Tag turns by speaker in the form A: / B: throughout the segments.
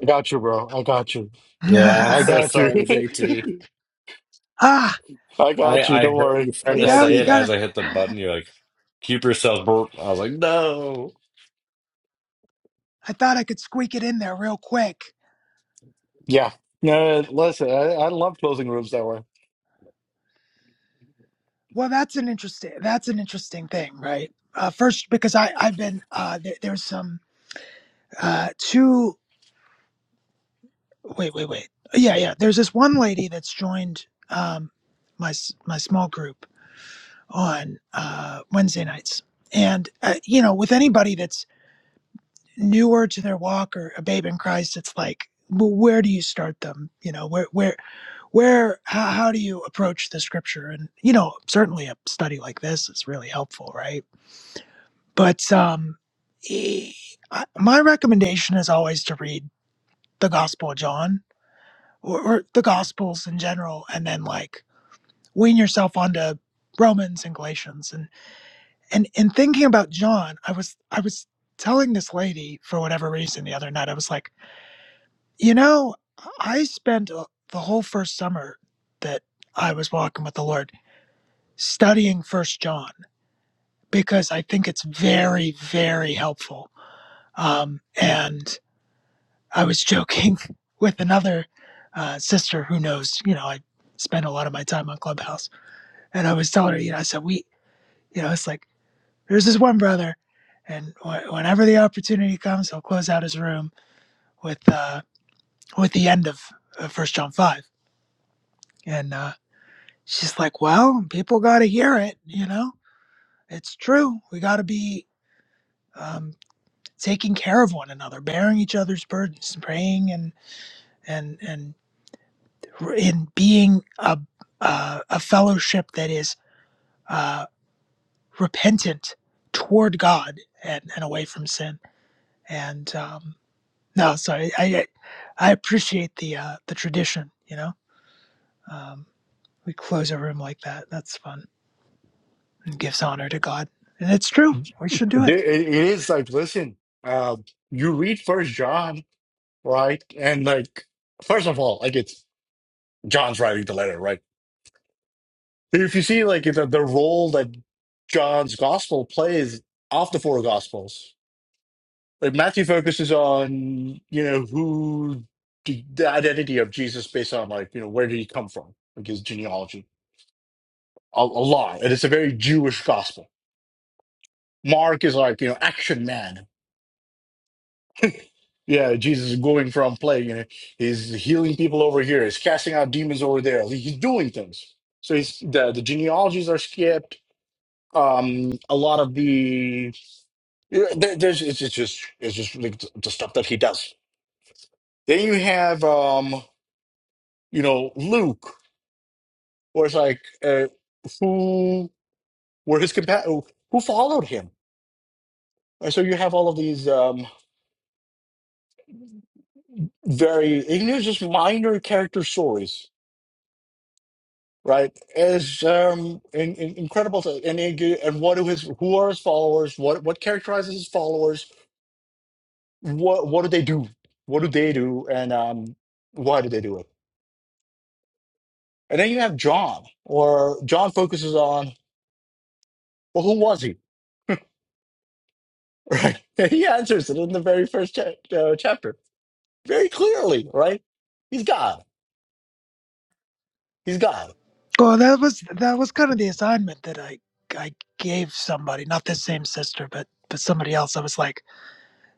A: I got you, bro. I got you.
B: Yeah, I'm
A: I
B: so
A: got you.
B: sorry, JT.
C: ah,
A: I
B: I
A: got you.
B: I
A: Don't
B: heard you
A: worry.
B: trying
A: I
C: you
B: to
A: got
C: know,
B: say
C: you
B: it
A: you.
B: as
C: gotta.
B: I hit the button. You're like, keep yourself. Burp. I was like, no.
C: I thought I could squeak it in there real quick.
A: Yeah. No, listen, I, I love closing rooms that way.
C: Well, that's an interesting. That's an interesting thing, right? Uh, first, because I I've been uh, there, there's some uh, two. Wait, wait, wait. Yeah, yeah. There's this one lady that's joined um, my s- my small group on uh, Wednesday nights, and uh, you know, with anybody that's newer to their walk or a babe in Christ, it's like, well, where do you start them? You know, where where where how, how do you approach the scripture and you know certainly a study like this is really helpful right but um e- I- my recommendation is always to read the gospel of john or, or the gospels in general and then like wean yourself onto romans and galatians and and in thinking about john i was i was telling this lady for whatever reason the other night i was like you know i spent uh, the whole first summer that i was walking with the lord studying First John because I think it's very, very helpful. Um, and I was joking with another uh, sister who knows, you know, I spend a lot of my time on Clubhouse, and I was telling her, you know, I said, we, you know, it's like there's this one brother, and wh- whenever the opportunity comes, he'll close out his room with uh, with the end of First John five, and uh, she's like, well, people got to hear it, you know, it's true. We got to be. um, taking care of one another, bearing each other's burdens, praying and and and in being a uh, a fellowship that is uh, repentant toward God and, and away from sin. And um, no, so I, I I appreciate the uh, the tradition. You know, um, we close a room like that. That's fun and gives honor to God, and it's true.
A: It,
C: We should do
A: it
C: it.
A: is like, listen, um, you read First John, right? And like, first of all, like it's John's writing the letter, right? If you see like the, the role that John's gospel plays off the four gospels, Like Matthew focuses on, you know, who the the identity of Jesus based on like, you know, where did he come from? Like his genealogy. A, a lot. And it's a very Jewish gospel. Mark is like, you know, action man. Yeah, Jesus is going from plague, you know, he's healing people over here, he's casting out demons over there. He- He's doing things. So he's the, the genealogies are skipped. Um, a lot of the yeah, there, there's it's, it's just it's just like the the stuff that he does. Then you have um, you know, Luke. Or it's like, uh, who were his compa- who followed him? And so you have all of these um, very, and they're just minor character stories, right? Is um, in, in, incredible. To, and it- and what do his who are his followers? What what characterizes his followers? What what do they do? What do they do? And um, why do they do it? And then you have John, or John focuses on well, who was he? Right? And he answers it in the very first cha- uh, chapter very clearly, right? He's God. He's God.
C: Well, that was that was kind of the assignment that I I gave somebody, not the same sister, but but somebody else. I was like,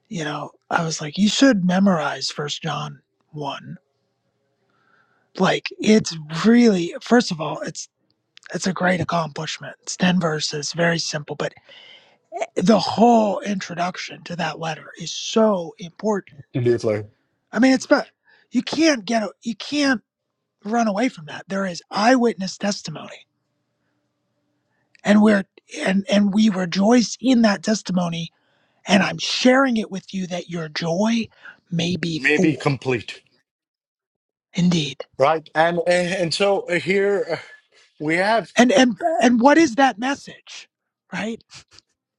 C: you know, I was like, you should memorize First John one. Like, it's really first of all, it's it's a great accomplishment. It's ten verses, very simple, but the whole introduction to that letter is so important.
A: And it's like
C: I mean, it's but you can't get a- you can't run away from that. There is eyewitness testimony and we're and and we rejoice in that testimony and i'm sharing it with you that your joy may be
A: maybe
C: full
A: complete,
C: indeed
A: right? And and, and so uh, here uh, we have.
C: and and and what is that message right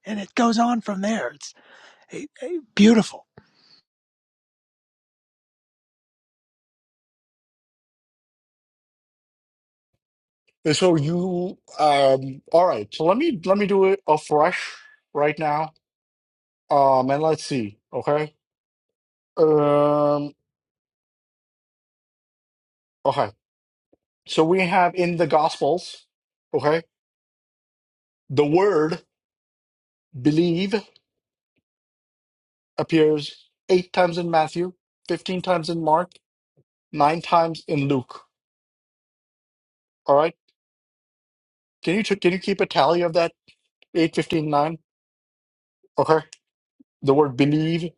C: and it goes on from there it's eh, eh, beautiful
A: So you, um, all right. So let me let me do it afresh right now. Um, and let's see. Okay. Um. Okay. So we have in the Gospels. Okay. The word believe appears eight times in Matthew, fifteen times in Mark, nine times in Luke. All right Can you can you keep a tally of that eight fifteen nine? Okay, the word believe.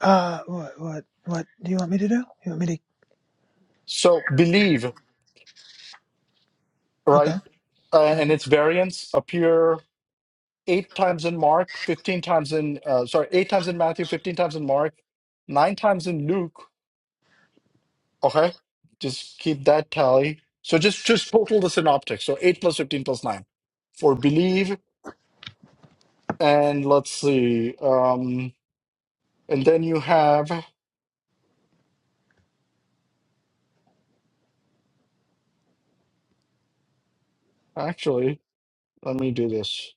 C: uh what what what do you want me to do you want me to
A: So believe,
C: okay
A: right? Uh,
C: uh,
A: and its variants appear eight times in Mark, fifteen times in uh, sorry, eight times in Matthew, fifteen times in Mark, nine times in Luke. Okay, just keep that tally. So just just total the synoptics. So eight plus fifteen plus nine for believe, and let's see, um, and then you have actually. Let me do this.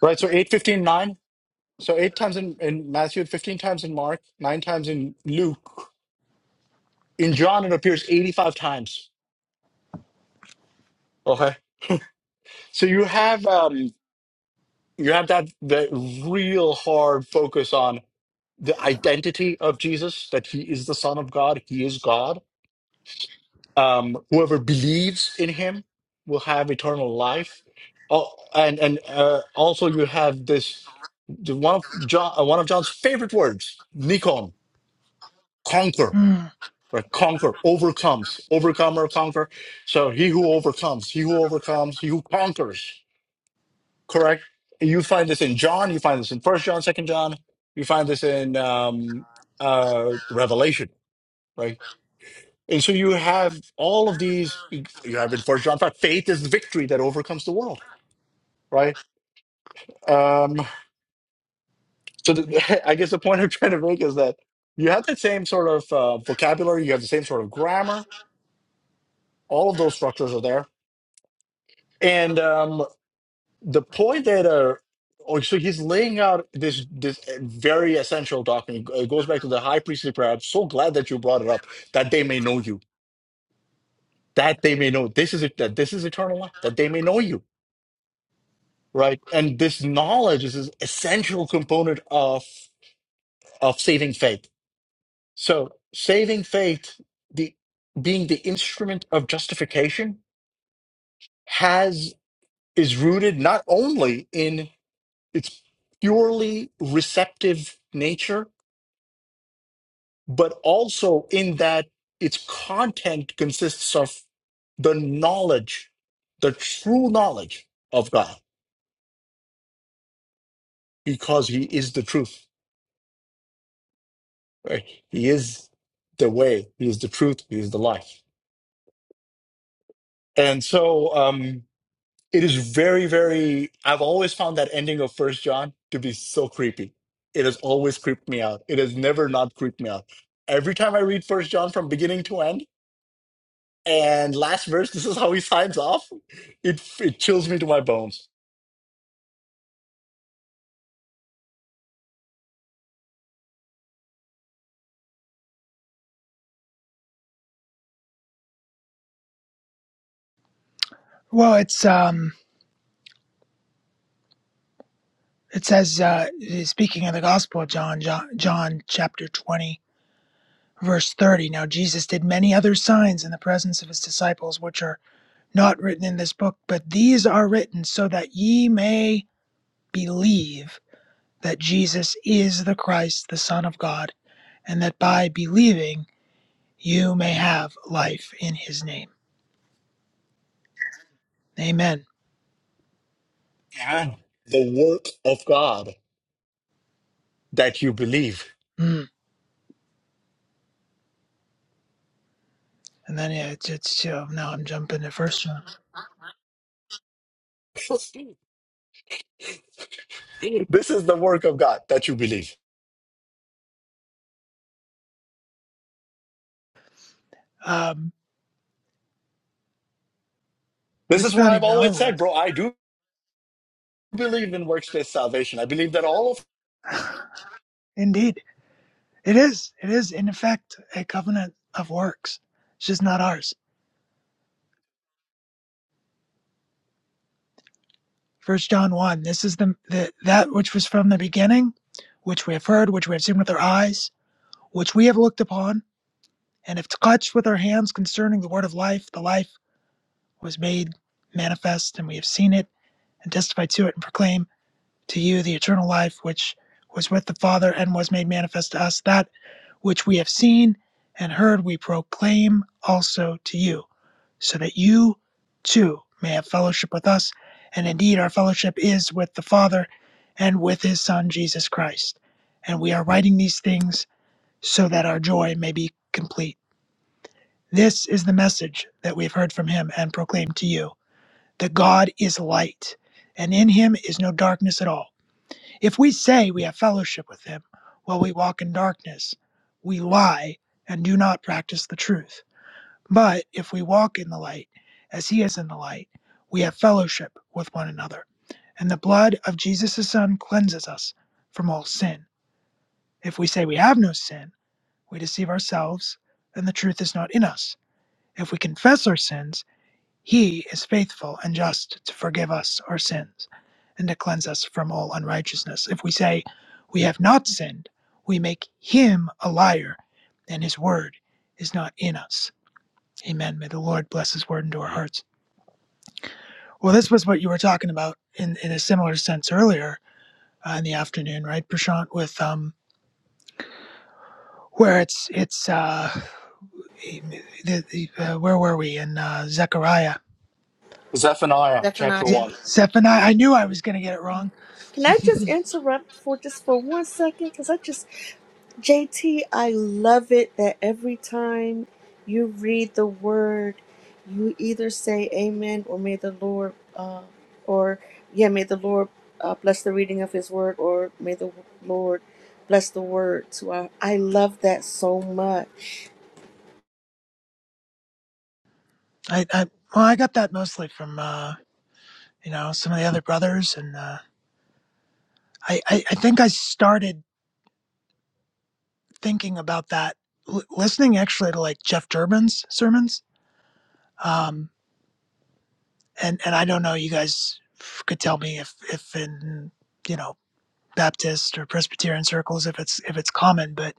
A: Right, so eight fifteen nine. So eight times in, in Matthew, 15 times in Mark, nine times in Luke. In John, it appears 85 times. Okay. So you have um you have that the real hard focus on the identity of Jesus, that he is the Son of God, he is God. Um, whoever believes in him will have eternal life. Oh, and and uh, also you have this the one of John uh, one of John's favorite words, Nikon, conquer
C: hmm.
A: or conquer, overcomes, overcome or conquer. So he who overcomes, he who overcomes, he who conquers, correct? And you find this in John, you find this in First John, Second John, you find this in um, uh, Revelation, right? And so you have all of these. You have in First John five, faith is victory that overcomes the world, right? Um, so the, I guess the point I'm trying to make is that you have the same sort of uh, vocabulary, you have the same sort of grammar. All of those structures are there, and um, the point that uh oh, so he's laying out this this uh, very essential document. It goes back to the high priestly prayer. I'm so glad that you brought it up, that they may know you, that they may know this is it, that this is eternal life, that they may know you, right? And this knowledge is this essential component of of saving faith. So saving faith, the being the instrument of justification, has is rooted not only in its purely receptive nature but also in that its content consists of the knowledge, the true knowledge of God, because He is the truth. right? He is the way, He is the truth, He is the life. And so um, it is very, very, I've always found that ending of First John to be so creepy. It has always creeped me out. It has never not creeped me out. Every time I read First John from beginning to end, And last verse, this is how he signs off. It it chills me to my bones.
C: well it's um it says uh speaking of the gospel of john john, john chapter 20 verse 30 now jesus did many other signs in the presence of his disciples which are not written in this book, but these are written so that ye may believe that Jesus is the Christ, the Son of God, and that by believing you may have life in his name. Amen.
A: And the work of God that you believe.
C: Mm. And then yeah, it's, it's uh, now I'm jumping to first John.
A: this is the work of God that you believe.
C: Um,
A: This is
C: it's not
A: why I've
C: even our
A: always said,
C: work.
A: bro, I do believe in workspace salvation. I believe that all of
C: Indeed, it is. It is in effect a covenant of works. It's just not ours. First John 1, this is the, the that which was from the beginning, which we have heard, which we have seen with our eyes, which we have looked upon, and have touched with our hands concerning the word of life. The life was made manifest, and we have seen it and testified to it and proclaim to you the eternal life which was with the Father and was made manifest to us. That which we have seen and heard we proclaim also to you, so that you too may have fellowship with us. And indeed, our fellowship is with the Father and with his Son, Jesus Christ. And we are writing these things so that our joy may be complete. This is the message that we have heard from him and proclaimed to you that God is light, and in him is no darkness at all. If we say we have fellowship with him while we walk in darkness, we lie and do not practice the truth. But if we walk in the light, as he is in the light, we have fellowship with one another. And the blood of Jesus' Son cleanses us from all sin. If we say we have no sin, we deceive ourselves, and the truth is not in us. If we confess our sins, he is faithful and just to forgive us our sins and to cleanse us from all unrighteousness. If we say we have not sinned, we make him a liar, and his word is not in us. Amen. May the Lord bless his word into our hearts. Well, this was what you were talking about in, in a similar sense earlier uh, in the afternoon, right, Prashant? With um, where it's it's uh, the, the, uh, where were we in uh, Zechariah?
A: Zephaniah chapter
D: Zephaniah.
A: one,
C: Zephaniah. I knew I was going to get it wrong
D: Can I just interrupt for just for one second? Because I just, JT, I love it that every time you read the word, you either say amen or may the Lord, uh, or yeah, may the Lord uh, bless the reading of his word or may the Lord bless the word to our. I love that so much.
C: I, I well, I got that mostly from uh, you know some of the other brothers, and uh, I, I I think I started thinking about that l- listening actually to like Jeff Durbin's sermons, um, and and I don't know, you guys f- could tell me if if in you know Baptist or Presbyterian circles if it's if it's common, but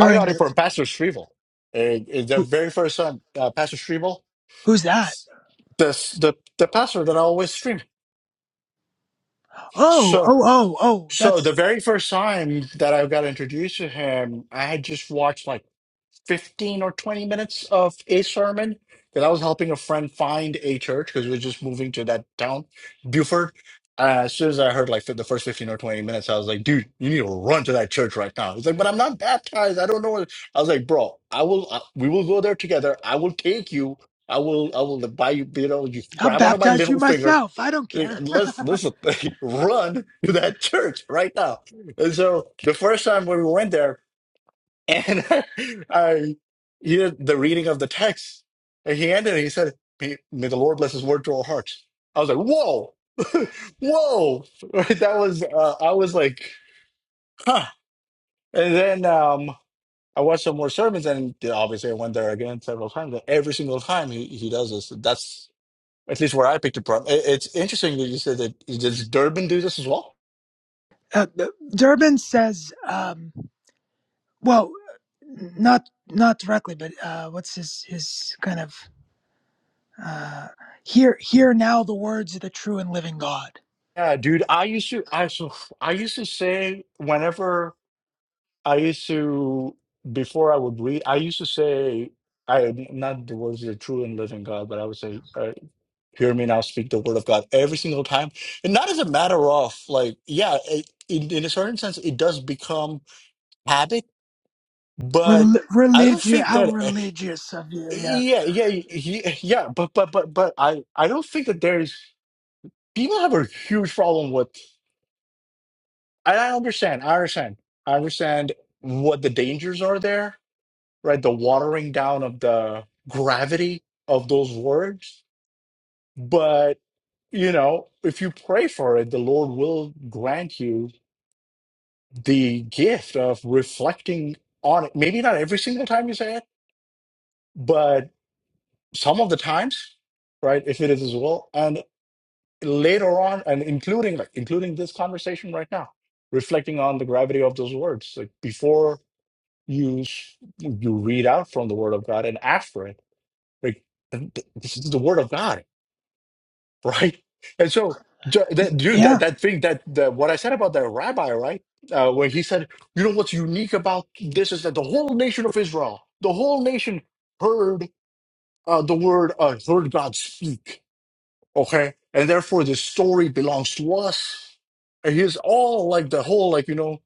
A: I got it
C: the
A: from Pastor Shrivel. Uh, uh, the
C: who,
A: very first time, uh, Pastor Shrivel,
C: who's that?
A: the, the the pastor that I always stream.
C: Oh oh
A: So.
C: oh oh,
A: So the
C: that's
A: very first time that I got introduced to him, I had just watched like 15 or 20 minutes of a sermon because I was helping a friend find a church because we were just moving to that town, Buford. Uh, as soon as I heard like the first 15 or 20 minutes, I was like, dude, you need to run to that church right now. He's like, but I'm not baptized. I don't know. what-" I was like, bro, I will, uh, we will go there together. I will take you. I will, I will buy you, you know, you
C: I'll
A: grab onto my
C: baptize you
A: little finger
C: myself. I don't care.
A: Let's listen, run to that church right now. And so the first time when we went there, and I he did the reading of the text, and he ended it, he said, May may the Lord bless his word to our hearts. I was like, whoa, whoa. That was, uh, I was like, huh. And then um, I watched some more sermons, and obviously I went there again several times. And every single time he, he does this, that's at least where I picked it from. It, it's interesting that you said that, does Durban do this as well?
C: Uh, Durbin says. Um, Well, not not directly, but uh, what's his his kind of uh, hear hear now the words of the true and living God.
A: Yeah, dude, I used to I so I used to say whenever I used to before I would read, I used to say I not the words of the true and living God, but I would say, uh, "Hear me now, speak the word of God." Every single time, and not as a matter of like, yeah, it, in in a certain sense, it does become habit, but
C: Rel-
A: I don't
C: religious,
A: think
C: how
A: that, eh,
C: religious of you? Yeah,
A: yeah, yeah, yeah, yeah, but but but but I I don't think that there's people have a huge problem with. I I understand. I understand. I understand what the dangers are there, right? The watering down of the gravity of those words. But, you know, if you pray for it, the Lord will grant you the gift of reflecting on it. Maybe not every single time you say it, but some of the times, right? If it is as well. And later on, and including like including this conversation right now, reflecting on the gravity of those words. Like before you s- you read out from the Word of God and ask for it. Like th- th- this is the Word of God, right? And so, ju- that, dude,
C: yeah.
A: that that thing that, that what I said about that rabbi, right? Uh, where he said, you know what's unique about this is that the whole nation of Israel, the whole nation heard uh, the word, uh, heard God speak, okay, and therefore this story belongs to us. And he's all like the whole, like you know,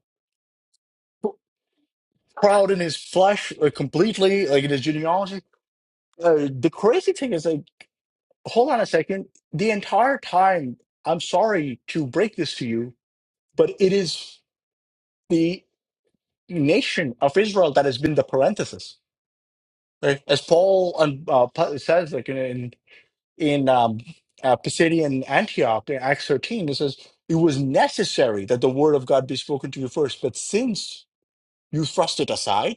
A: proud in his flesh, like completely, like in his genealogy Uh, the crazy thing is like, hold on a second. The entire time, I'm sorry to break this to you, but it is the nation of Israel that has been the parenthesis. Right? As Paul um, uh, Paul says, like in in, in um, uh, Pisidian Antioch, in Acts 13, it says it was necessary that the word of God be spoken to you first, but since you thrust it aside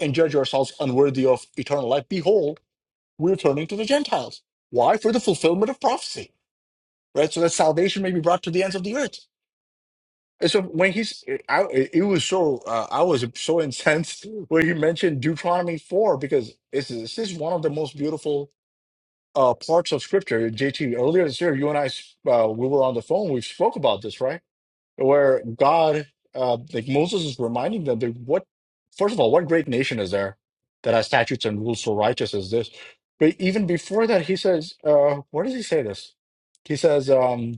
A: and judge yourselves unworthy of eternal life, behold, we're turning to the Gentiles. Why? For the fulfillment of prophecy right? So that salvation may be brought to the ends of the earth. And so when he's, I, it was so, uh, I was so incensed when he mentioned Deuteronomy 4, because it's, this is one of the most beautiful uh, parts of scripture. JT, earlier this year, you and I, uh, we were on the phone, we spoke about this, right? Where God, uh, like Moses is reminding them that what, first of all, what great nation is there that has statutes and rules so righteous as this? But even before that, he says, uh, where does he say this? He says, um,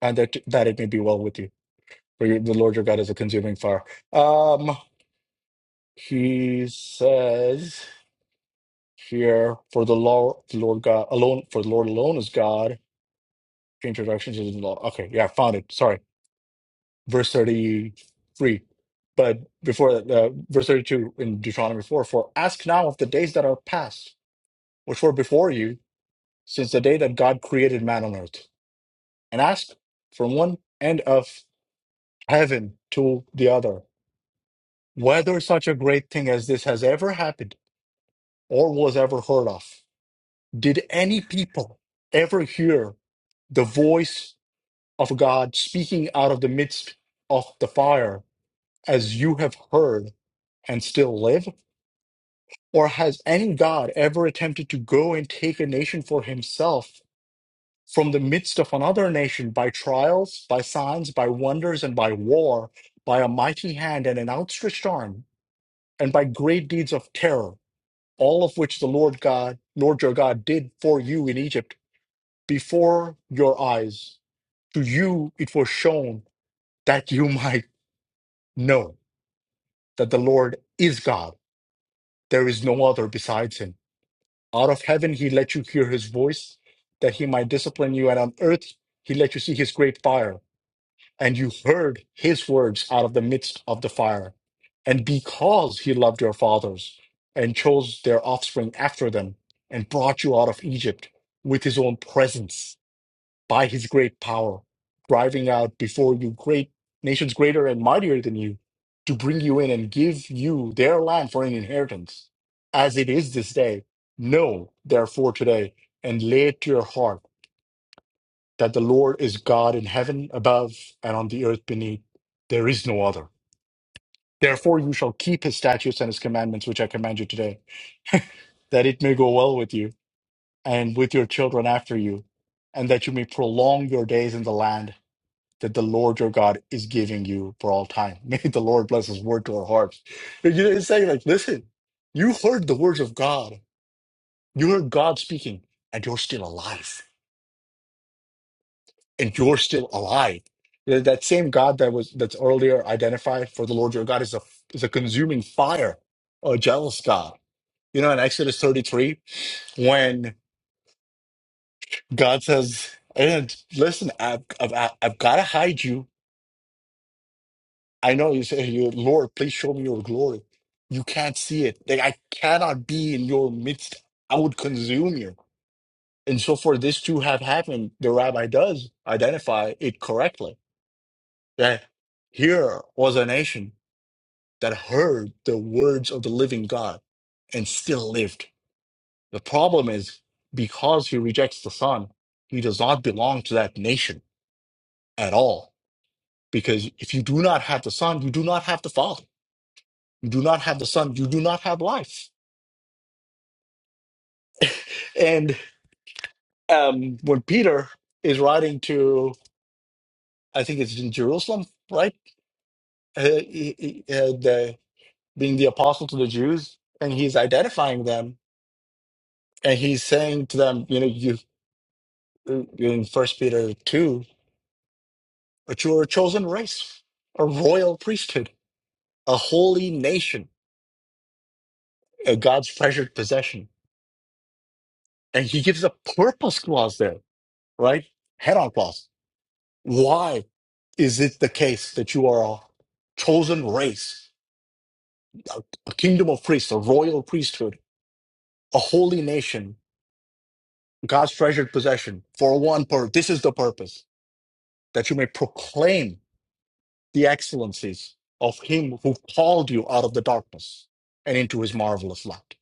A: and that that it may be well with you, for your, the Lord your God is a consuming fire. Um, he says here, for the law, the Lord God alone, for the Lord alone is God. Introduction to the law. Okay, yeah, I found it. Sorry, verse thirty-three. But before that, uh, verse thirty-two in Deuteronomy four. For ask now of the days that are past, which were before you, since the day that God created man on earth, and ask from one end of heaven to the other whether such a great thing as this has ever happened or was ever heard of. Did any people ever hear the voice of God speaking out of the midst of the fire as you have heard and still live? Or has any God ever attempted to go and take a nation for himself from the midst of another nation by trials, by signs, by wonders, and by war, by a mighty hand and an outstretched arm, and by great deeds of terror? all of which the Lord God, Lord your God, did for you in Egypt before your eyes. To you it was shown that you might know that the Lord is God. There is no other besides him. Out of heaven he let you hear his voice, that he might discipline you, and on earth he let you see his great fire. and you heard his words out of the midst of the fire. And because he loved your fathers and chose their offspring after them and brought you out of Egypt with his own presence by his great power, driving out before you great nations greater and mightier than you to bring you in and give you their land for an inheritance as it is this day. Know therefore today and lay it to your heart that the Lord is God in heaven above and on the earth beneath. There is no other. Therefore, you shall keep his statutes and his commandments, which I command you today, that it may go well with you and with your children after you, and that you may prolong your days in the land that the Lord your God is giving you for all time. May the Lord bless his word to our hearts. You know, It's saying, like, listen, you heard the words of God, you heard God speaking, and you're still alive and you're still alive. That that same God that was that's earlier identified for the Lord your God is a is a consuming fire, a jealous God. You know, in Exodus 33, when God says, "And listen, I've, I've I've got to hide you. I know you say, you Lord, please show me your glory. You can't see it. Like I cannot be in your midst. I would consume you." And so, for this to have happened, the Rabbi does identify it correctly. That here was a nation that heard the words of the living God and still lived. The problem is because he rejects the Son, he does not belong to that nation at all. Because if you do not have the Son, you do not have the Father. You do not have the Son, you do not have life. And um, when Peter is writing to, I think it's in Jerusalem, right? Uh, he- he- uh, the, being the apostle to the Jews, and he's identifying them and he's saying to them, you know, in First Peter two, but you are a chosen race, a royal priesthood, a holy nation, a God's treasured possession. And he gives a purpose clause there, right? Head on clause. Why is it the case that you are a chosen race, a, a kingdom of priests, a royal priesthood, a holy nation, God's treasured possession for one purpose? This is the purpose that you may proclaim. the excellencies of him who called you out of the darkness and into his marvelous light.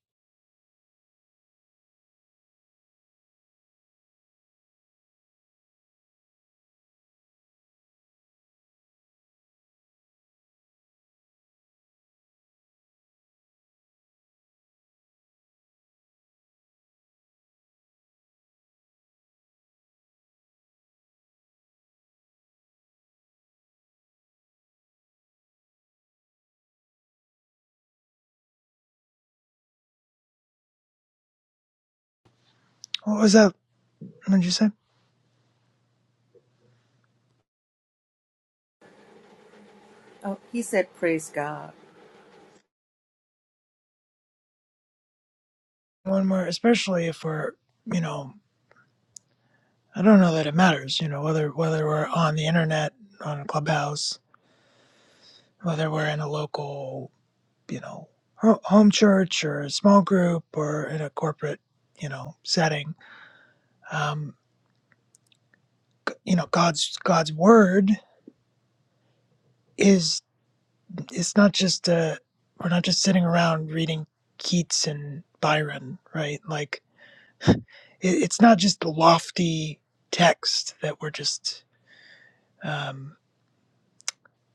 C: What was that? What did you say?
D: Oh, he said, "Praise God."
C: One more, especially if we're you know I don't know that it matters. You know whether whether we're on the internet on a clubhouse, whether we're in a local you know ho- home church or a small group or in a corporate you know setting. Um, you know god's god's word is it's not just uh we're not just sitting around reading keats and byron right like it, it's not just the lofty text that we're just um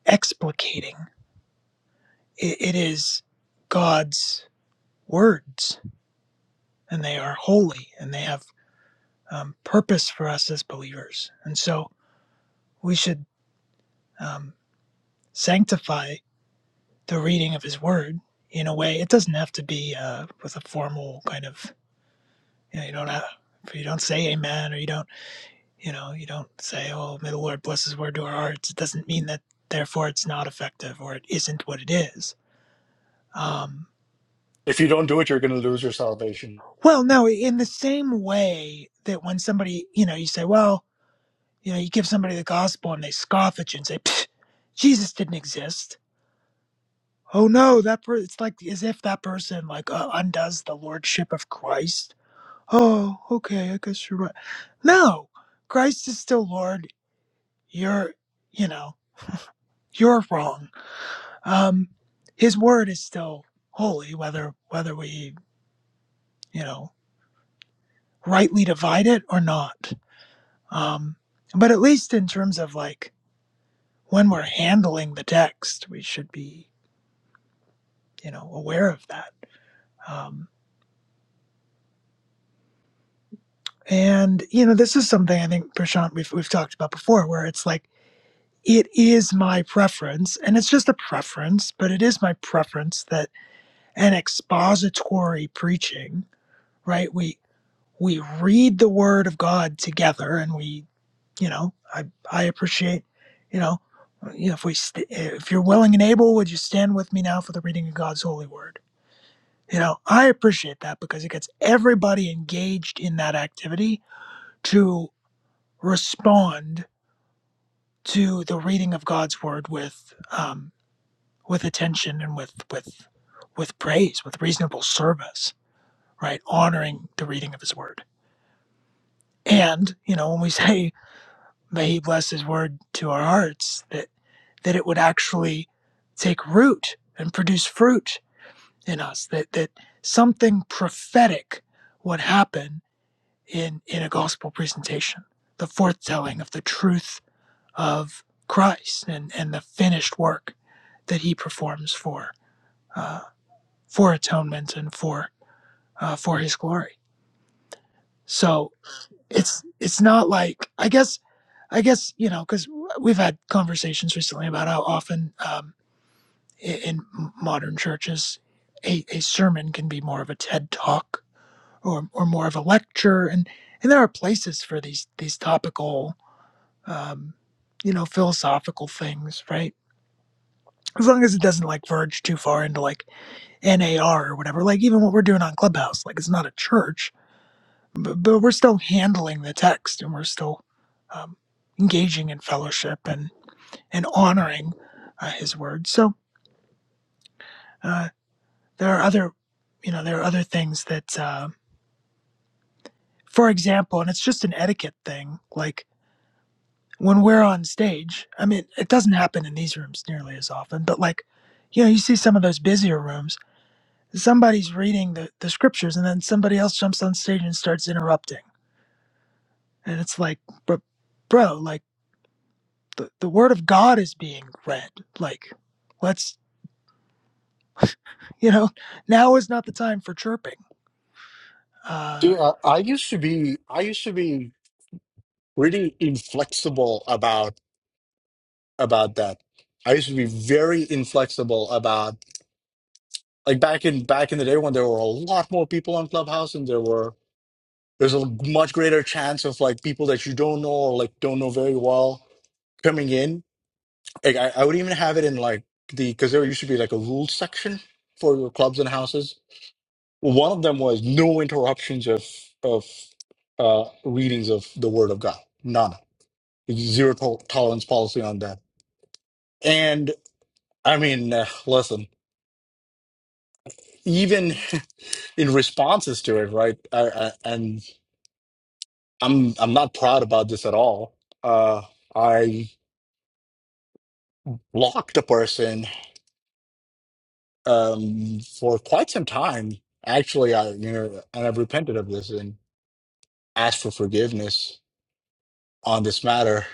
C: explicating it, it is god's words and they are holy and they have um, purpose for us as believers and so we should um, sanctify the reading of his word in a way. It doesn't have to be uh, with a formal kind of, you know, you don't have, if you don't say amen or you don't, you know, you don't say, oh, may the Lord bless his word to our hearts. It doesn't mean that therefore it's not effective or it isn't what it is. Um,
A: If you don't do it, you're going to lose your salvation.
C: well, no, in the same way that when somebody, you know, you say, well, you know, you give somebody the gospel and they scoff at you and say, Jesus didn't exist. Oh no, that per- it's like as if that person like uh, undoes the lordship of Christ oh, okay, I guess you're right. No, Christ is still Lord. You're, you know, you're wrong. Um, his word is still holy, whether whether we, you know, rightly divide it or not. Um, but at least in terms of like when we're handling the text, we should be, you know, aware of that. Um, and you know, this is something I think Prashant we've we've talked about before, where it's like it is my preference, and it's just a preference, but it is my preference that an expository preaching, right? We we read the word of God together, and we, you know, I I appreciate, you know, you know, if we st- if you're willing and able, would you stand with me now for the reading of God's holy word? You know, I appreciate that because it gets everybody engaged in that activity to respond to the reading of God's word with um. with attention and with with with praise, with reasonable service, right? Honoring the reading of his word. And, you know, when we say may he bless his word to our hearts, that that it would actually take root and produce fruit in us, that that something prophetic would happen in in a gospel presentation, the forthtelling of the truth of Christ and, and the finished work that he performs for uh, for atonement and for uh, for His glory. So it's it's not like I guess I guess you know because we've had conversations recently about how often um, in, in modern churches a, a sermon can be more of a TED talk or or more of a lecture, and and there are places for these these topical um, you know philosophical things, right? As long as it doesn't like verge too far into like NAR or whatever, like even what we're doing on Clubhouse, like it's not a church, but, but we're still handling the text and we're still um, engaging in fellowship and and honoring uh, his word so uh, there are other you know there are other things that uh, for example and it's just an etiquette thing like when we're on stage i mean it doesn't happen in these rooms nearly as often but like you know you see some of those busier rooms somebody's reading the, the scriptures and then somebody else jumps on stage and starts interrupting and it's like bro, bro like the, the word of God is being read. Like, let's you know, now is not the time for chirping. Uh,
A: See, I, I used to be, I used to be pretty inflexible about about that. I used to be very inflexible about like back in back in the day when there were a lot more people on Clubhouse and there were there's a much greater chance of like people that you don't know or like don't know very well coming in Like I, I would even have it in like the because there used to be like a rules section for your clubs and houses. One of them was no interruptions of of uh, readings of the Word of God. None. Zero to- tolerance policy on that. And I mean, uh, listen, even in responses to it, right? I, I, and I'm I'm not proud about this at all. Uh, I blocked a person um, for quite some time. Actually, I you know, and I've repented of this, and. ask for forgiveness on this matter,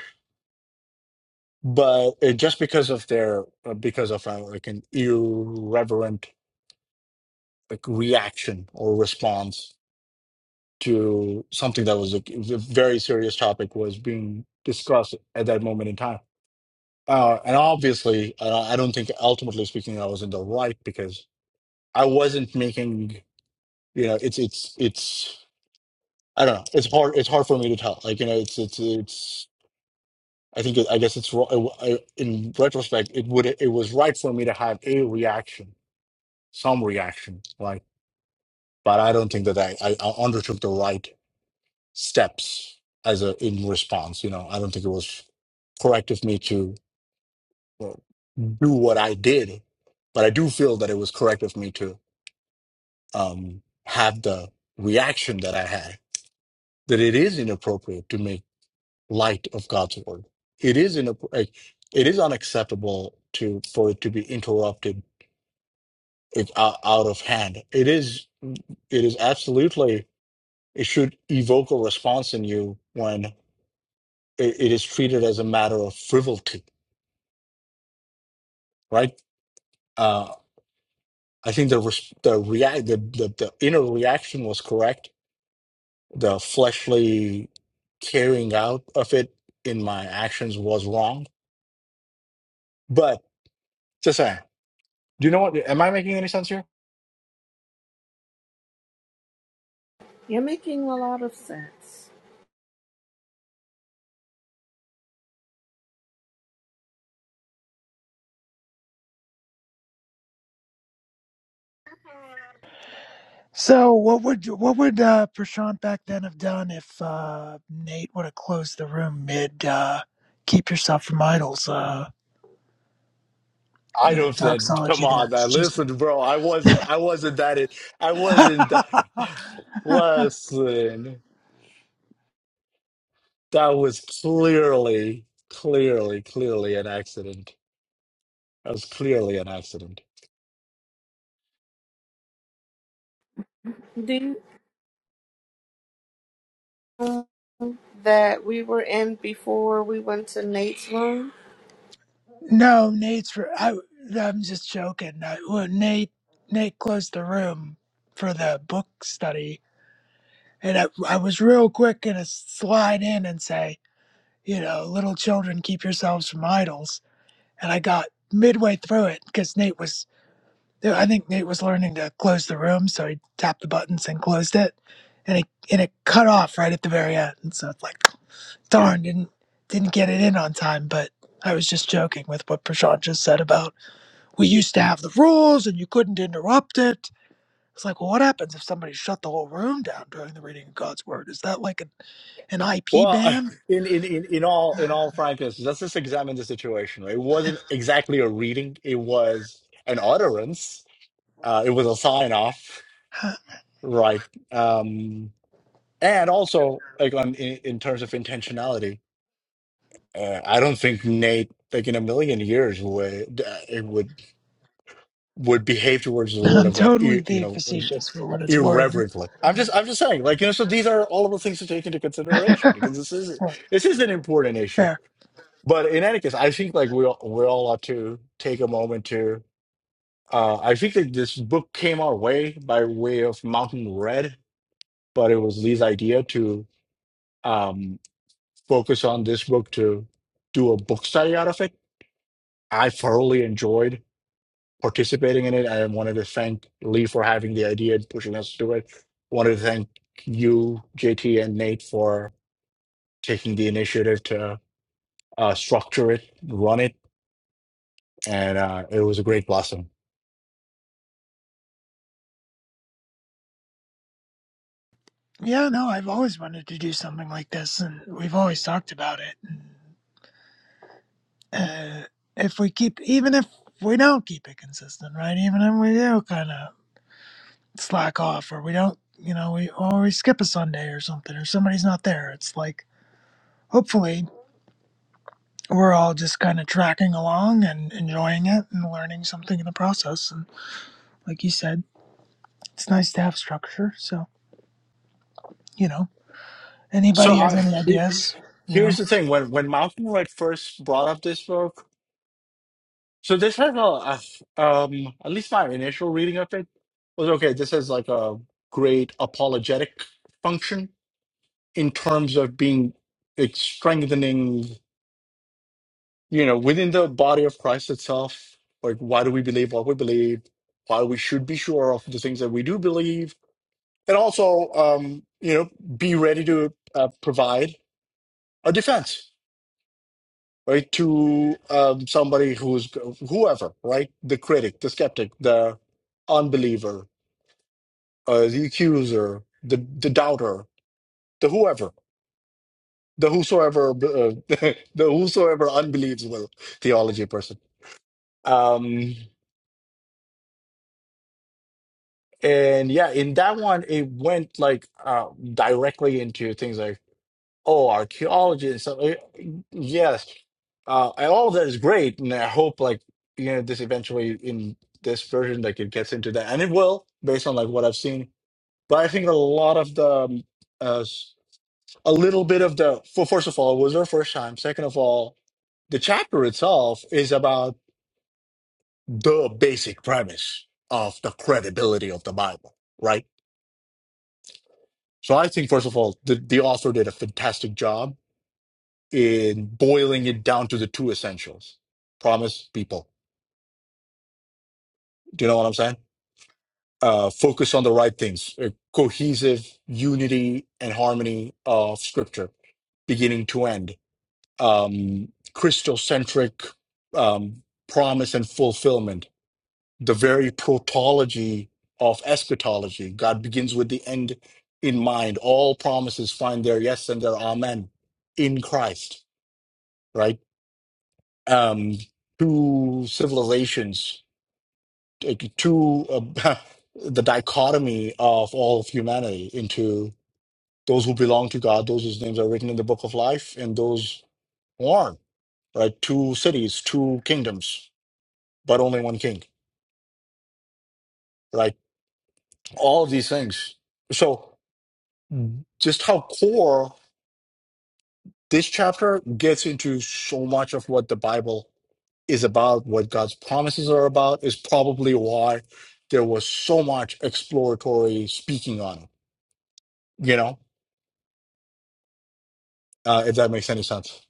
A: but it, just because of their uh, because of uh, like an irreverent like reaction or response to something that was a, a very serious topic was being discussed at that moment in time. Uh, and obviously, uh, I don't think ultimately speaking, I was in the right because I wasn't making you know it's it's it's I don't know it's hard it's hard for me to tell like you know it's it's it's I think it, I guess it's ro- it I- in retrospect it would it was right for me to have a reaction, some reaction, right? But I don't think that I, I I undertook the right steps as a in response. You know, I don't think it was correct of me to well, do what I did, but I do feel that it was correct of me to um, have the reaction that I had. That it is inappropriate to make light of God's word. It is in it is unacceptable to for it to be interrupted if out, out of hand. It is it is absolutely it should evoke a response in you when it, it is treated as a matter of frivolity, right? Uh, I think the res- the react the, the the inner reaction was correct. The fleshly carrying out of it in my actions was wrong. But just saying, do you know what? Am I making any sense here?
D: You're making a lot of sense.
C: so what would what would uh, Prashant back then have done if uh, Nate would have closed the room mid uh, "Keep Yourself from Idols"? Uh,
A: I
C: you know,
A: don't said, come
C: doxology there.
A: on,
C: It's
A: man.
C: just
A: Listen, bro, I wasn't, I wasn't that, it. I wasn't that. Listen, that was clearly, clearly, clearly an accident. That was clearly an accident.
D: Do. you that we were in before we went to Nate's room.
C: no, Nate's. r- I, am just joking. I, well, Nate Nate closed the room for the book study, and I, I was real quick gonna slide in and say. you know, little children keep yourselves from idols. And I got midway through it because Nate was, I think Nate was learning to close the room. So he tapped the buttons and closed it. And it, and it cut off right at the very end. And so it's like, darn, didn't, didn't get it in on time. But I was just joking with what Prashant just said about we used to have the rules and you couldn't interrupt it. It's like, well, what happens if somebody shut the whole room down during the reading of God's word? Is that like an, an IP
A: Well,
C: ban?
A: in, in, in, in all, in all frankness, let's just examine the situation. right? It wasn't exactly a reading. It was an utterance. Uh, it was a sign off, right? Um, and also like on, in, in terms of intentionality. Uh, I don't think Nate, like in a million years, would uh, it would would behave towards the word
C: I'm
A: of God,
C: totally
A: ir- you
C: being
A: know,
C: facetious for what it's worth.
A: irreverently. I'm just, I'm just saying, like you know. So these are all of the things to take into consideration because this is
C: For-
A: this is an important issue.
C: Fair.
A: But in any case, I think like we all, we all ought to take a moment to. Uh, I think that this book came our way by way of Mountain Red, but it was Lee's idea to um, focus on this book to do a book study out of it. I thoroughly enjoyed participating in it. I wanted to thank Lee for having the idea and pushing us to it. Wanted to thank you, JT, and Nate for taking the initiative to uh, structure it, run it, and uh, it was a great blossom.
C: Yeah, no, I've always wanted to do something like this, and we've always talked about it. And, uh, if we keep, even if we don't keep it consistent, right? Even if we do kind of slack off, or we don't, you know, we or we skip a Sunday or something, or somebody's not there. It's like hopefully we're all just kind of tracking along and enjoying it and learning something in the process. And like you said, it's nice to have structure. So you know.
A: So
C: Anybody has
A: I,
C: any
A: he-
C: ideas? You know?
A: here's the thing: when when Malcolm had first brought up this book, so this has a, a um, at least my initial reading of it was okay. This is like a great apologetic function in terms of being it's strengthening you know, within the body of Christ itself, like why do we believe what we believe, why we should be sure of the things that we do believe, and also, um, you know, be ready to uh, provide a defense, right, to um, somebody who's whoever, right, the critic, the skeptic, the unbeliever, uh, the accuser, the the doubter, the whoever, the whosoever, uh, the whosoever unbelieves will theology person. Um, And yeah, in that one, it went like uh, directly into things like, oh, archaeology and stuff. Eh, Yes, uh, and all that is great, and I hope like you know this eventually in this version like it gets into that, and it will based on like what I've seen. But I think a lot of the um, uh, s- a little bit of the for first of all, it was our first time. Second of all, the chapter itself is about the basic premise of the credibility of the Bible, right? So I think, first of all, the, the author did a fantastic job in boiling it down to the two essentials promise people. Do you know what I'm saying? Uh, focus on the right things, uh, cohesive unity and harmony of scripture, beginning to end, um, Christocentric um, promise and fulfillment, the very protology of eschatology. God begins with the end in mind. All promises find their yes and their amen in Christ right? Um, two civilizations, like two uh, the dichotomy of all of humanity into those who belong to God, those whose names are written in the book of life, and those who aren't, right? Two cities, two kingdoms, but only one king, right? All of these things. So, just how core this chapter gets into so much of what the Bible is about, what God's promises are about, is probably why there was so much exploratory speaking on it, you know, uh, if that makes any sense.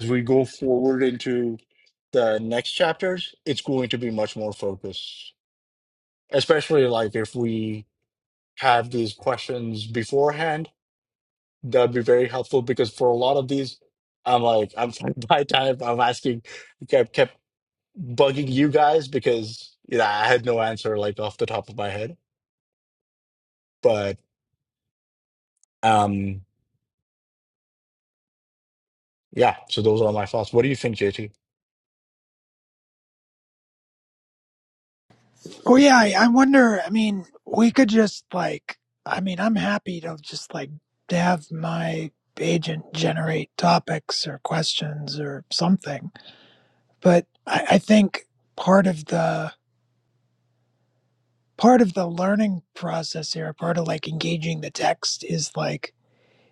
A: As we go forward into the next chapters, it's going to be much more focused, especially like if we have these questions beforehand, that'd be very helpful because for a lot of these, I'm like, I'm by time I'm asking, kept kept bugging you guys because you know I had no answer like off the top of my head. but. Um, yeah, so those are my thoughts. What do you think, JT?
C: Well, yeah, I, I wonder. I mean, we could just like, I mean, I'm happy to just like to have my agent generate topics or questions or something. But I, I think part of the part of the learning process here, part of like engaging the text is like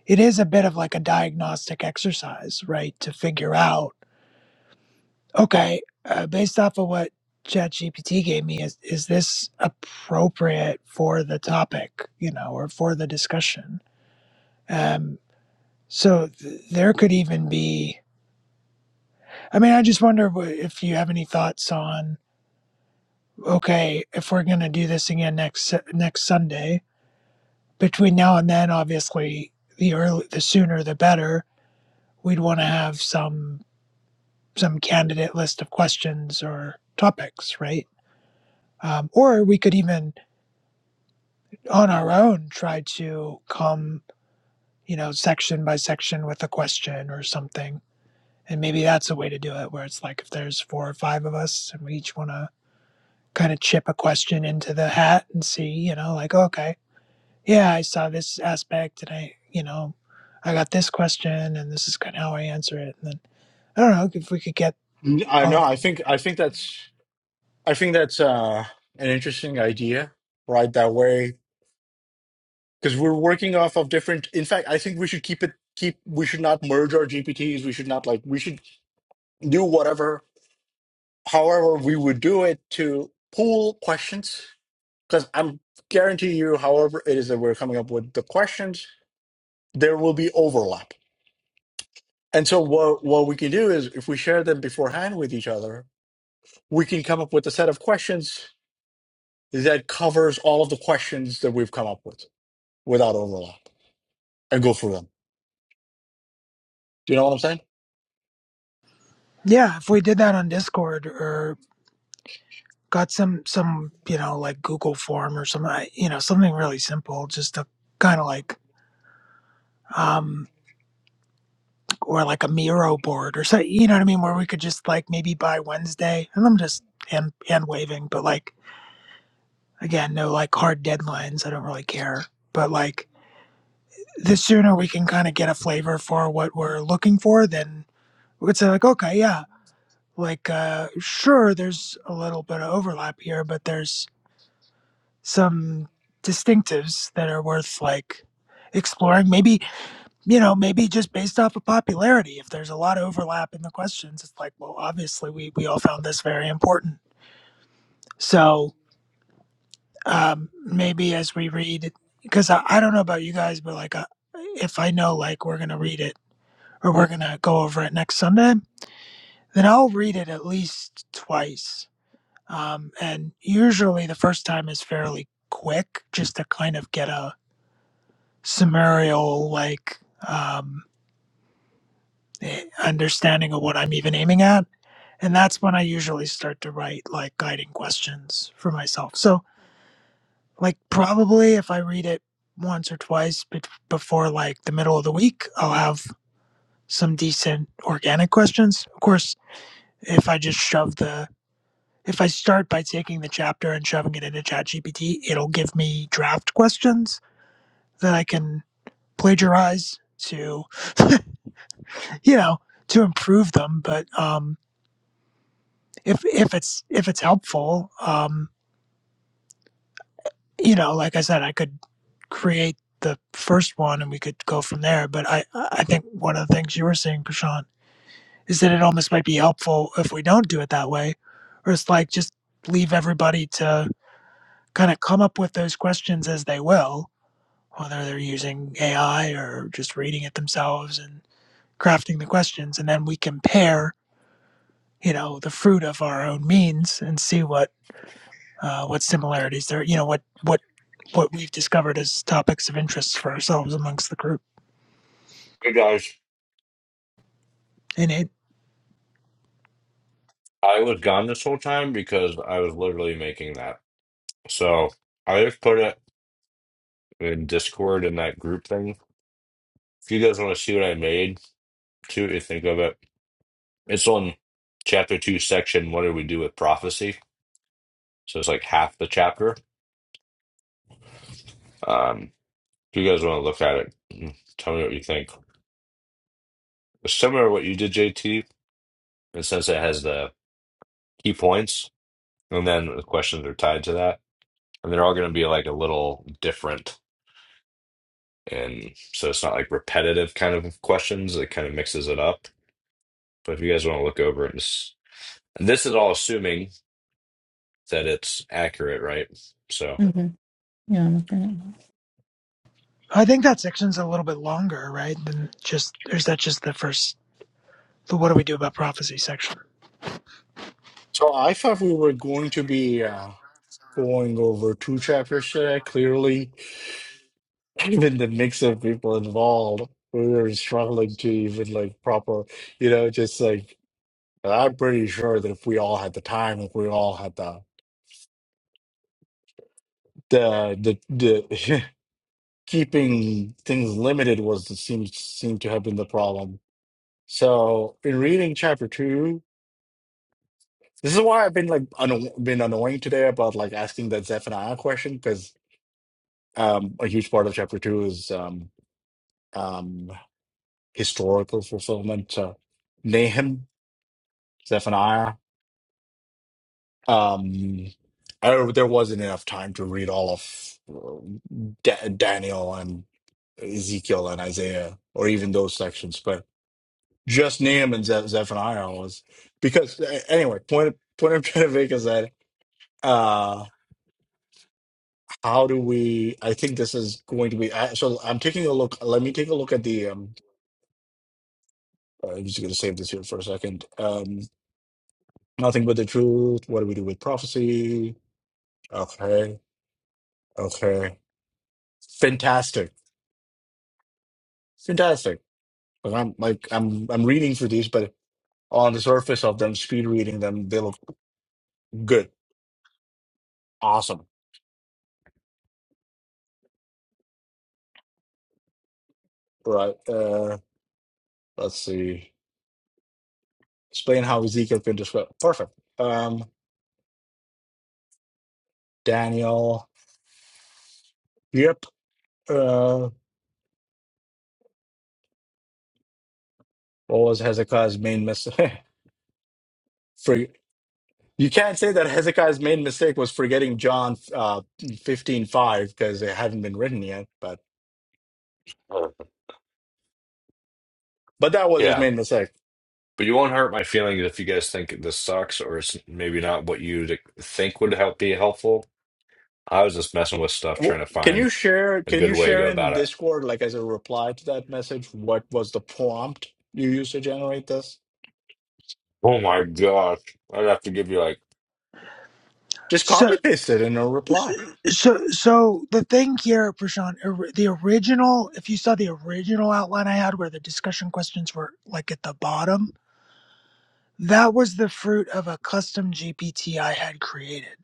C: it is a bit of like a diagnostic exercise, right? To figure out Okay, uh, based off of what ChatGPT gave me, is is this appropriate for the topic, you know, or for the discussion? Um, so th- there could even be. I mean, I just wonder wh- if you have any thoughts on. Okay, if we're going to do this again next Su- next Sunday, between now and then, obviously, the early, the sooner the better. We'd want to have some some candidate list of questions or topics, right? Um, or we could even on our own try to come, you know, section by section with a question or something. And maybe that's a way to do it where it's like if there's four or five of us and we each want to kind of chip a question into the hat and see, you know, like, okay, yeah, I saw this aspect and I, you know, I got this question and this is kind of how I answer it. And then I don't know if we could get
A: Mm, I
C: all
A: know.
C: of
A: I
C: them.
A: think I think that's I think that's uh, an interesting idea, right? That way, because we're working off of different. In fact, I think we should keep it keep. We should not merge our GPTs. We should not like. We should do whatever, however we would do it to pool questions. Because I'm guarantee you, however it is that we're coming up with the questions, there will be overlap. And so what what we can do is if we share them beforehand with each other, we can come up with a set of questions that covers all of the questions that we've come up with without overlap and go through them. Do you know what I'm saying?
C: Yeah, if we did that on Discord or got some some you know like google form or some you know something really simple just to kind of like um or like a miro board or so you know what i mean where we could just like maybe by wednesday and i'm just hand hand waving but like again no like hard deadlines i don't really care but like the sooner we can kind of get a flavor for what we're looking for then we could say like okay yeah like uh sure there's a little bit of overlap here but there's some distinctives that are worth like exploring. Maybe, you know, maybe just based off of popularity. If there's a lot of overlap in the questions, it's like, well, obviously we, we all found this very important. So um, maybe as we read, because I, I don't know about you guys, but like uh, if I know like we're going to read it or we're going to go over it next Sunday, then I'll read it at least twice. Um, and usually the first time is fairly quick just to kind of get a summarial like um, eh, understanding of what I'm even aiming at. And that's when I usually start to write like guiding questions for myself. So, like, probably if I read it once or twice before like the middle of the week, I'll have some decent organic questions. Of course, if I just shove the if I start by taking the chapter and shoving it into ChatGPT, it'll give me draft questions that I can plagiarize to you know to improve them but um if if it's if it's helpful um you know like i said i could create the first one and we could go from there but i i think one of the things you were saying prashant is that it almost might be helpful if we don't do it that way or it's like just leave everybody to kind of come up with those questions as they will whether they're using ai or just reading it themselves and crafting the questions and then we compare you know the fruit of our own means and see what uh, what similarities there, you know, what what what we've discovered as topics of interest for ourselves amongst the group.
B: Hey guys,
C: And it,
B: I was gone this whole time because I was literally making that. So I just put it in Discord in that group thing. If you guys want to see what I made, see what you think of it. It's on chapter two, section. What do we do with prophecy? So it's like half the chapter. Um, if you guys want to look at it, tell me what you think. Similar to what you did, JT And since it has the key points, and then the questions are tied to that. And they're all going to be like a little different. And so it's not like repetitive kind of questions. It kind of mixes it up. But if you guys want to look over it, and s- and this is all assuming that it's accurate, right? So,
E: hmm Yeah, I'm looking at mine.
C: I think that section's a little bit longer, right? Than just or is that just the first? The what do we do about prophecy section?
A: So I thought we were going to be uh, going over two chapters today. Clearly, even the mix of people involved, we were struggling to even like proper, you know, just like I'm pretty sure that if we all had the time, if we all had the the the, the keeping things limited was seems seemed to have been the problem So in reading chapter two, this is why I've been like anno been annoying today about like asking that Zephaniah question because um, a huge part of chapter two is um, um, historical fulfillment. So Nahum, Zephaniah. Um, I, there wasn't enough time to read all of uh, Da- Daniel and Ezekiel and Isaiah, or even those sections, but just Nahum and Ze- Zephaniah was because a- anyway. Point point I'm trying to make is that. uh how do we i think this is going to be I, so i'm taking a look let me take a look at the um uh, i'm just going to save this here for a second um nothing but the truth what do we do with prophecy okay okay fantastic fantastic but i'm like i'm i'm reading through these but on the surface of them speed reading them they look good awesome right uh let's see explain how ezekiel can describe perfect um daniel yep uh, What was Hezekiah's main mistake? For you can't say that Hezekiah's main mistake was forgetting John uh, fifteen five because it hadn't been written yet. But
B: Uh.
A: but that was his
B: yeah.
A: main mistake.
B: But you won't hurt my feelings if you guys think this sucks or it's maybe not what you'd think would help be helpful. I was just messing with stuff, trying
A: Well,
B: to
A: can
B: find
A: you share?
B: a
A: Can
B: good
A: you
B: way to
A: share
B: go about
A: in
B: it.
A: Discord, like as a reply to that message, what was the prompt you used to generate this?
B: Oh my gosh. I'd have to give you like
A: Just
C: So,
A: copy paste it in a reply.
C: so, so the thing here, Prashant, or- the original, if you saw the original outline I had where the discussion questions were like at the bottom, that was the fruit of a custom GPT I had created.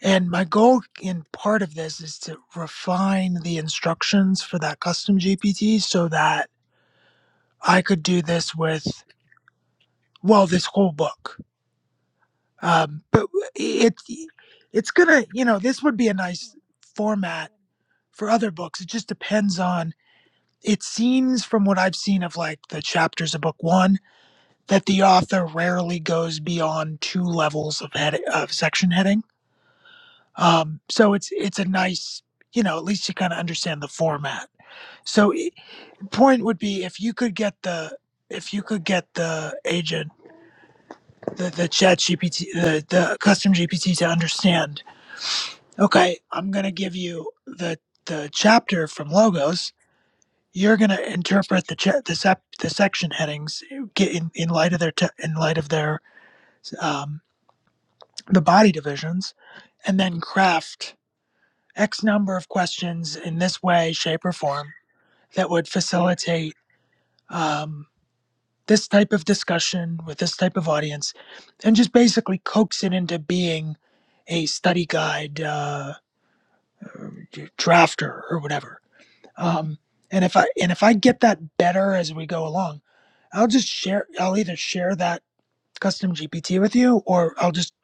C: And my goal in part of this is to refine the instructions for that custom GPT so that I could do this with, well, this whole book. Um, but it, it's gonna, you know, this would be a nice format for other books. It just depends on, it seems from what I've seen of like the chapters of book one, that the author rarely goes beyond two levels of head of section heading. Um, so it's, it's a nice, you know, at least you kind of understand the format So point would be if you could get the if you could get the agent, the, the chat GPT, the, the custom GPT to understand, okay, I'm going to give you the, the chapter from logos. You're going to interpret the, cha- the, sep- the section headings uh, get in, in light of their, te- in light of their, um, the body divisions and then craft X number of questions in this way, shape or form that would facilitate, um, this type of discussion with this type of audience and just basically coax it into being a study guide uh, drafter or whatever um, and if i and if i get that better as we go along i'll just share i'll either share that custom gpt with you or i'll just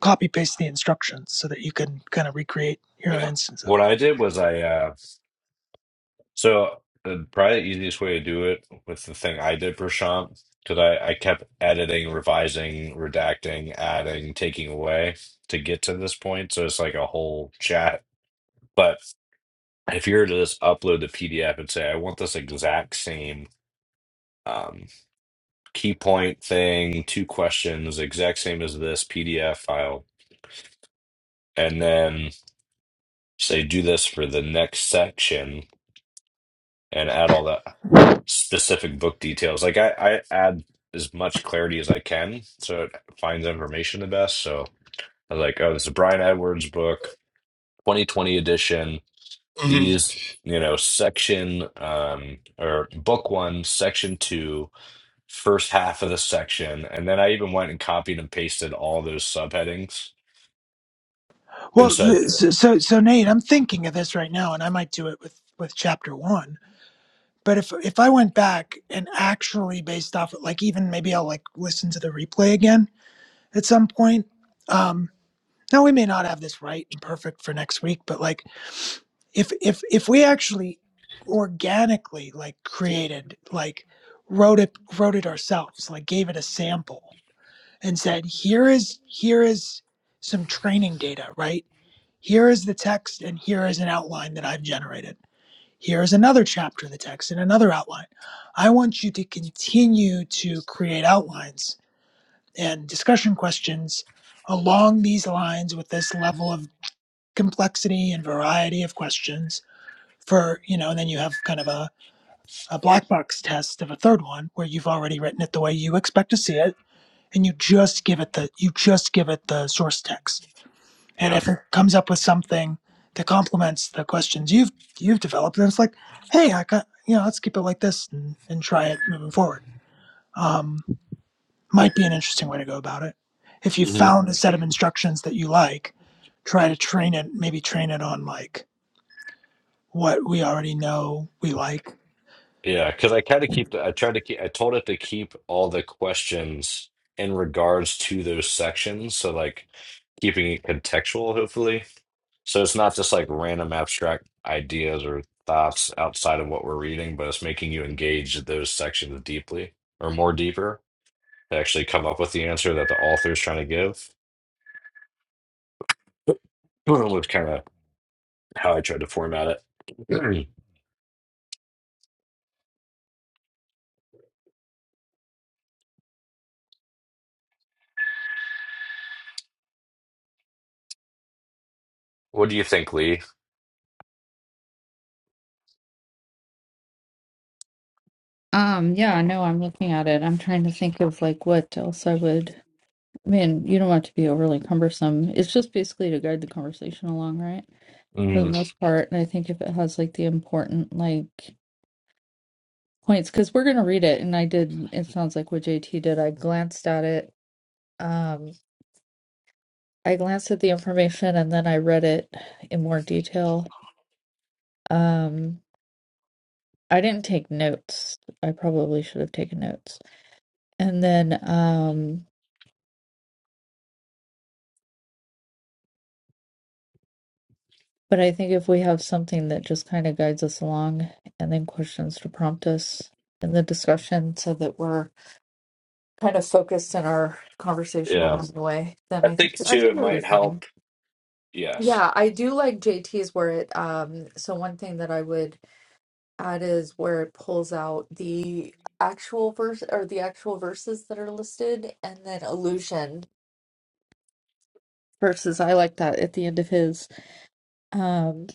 C: copy paste the instructions so that you can kind of recreate your own
B: Yeah.
C: instance of
B: What I
C: it
B: did was I uh so the probably the easiest way to do it with the thing I did Prashant, because I, I kept editing, revising, redacting, adding, taking away to get to this point. So it's like a whole chat. But if you were to just upload the PDF and say, I want this exact same um key point thing, two questions, exact same as this PDF file, and then say do this for the next section and add all the specific book details. Like I, I add as much clarity as I can so it finds information the best. So I was like, oh, this is Brian Edwards book, 2020 edition.
A: hmm
B: These, you know, section um or book one, section two, first half of the section. And then I even went and copied and pasted all those subheadings and
C: well
B: said,
C: so so so nate i'm thinking of this right now and i might do it with with chapter one But if if I went back and actually based off like even maybe I'll like listen to the replay again at some point. Um now we may not have this right and perfect for next week, but like if if if we actually organically like created like wrote it wrote it ourselves, like gave it a sample and said, here is here is some training data, right? Here is the text and here is an outline that I've generated here is another chapter of the text and another outline. I want you to continue to create outlines and discussion questions along these lines with this level of complexity and variety of questions for, you know, and then you have kind of a, a black box test of a third one where you've already written it the way you expect to see it and you just give it the you just give it the source text and if
B: yeah.
C: it comes up with something that complements the questions you've you've developed, then it's like, hey, I got you know, let's keep it like this and, and try it moving forward. Um, might be an interesting way to go about it. If you found a set of instructions that you like, try to train it. Maybe train it on like what we already know we like.
B: Yeah, because I kind of keep the, I tried to keep, I told it to keep all the questions in regards to those sections. So, like, keeping it contextual, hopefully. So it's not just like random abstract ideas or thoughts outside of what we're reading, but it's making you engage those sections deeply or more deeper to actually come up with the answer that the author is trying to give, which kind of how I tried to format it. What do you think, Lee?
E: Um, yeah, I know I'm looking at it. I'm trying to think of like what else I would. I mean, you don't want it to be overly cumbersome. It's just basically to guide the conversation along, right? For the
B: Mm,
E: most part. And I think if it has like the important like points, because we're gonna read it, and I did. It sounds like what JT did. I glanced at it. Um, I glanced at the information and then I read it in more detail. Um, I didn't take notes. I probably should have taken notes. And then, um. But I think if we have something that just kind of guides us along and then questions to prompt us in the discussion so that we're kind of focused in our conversation
B: yeah.
E: along the way, then
B: I
E: I
B: think
E: think I
B: too, it
E: think it'll be
B: might
E: fine.
B: help. Yes.
E: Yeah, I do like JT's where it um so one thing that I would add is where it pulls out the actual verse or the actual verses that are listed and then allusion verses. I like that at the end of his. Um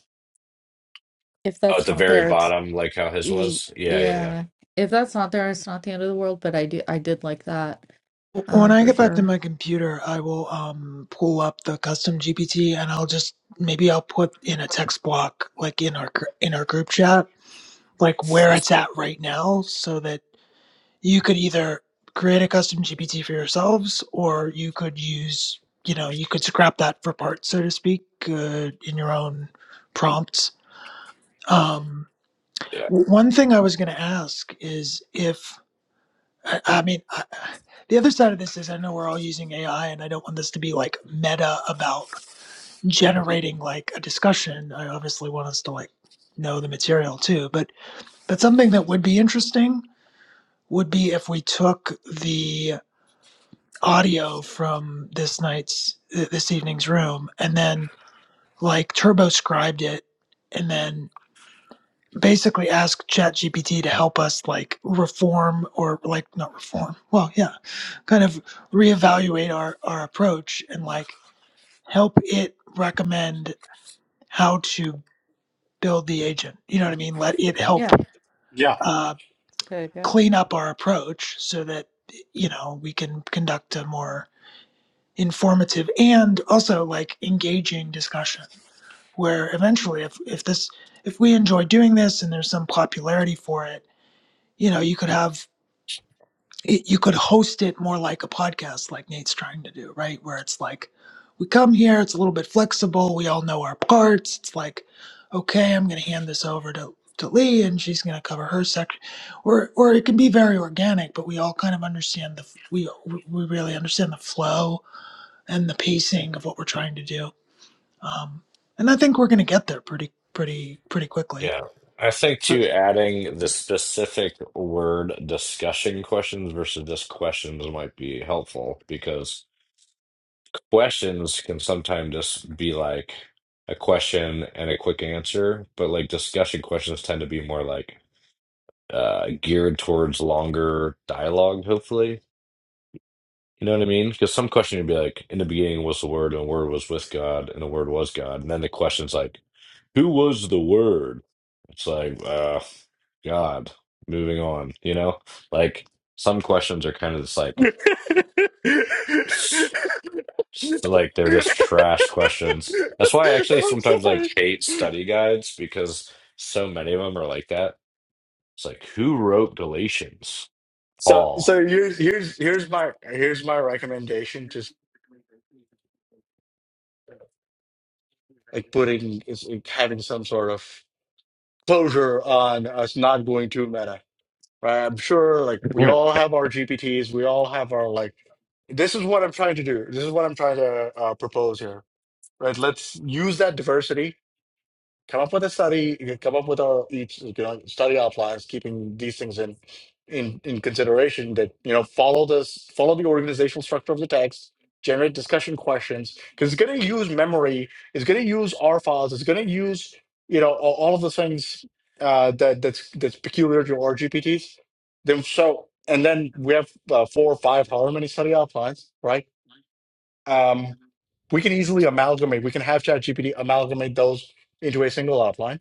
E: if
B: Oh, at
E: that's
B: the
E: not
B: very
E: there,
B: bottom, like how his
E: Y-
B: was? Yeah, yeah, yeah.
E: Yeah. If that's not there, it's not the end of the world, but I do I did like that
C: When
E: uh
C: I
E: for
C: get back to
E: sure.
C: my computer, I will um, pull up the custom GPT and I'll just maybe I'll put in a text block like in our gr- in our group chat like where it's at right now so that you could either create a custom GPT for yourselves or you could use, you know, you could scrap that for parts, so to speak, uh, in your own prompts. Um,
B: Yeah.
C: one thing I was going to ask is if, I, I mean, I, the other side of this is I know we're all using AI and I don't want this to be like meta about generating like a discussion. I obviously want us to like know the material too, but that's something that would be interesting would be if we took the audio from this night's this evening's room and then like turboscribed it and then basically ask ChatGPT to help us like reform or like not reform well yeah kind of reevaluate our our approach and like help it recommend how to build the agent you know what i mean let it help
E: Yeah,
A: Yeah.
C: uh
E: it's a good idea.
C: clean up our approach so that you know we can conduct a more informative and also like engaging discussion where eventually if if this if we enjoy doing this and there's some popularity for it you know you could have it- you could host it more like a podcast like Nate's trying to do right where it's like we come here it's a little bit flexible we all know our parts it's like okay I'm going to hand this over to to Lee and she's going to cover her section or or it can be very organic but we all kind of understand the f- we we really understand the flow and the pacing of what we're trying to do. Um, and I think we're going to get there pretty, pretty, pretty quickly.
B: Yeah. I think
A: So-
B: too, adding the specific word discussion questions versus just questions might be helpful because questions can sometimes just be like a question and a quick answer, but like discussion questions tend to be more like uh geared towards longer dialogue, hopefully. You know what I mean? Because some question would be like, in the beginning was the Word, and the Word was with God, and the Word was God. And then the question's like, who was the Word? It's like, uh, God. Moving on, you know? Like, some questions are kind of just like,
A: I'm
B: s- s- like they're just trash questions. That's why I actually sometimes like
A: sorry.
B: hate study guides because so many of them are like that. It's like, who wrote Galatians?
A: So
B: Paul.
A: so here's here's here's my here's my recommendation. Just like putting is like having some sort of closure on us not going to meta. Right? I'm sure like we all have our GPTs, we all have our like this is what I'm trying to do. This is what I'm trying to uh, propose here. Right? Let's use that diversity come up with a study. You can come up with a each you know study outlines, keeping these things in in in consideration. That you know follow this follow the organizational structure of the text. Generate discussion questions because it's going to use memory. It's going to use R files. It's going to use you know all, all of the things uh, that that's that's peculiar to RGPTs. Then so and then we have uh, four or five, however many study outlines, right? Um, we can easily amalgamate. We can have ChatGPT amalgamate those into a single outline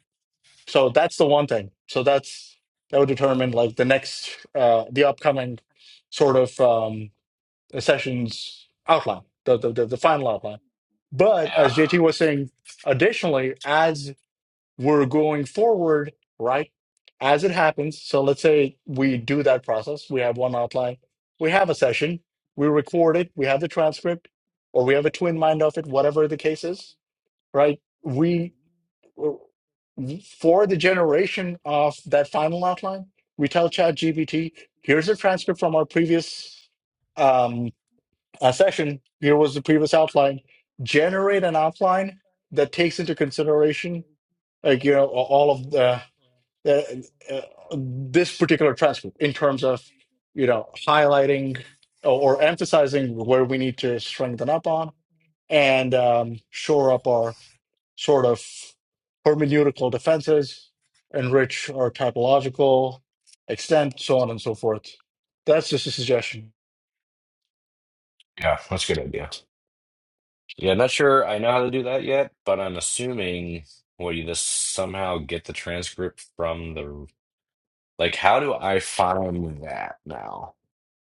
A: so that's the one thing. So that's that would determine like the next uh the upcoming sort of um sessions outline, the the the, the final outline. But as
B: Yeah.
A: JT was saying, additionally, as we're going forward, right? As it happens, so let's say we do that process, we have one outline, we have a session, we record it, we have the transcript, or we have a twin mind of it, whatever the case is, right? We for the generation of that final outline, we tell ChatGPT, here's a transcript from our previous um, uh, session. Here was the previous outline. Generate an outline that takes into consideration, like you know, a- all of the, the uh, this particular transcript in terms of you know highlighting or, or emphasizing where we need to strengthen up on and um, shore up sort of hermeneutical defenses, enrich our typological extent, so on and so forth. That's just a suggestion.
B: Yeah, that's a good idea. Yeah, not sure I know how to do that yet, but I'm assuming, will you just somehow get the transcript from the, like, how do I find that now?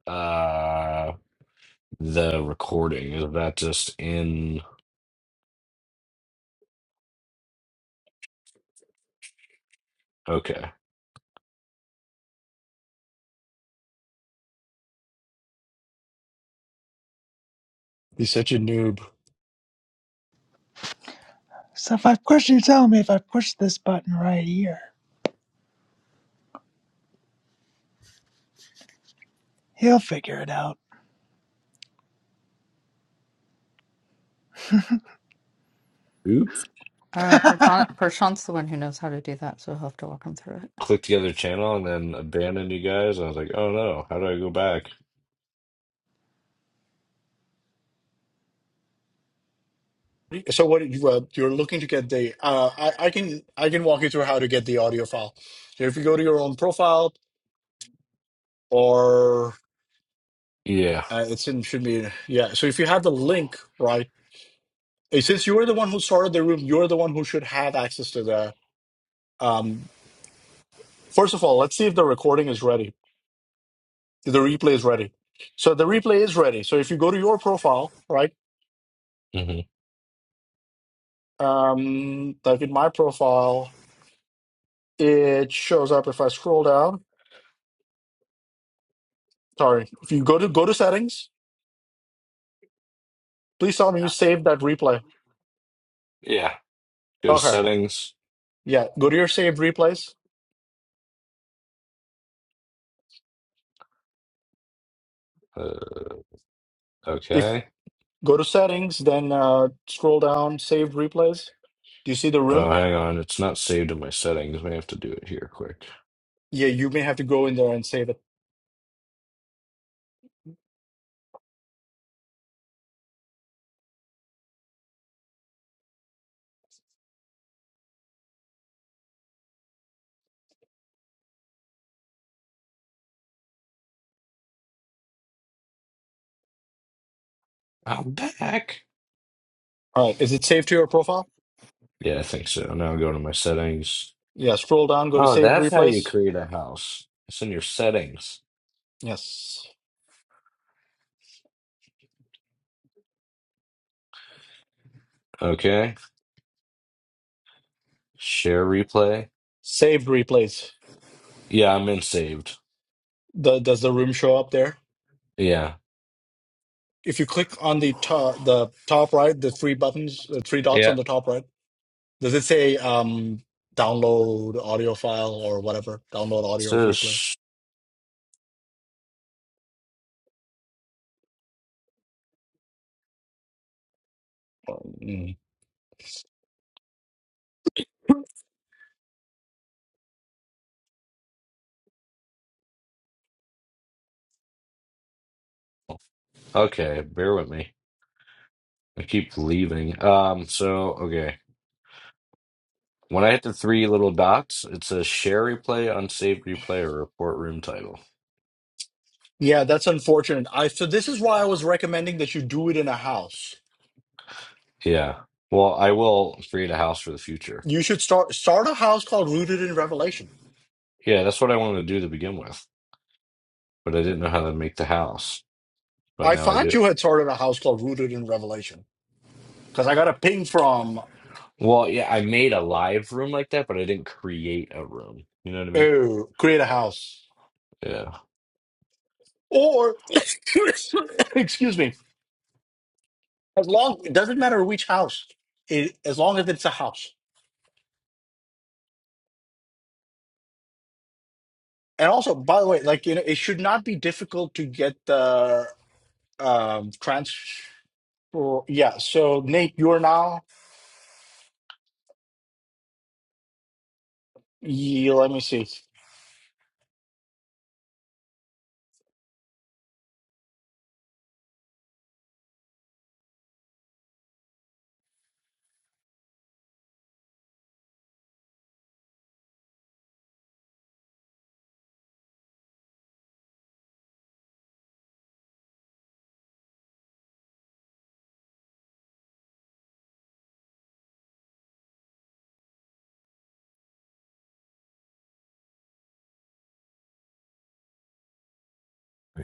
B: Uh, the recording, is that just in, okay.
A: He's such a noob.
C: So if I push you, tell me if I push this button right here, he'll figure it out.
B: Oops.
E: Uh Prashant Prashant's the one who knows how to do that, so he'll have to walk him through it.
B: Click the other channel and then abandon you guys. I was like, oh no, how do I go back?
A: So what did you uh, you're looking to get the uh, I, I can I can walk you through how to get the audio file. So if you go to your own profile or
B: Yeah.
A: uh, it's in should be yeah. So if you have the link right, eh, since you were the one who started the room, you're the one who should have access to the. Um, first of all, let's see if the recording is ready The replay is ready. So the replay is ready. So if you go to your profile, right?
B: hmm
A: Um, like in my profile, it shows up if I scroll down. Sorry. If you go to go to settings, please tell me you saved that replay.
B: Yeah. Go to
A: Okay.
B: settings.
A: Yeah. Go to your saved replays.
B: Uh,
A: If
B: okay.
A: go to settings, then uh, scroll down, saved replays. Do you see the
B: Oh,
A: room?
B: hang on. It's not saved in my settings. May have to do it here quick.
A: Yeah, you may have to go in there and say that.
B: I'm back.
A: All right, is it saved to your profile?
B: Yeah, I think so. Now I'm going to my settings.
A: Yeah, scroll down, go to
B: Oh,
A: saved
B: that's how you
A: replays.
B: create a house. It's in your settings.
A: Yes,
B: Okay. Share replay.
A: saved replays.
B: Yeah, I'm in saved.
A: The, does the room show up there?
B: Yeah.
A: if you click on the top, the top right, the three buttons, the three dots
B: Yeah.
A: on the top right, does it say um, download audio file or whatever? Download
B: It
A: audio replay.
B: says,
A: Mm.
B: okay, bear with me. I keep leaving. Um, so, okay. When I hit the three little dots, it says share replay, unsaved replay, or report room title.
A: Yeah, that's unfortunate. I so this is why I was recommending that you do it in a house.
B: Yeah. Well, I will create a house for the future.
A: You should start start a house called Rooted in Revelation.
B: Yeah, that's what I wanted to do to begin with, but I didn't know how to make the house. but
A: I
B: now I do.
A: thought you had started a house called Rooted in Revelation because I got a ping from
B: Well, yeah, I made a live room like that, but I didn't create a room. You know what I mean?
A: oh, create a house
B: Yeah.
A: or excuse me As long it doesn't matter which house, it, as long as it's a house. And also, by the way, like you know, it should not be difficult to get the um transfer. Yeah. So Nate, you're now. Yeah, let me see.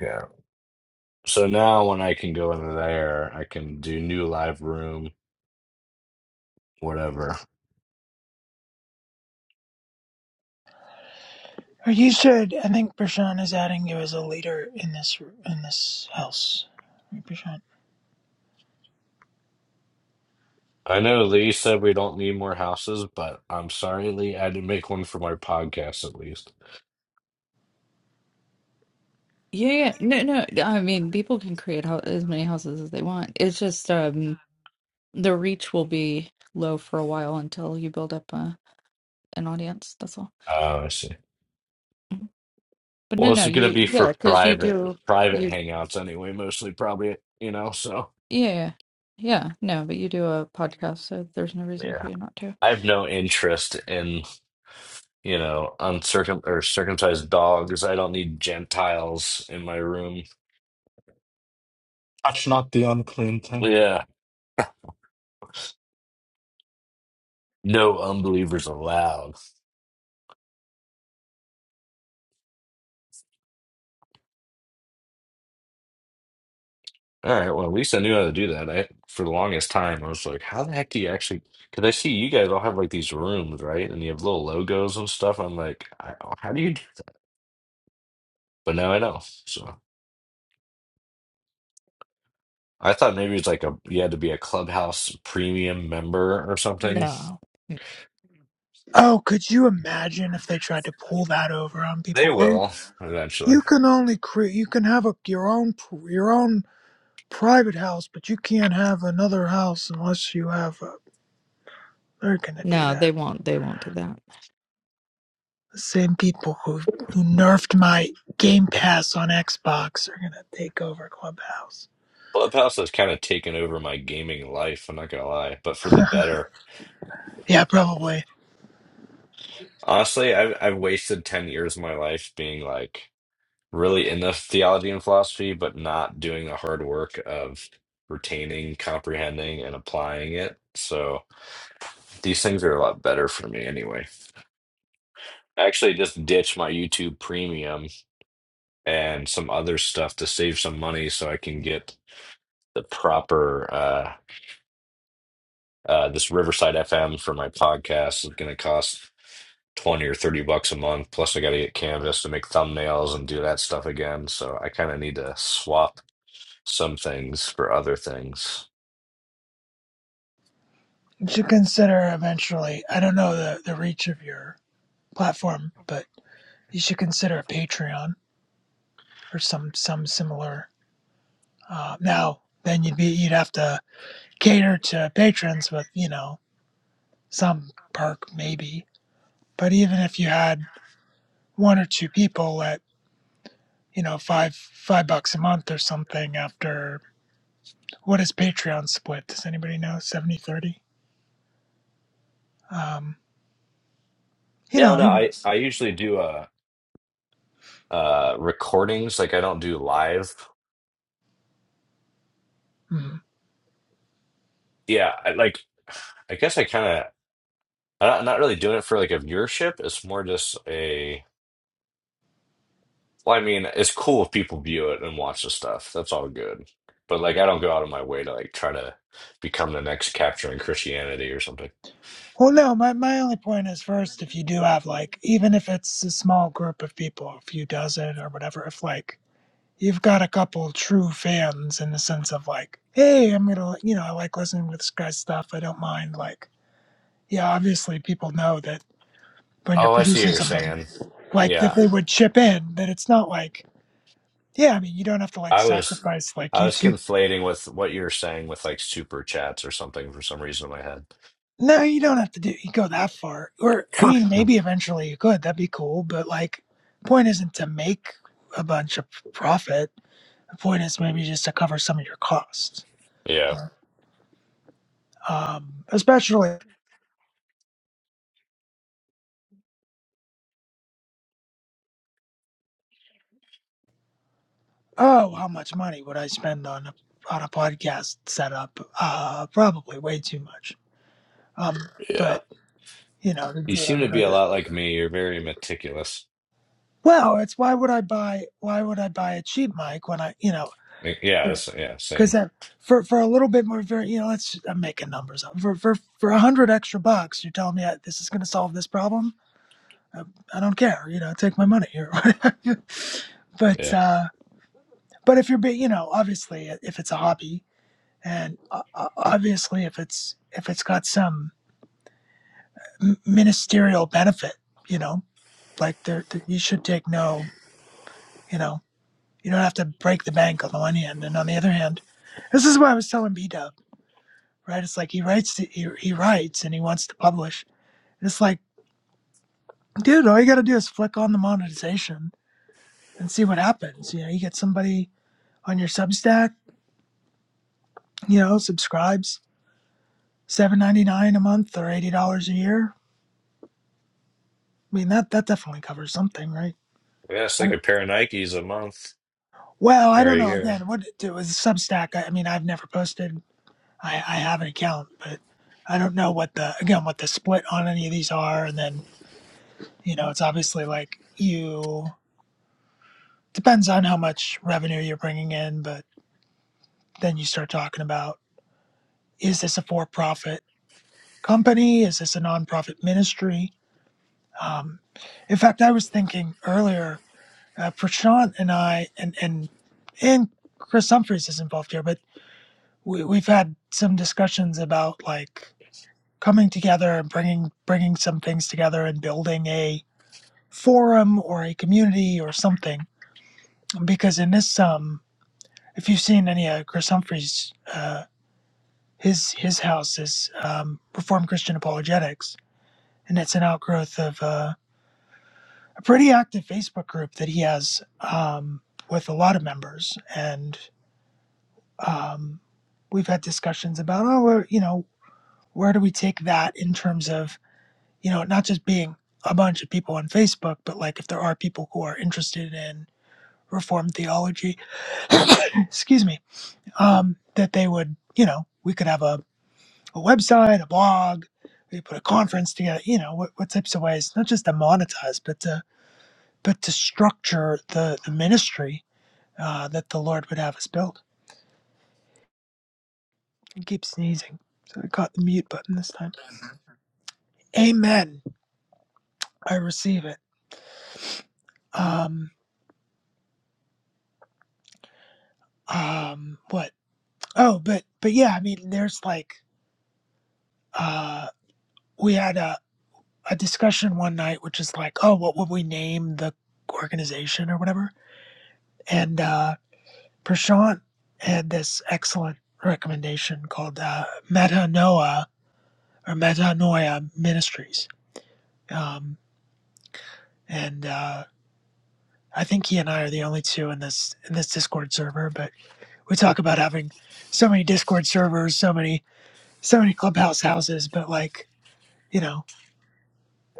B: Yeah. So now when I can go in there, I can do new live room, whatever.
C: or you should. I think Prashant is adding you as a leader in this in this house. Prashant.
B: I know Lee said we don't need more houses, but I'm sorry, Lee. I had to make one for my podcast at least.
E: Yeah, yeah. No, no. I mean, people can create how as many houses as they want. It's just um the reach will be low for a while until you build up a, an audience. That's all.
B: Oh, I see.
E: Mhm. But no,
B: Well,
E: no,
B: it's gonna
E: you
B: be
E: yeah,
B: for
E: because you
B: private
E: do
B: private
E: you
B: hangouts anyway, mostly probably, you know, so
E: yeah. Yeah, Yeah, no, but you do a podcast, so there's no reason for
B: yeah.
E: you not to.
B: I have no interest in. you know, uncircum or circumcised dogs. I don't need Gentiles in my room.
A: Touch not the unclean thing.
B: Yeah, no unbelievers allowed. All right, well, at least I knew how to do that. I for the longest time I was like, how the heck do you actually? Because I see you guys all have like these rooms, right? And you have little logos and stuff. I'm like, I, how do you do that? But now I know. So I thought maybe it's like a you had to be a Clubhouse premium member or something.
E: No.
C: Oh, could you imagine if they tried to pull that over on
B: They
C: people? Oh,
B: will eventually.
C: you can only create. You can have a your own your own private house, but you can't have another house unless you have. a. They're gonna do
E: No,
C: that.
E: they won't. They won't do that.
C: The same people who who nerfed my Game Pass on Xbox are gonna take over Clubhouse.
B: Clubhouse has kind of taken over my gaming life, I'm not gonna lie, but for the better.
C: Yeah, probably.
B: Honestly, I've I've wasted 10 years of my life being like really into theology and philosophy, but not doing the hard work of retaining, comprehending, and applying it. So these things are a lot better for me anyway. I actually just ditched my YouTube premium and some other stuff to save some money so I can get the proper uh Uh, this Riverside FM for my podcast is going to cost 20 or 30 bucks a month. Plus, I got to get Canvas to make thumbnails and do that stuff again. So I kind of need to swap some things for other things.
C: You should consider eventually. I don't know the, the reach of your platform, but you should consider a Patreon or some some similar. Uh, now, then you'd be you'd have to cater to patrons with you know some perk maybe. But even if you had one or two people at you know five five bucks a month or something after What is Patreon split? Does anybody know? 70 30? Um, you
B: Yeah, no,
C: know,
B: I, I usually do uh, uh, recordings. Like, I don't do live.
C: mhm.
B: Yeah, I, like, I guess I kind of, I'm not I'm not really doing it for like a viewership. It's more just a. Well, I mean, it's cool if people view it and watch the stuff. That's all good. But like, I don't go out of my way to like try to become the next capturing Christianity or something.
C: well, no, my, my only point is first, if you do have like, even if it's a small group of people, a few dozen or whatever, if like you've got a couple true fans in the sense of like, hey, I'm gonna, like, you know, I like listening to this guy's stuff. I don't mind. Like, yeah, obviously people know that when you're
B: Oh, I see what
C: producing
B: you're
C: something,
B: saying.
C: like if
B: Yeah,
C: they would chip in, that it's not like, yeah, I mean, you don't have to like
B: I was,
C: sacrifice like
B: I was
C: YouTube.
B: conflating with what you were saying with like super chats or something for some reason in my head.
C: No, you don't have to do you go that far. Or I mean,
B: Hmm.
C: maybe eventually you could. That'd be cool. But like, point isn't to make a bunch of profit. The point is maybe just to cover some of your costs.
B: Yeah,
C: Um, especially, oh, how much money would I spend on a, on a podcast setup? Uh, probably way too much. Um,
B: yeah.
C: but you know, to
B: You
C: do it on
B: seem
C: a
B: to be a
C: budget.
B: lot like me. You're very meticulous.
C: Well, it's why would I buy? Why would I buy a cheap mic when I, you know,
B: Yeah,
C: Sure,
B: it's, yeah,
C: because
B: same.
C: that for for a little bit more for you know let's i'm making numbers up for for for a hundred extra bucks you're telling me uh, this is going to solve this problem I, I don't care you know take my money or whatever. but
B: Yeah,
C: uh but if you're being you know obviously uh, if it's a hobby and uh, uh, obviously if it's if it's got some m- ministerial benefit you know like there there- you should take no you know you don't have to break the bank on the one hand and on the other hand this is what i was telling b right? It's like he writes, to, he, he writes, and he wants to publish. And it's like, dude, all you got to do is flick on the monetization and see what happens. You know, you get somebody on your Substack, you know, subscribes seven ninety nine a month or eighty dollars a year. I mean, that that definitely covers something, right?
B: yeah. It's
C: I
B: like
C: don't-
B: a pair of Nikes a month
C: well, I
B: or
C: don't
B: a
C: know.
B: year.
C: Again, what it was Substack. I, I mean, I've never posted. I, I have an account, but I don't know what the again what the split on any of these are. And then you know, it's obviously like you. depends on how much revenue you're bringing in, but then you start talking about is this a for profit company? Is this a nonprofit ministry? Um, in fact, I was thinking earlier, uh, Prashant and I, and, and, and Chris Humphries is involved here, but we, we've had some discussions about like coming together and bringing, bringing some things together and building a forum or a community or something. Because in this, um, if you've seen any of Chris Humphries' uh, his his house is um, Reformed Christian Apologetics, and it's an outgrowth of uh, a pretty active Facebook group that he has um, with a lot of members. And um, we've had discussions about, oh, where, you know, where do we take that in terms of, you know, not just being a bunch of people on Facebook, but like if there are people who are interested in Reformed theology, excuse me, um, that they would, you know, we could have a a website, a blog, we put a conference together, you know, what, what types of ways, not just to monetize, but to, but to structure the, the ministry uh, that the Lord would have us build. I keep sneezing. So I caught the mute button this time. Amen. I receive it. Um, um, what? Oh, but, but yeah, I mean, there's like, uh, we had a, a discussion one night, which is like, oh, what would we name the organization or whatever? And, uh, Prashant had this excellent recommendation called uh, Metanoia or Metanoia Ministries, um, and uh, I think he and I are the only two in this in this Discord server. But we talk about having so many Discord servers, so many so many clubhouse houses, but like you know,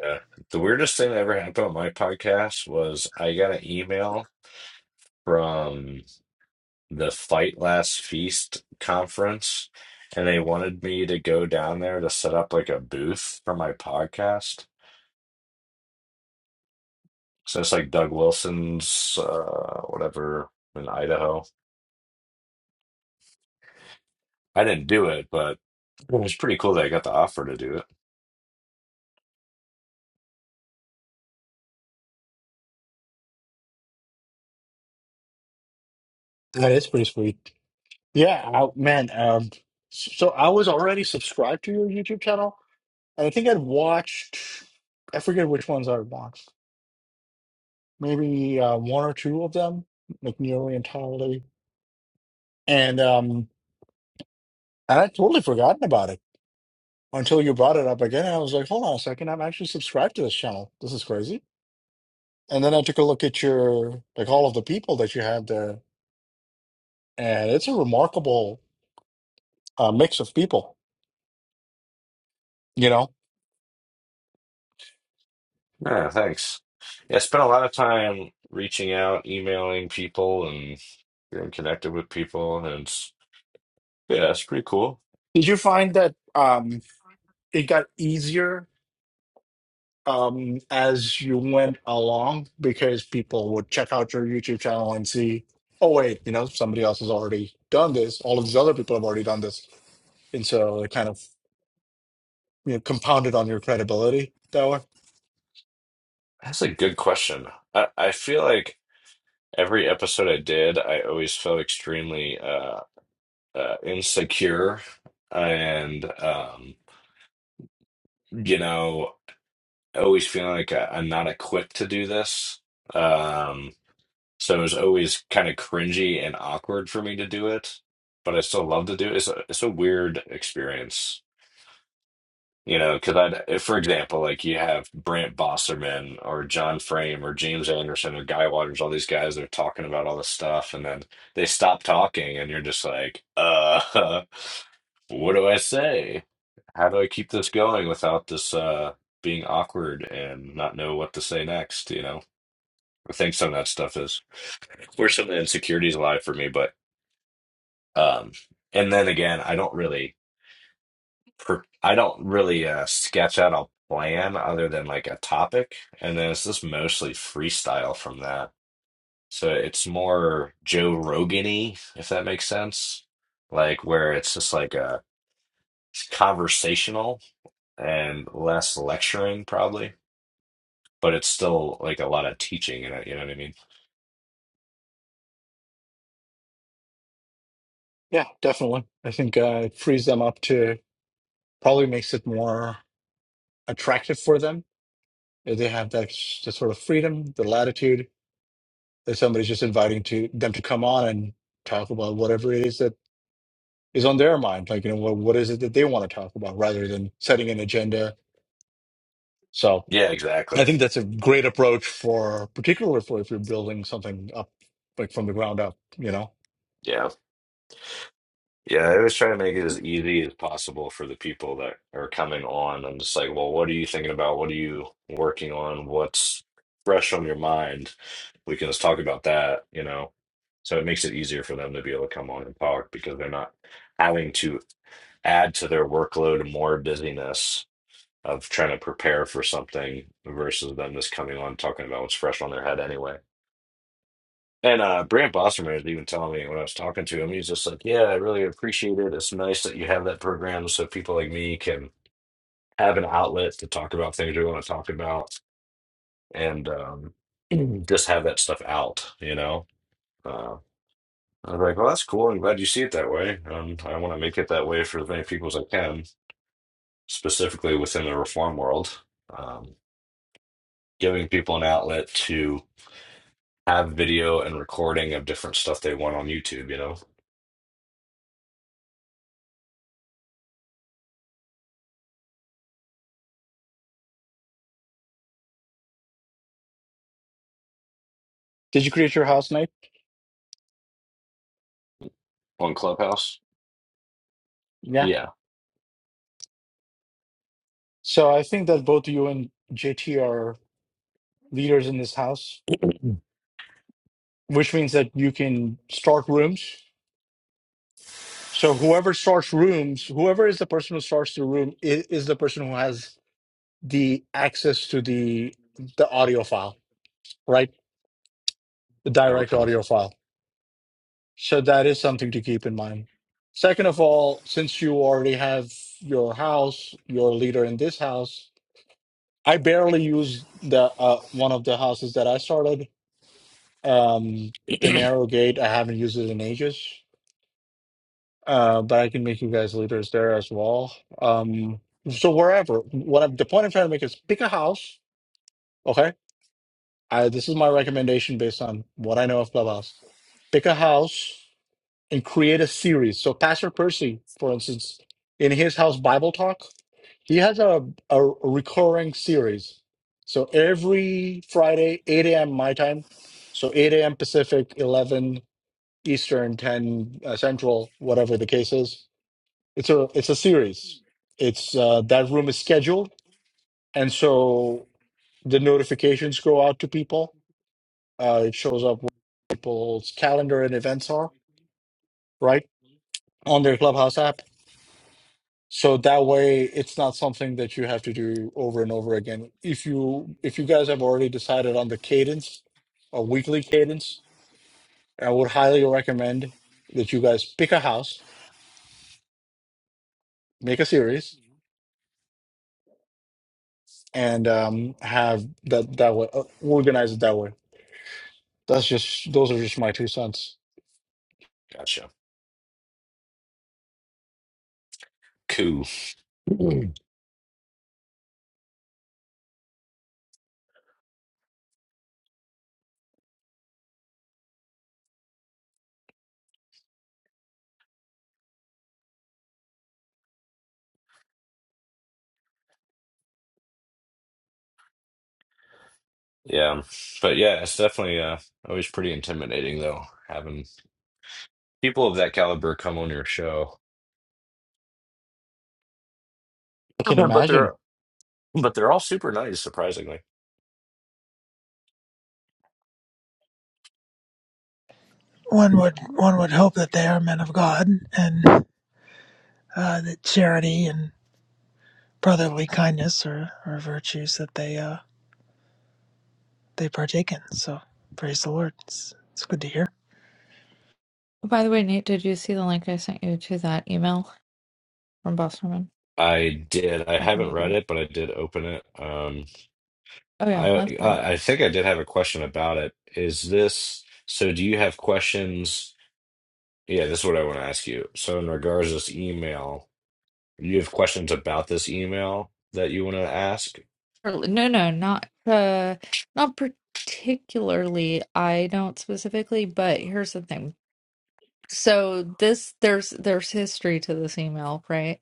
B: Yeah. The weirdest thing that ever happened on my podcast was I got an email from the Fight Last Feast conference, and they wanted me to go down there to set up like a booth for my podcast. So it's like Doug Wilson's, uh, whatever, in Idaho. I didn't do it, but it was pretty cool that I got the offer to do it.
A: That is pretty sweet. Yeah, I, man. Um, so I was already subscribed to your YouTube channel, and I think I'd watched. I forget which ones I watched. Maybe uh, one or two of them, like nearly entirely. And um, And I totally forgotten about it until you brought it up again. And I was like, hold on a second, I'm actually subscribed to this channel. This is crazy. And then I took a look at your, like all of the people that you have there. And it's a remarkable uh, mix of people, you know?
B: Yeah, thanks. Yeah, I spent a lot of time reaching out, emailing people, and getting connected with people, and it's, yeah, it's pretty cool.
A: Did you find that um, it got easier um, as you went along because people would check out your YouTube channel and see, oh, wait, you know, somebody else has already done this. All of these other people have already done this. And so it kind of you know, compounded on your credibility that way?
B: That's a good question. I, I feel like every episode I did, I always felt extremely uh, uh, insecure and, um, you know, always feeling like I, I'm not equipped to do this. Um, so it was always kind of cringy and awkward for me to do it, but I still love to do it. It's a, it's a weird experience. You know, because I'd, if, for example, like you have Brent Bosserman or John Frame or James Anderson or Guy Waters, all these guys that are talking about all this stuff, and then they stop talking, and you're just like, uh, what do I say? How do I keep this going without this uh being awkward and not know what to say next? You know, I think some of that stuff is where some of the insecurities lie for me, but um, and then again, I don't really. per I don't really uh, sketch out a plan other than like a topic, and then it's just mostly freestyle from that. So it's more Joe Rogan-y, if that makes sense. Like where it's just like a it's conversational and less lecturing probably, but it's still like a lot of teaching in it, you know what I mean?
A: Yeah, definitely. I think uh, it frees them up to probably makes it more attractive for them. Uh, They have that, s- the sort of freedom, the latitude that somebody's just inviting to them to come on and talk about whatever it is that is on their mind. Like, you know, what, what is it that they want to talk about rather than setting an agenda. So
B: Yeah,
A: I
B: exactly.
A: think that's a great approach for, particularly for if you're building something up, like from the ground up, you know?
B: Yeah. Yeah, I always try to make it as easy as possible for the people that are coming on. I'm just like, well, what are you thinking about? What are you working on? What's fresh on your mind? We can just talk about that, you know? So it makes it easier for them to be able to come on and talk because they're not having to add to their workload and more busyness of trying to prepare for something versus them just coming on talking about what's fresh on their head anyway. And uh, Brant Bosserman was even telling me when I was talking to him, he's just like, "Yeah, I really appreciate it. It's nice that you have that program, so people like me can have an outlet to talk about things we want to talk about, and um, just have that stuff out." You know, uh, I was like, "Well, that's cool. I'm glad you see it that way. Um, I want to make it that way for as many people as I can, specifically within the reform world, um, giving people an outlet to have video and recording of different stuff they want on YouTube. You know."
A: Did you create your house, Nate?
B: On Clubhouse?
A: Yeah.
B: Yeah.
A: So I think that both you and JT are leaders in this house. which means that you can start rooms. So whoever starts rooms, whoever is the person who starts the room is, is the person who has the access to the the audio file, right? The direct
B: Okay.
A: audio file. So that is something to keep in mind. Second of all, since you already have your house, your leader in this house, I barely use the uh, one of the houses that I started, um, the narrow gate. I haven't used it in ages. uh, but I can make you guys leaders there as well. Um, so wherever, what I'm, the point I'm trying to make is pick a house. Okay, I, this is my recommendation based on what I know of Clubhouse. Pick a house and create a series. So Pastor Percy, for instance, in his house Bible talk, he has a a recurring series. So every Friday, 8 a.m. my time, so 8 a.m. Pacific, 11 Eastern, 10 uh, Central, whatever the case is it's a it's a series. It's uh, that room is scheduled, and so the notifications go out to people. Uh, it shows up what people's calendar and events are right on their Clubhouse app. So that way, it's not something that you have to do over and over again. If you if you guys have already decided on the cadence, a weekly cadence, I would highly recommend that you guys pick a house, make a series, and um, have that that way uh, organize it that way That's just those are just my two cents.
B: Gotcha. Cool. Mhm. Yeah. But yeah, it's definitely uh always pretty intimidating though, having people of that caliber come on your show.
A: I can
B: Yeah, But
A: imagine.
B: they're but they're all super nice, surprisingly.
C: one would one would hope that they are men of God and uh, that charity and brotherly kindness are, are virtues that they uh, they partake in. So praise the Lord. It's, it's good to hear.
E: By the way, Nate, did you see the link I sent you to that email from Bosterman
B: I did. I
E: back in
B: haven't
E: the
B: read
E: day?
B: it, but I did open it. Um
E: Oh yeah,
B: I
E: that's fine.
B: I I think I did have a question about it. Is this so do you have questions? Yeah, this is what I want to ask you. So, in regards to this email, you have questions about this email that you want to ask?
E: Or- No, no, not uh, not particularly. I don't specifically, but here's the thing. So this there's there's history to this email, right?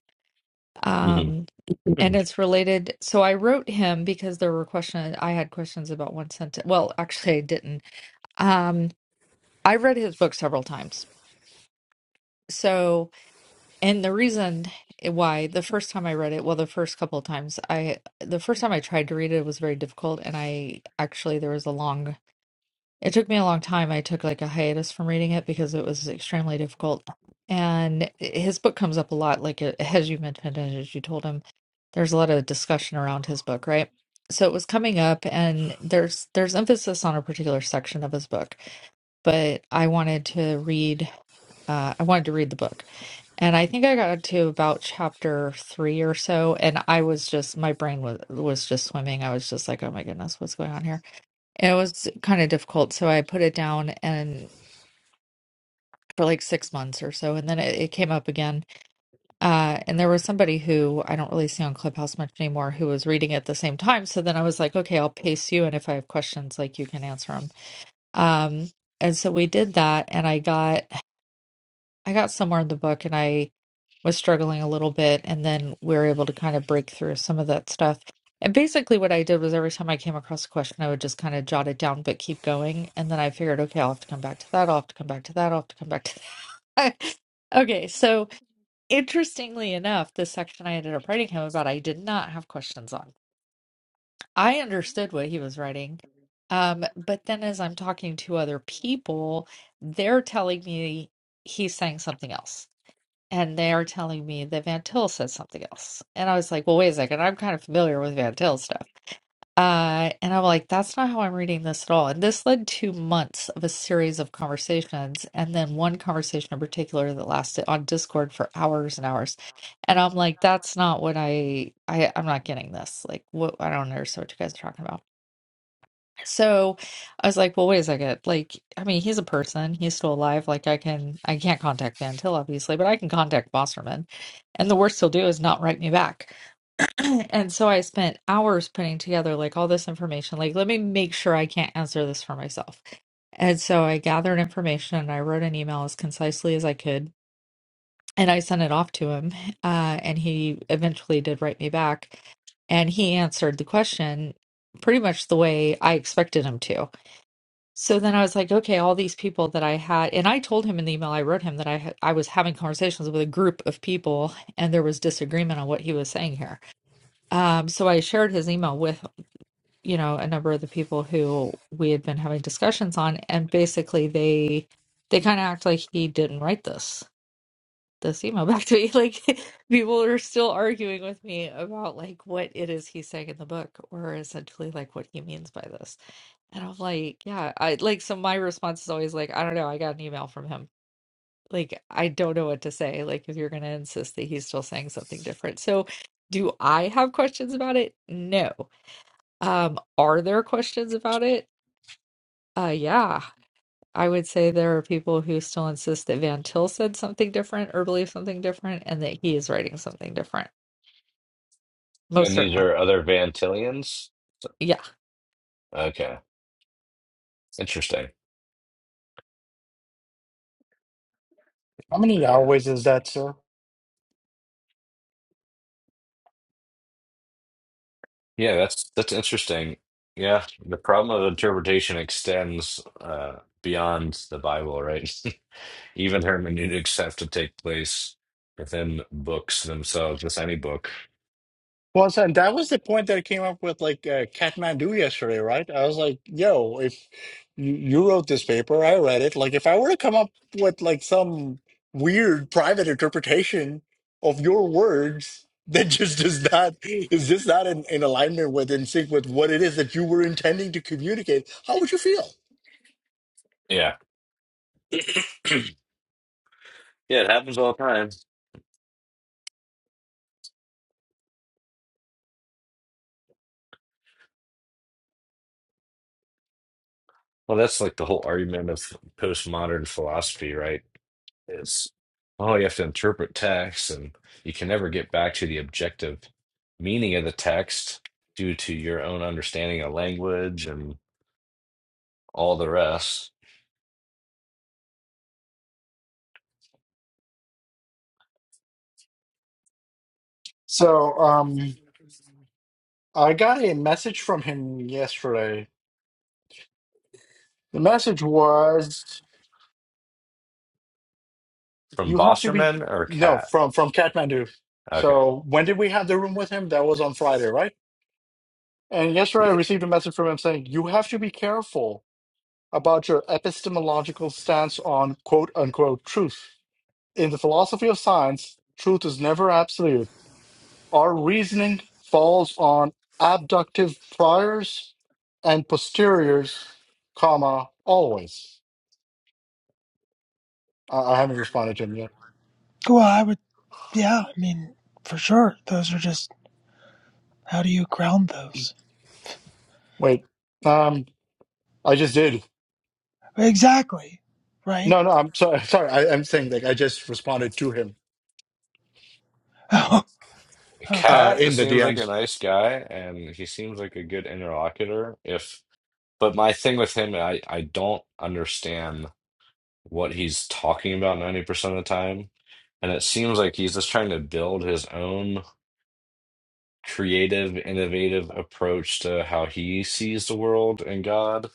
B: hmm
E: Um,
B: And
E: and it's related. So I wrote him because there were questions. I had questions about one sentence. Well, actually, I didn't. Um, I read his book several times So, and the reason why the first time I read it, well, the first couple of times I, the first time I tried to read it, it was very difficult. And I actually, there was a long, it took me a long time. I took like a hiatus from reading it because it was extremely difficult. And his book comes up a lot, like uh, as you mentioned, and as you told him, there's a lot of discussion around his book, right? So it was coming up, and there's there's emphasis on a particular section of his book, but I wanted to read uh, I wanted to read the book. And I think I got to about chapter three or so, and I was just my brain was was just swimming. I was just like, "Oh my goodness, what's going on here?" And it was kind of difficult, so I put it down and for like six months or so, and then it, it came up again. Uh, and there was somebody who I don't really see on Clubhouse much anymore who was reading at the same time. So then I was like, "Okay, I'll pace you, and if I have questions, like you can answer them." Um, and so we did that, and I got. I got somewhere in the book and I was struggling a little bit, and then we were able to kind of break through some of that stuff. And basically, what I did was every time I came across a question, I would just kind of jot it down, but keep going. And then I figured, okay, I'll have to come back to that. I'll have to come back to that. I'll have to come back to that. okay. So, interestingly enough, this section I ended up writing him about, I did not have questions on. I understood what he was writing. Um, but then as I'm talking to other people, they're telling me he's saying something else and they are telling me that Van Til said something else. And I was like, well, wait a second, I'm kind of familiar with Van Til stuff. Uh, and I'm like, that's not how I'm reading this at all. And this led to months of a series of conversations, and then one conversation in particular that lasted on Discord for hours and hours. And I'm like, that's not what I, I I'm not getting this. Like, what I don't understand what you guys are talking about. So I was like, well, wait a second. Like, I mean, he's a person. He's still alive. Like, I can, I can't contact Van Til, obviously, but I can contact Wasserman. And the worst he'll do is not write me back. And so I spent hours putting together like all this information. Like, let me make sure I can't answer this for myself. And so I gathered information and I wrote an email as concisely as I could. And I sent it off to him. Uh, and he eventually did write me back. And he answered the question pretty much the way I expected him to so then I was like, okay, all these people that I had, and I told him in the email I wrote him that I had, I was having conversations with a group of people, and there was disagreement on what he was saying here. Um, so I shared his email with, you know, a number of the people who we had been having discussions on, and basically they they kind of act like he didn't write this. This email back to me. Like people are still arguing with me about like what it is he's saying in the book, or essentially like what he means by this. And I'm like, yeah, I like so my response is always like, I don't know, I got an email from him. Like I don't know what to say. Like if you're gonna insist that he's still saying something different. So do I have questions about it? No. Um, are there questions about it? Uh yeah. I would say there are people who still insist that Van Til said something different or believed something different and that he is writing something different. Most
B: these
E: certainly.
B: are other Vantillians?
E: Yeah.
B: Okay, interesting.
A: How many
B: Yeah,
A: hours is that, sir?
B: yeah, that's that's interesting. Yeah, the problem of interpretation extends uh, beyond the Bible, right? Even hermeneutics have to take place within books themselves, just any book.
A: Well, so and that was the point that I came up with, like uh, Kathmandu yesterday, right? I was like, "Yo, if you, you wrote this paper, I read it. Like, if I were to come up with like some weird private interpretation of your words that just does not is just not in, in alignment with in sync with what it is that you were intending to communicate, how would you feel?"
B: Yeah, yeah, it happens all the time. Well, that's like the whole argument of postmodern philosophy, right? Is, oh, you have to interpret text and you can never get back to the objective meaning of the text due to your own understanding of language and all the rest.
A: So, um, I got a message from him yesterday. The message was,
B: From
A: "You have to be
B: Bosserman or
A: no
B: Cat?
A: from from Kathmandu."
B: Okay.
A: So, when did we have the room with him? That was on Friday, right? And yesterday, I
B: Yeah.
A: received a message from him saying, "You have to be careful about your epistemological stance on quote unquote truth. In the philosophy of science, truth is never absolute." Our reasoning falls on abductive priors and posteriors, comma, always. I, I haven't responded to him yet.
C: Well, I would, yeah, I mean, for sure. Those are just, how do you ground those?
A: Wait, um, I just did.
C: Exactly, right?
A: No, no, I'm sorry. Sorry, I, I'm saying like I just responded to him
C: Oh. okay.
A: uh,
B: Cat
A: in the
B: seems like a
A: DMs.
B: nice guy and he seems like a good interlocutor. If, but my thing with him, I, I don't understand. what he's talking about 90% of the time. And it seems like he's just trying to build his own creative, innovative approach to how he sees the world and God.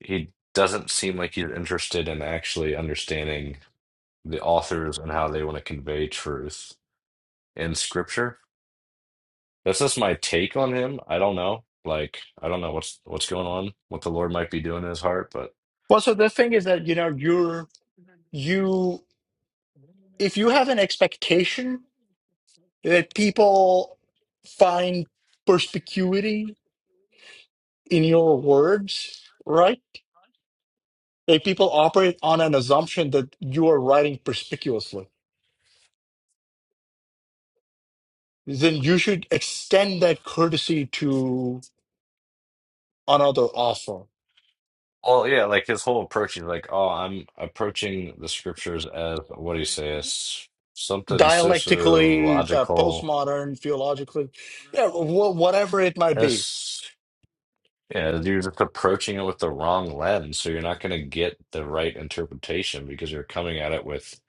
B: He doesn't seem like he's interested in actually understanding the authors and how they want to convey truth in scripture. That's just my take on him. I don't know. Like, I don't know what's what's going on, what the Lord might be doing in his heart, but.
A: Well, so the thing is that you know you're you if you have an expectation that people find perspicuity in your words, right? If people operate on an assumption that you are writing perspicuously, then you should extend that courtesy to another author.
B: Well, yeah, like his whole approaching, like, oh, I'm approaching the scriptures as what do you say? It's something
A: Dialectically, uh,
B: sociological.
A: postmodern, theologically, yeah, wh- whatever it might be,
B: It's yeah, you're just approaching it with the wrong lens, so you're not going to get the right interpretation because you're coming at it with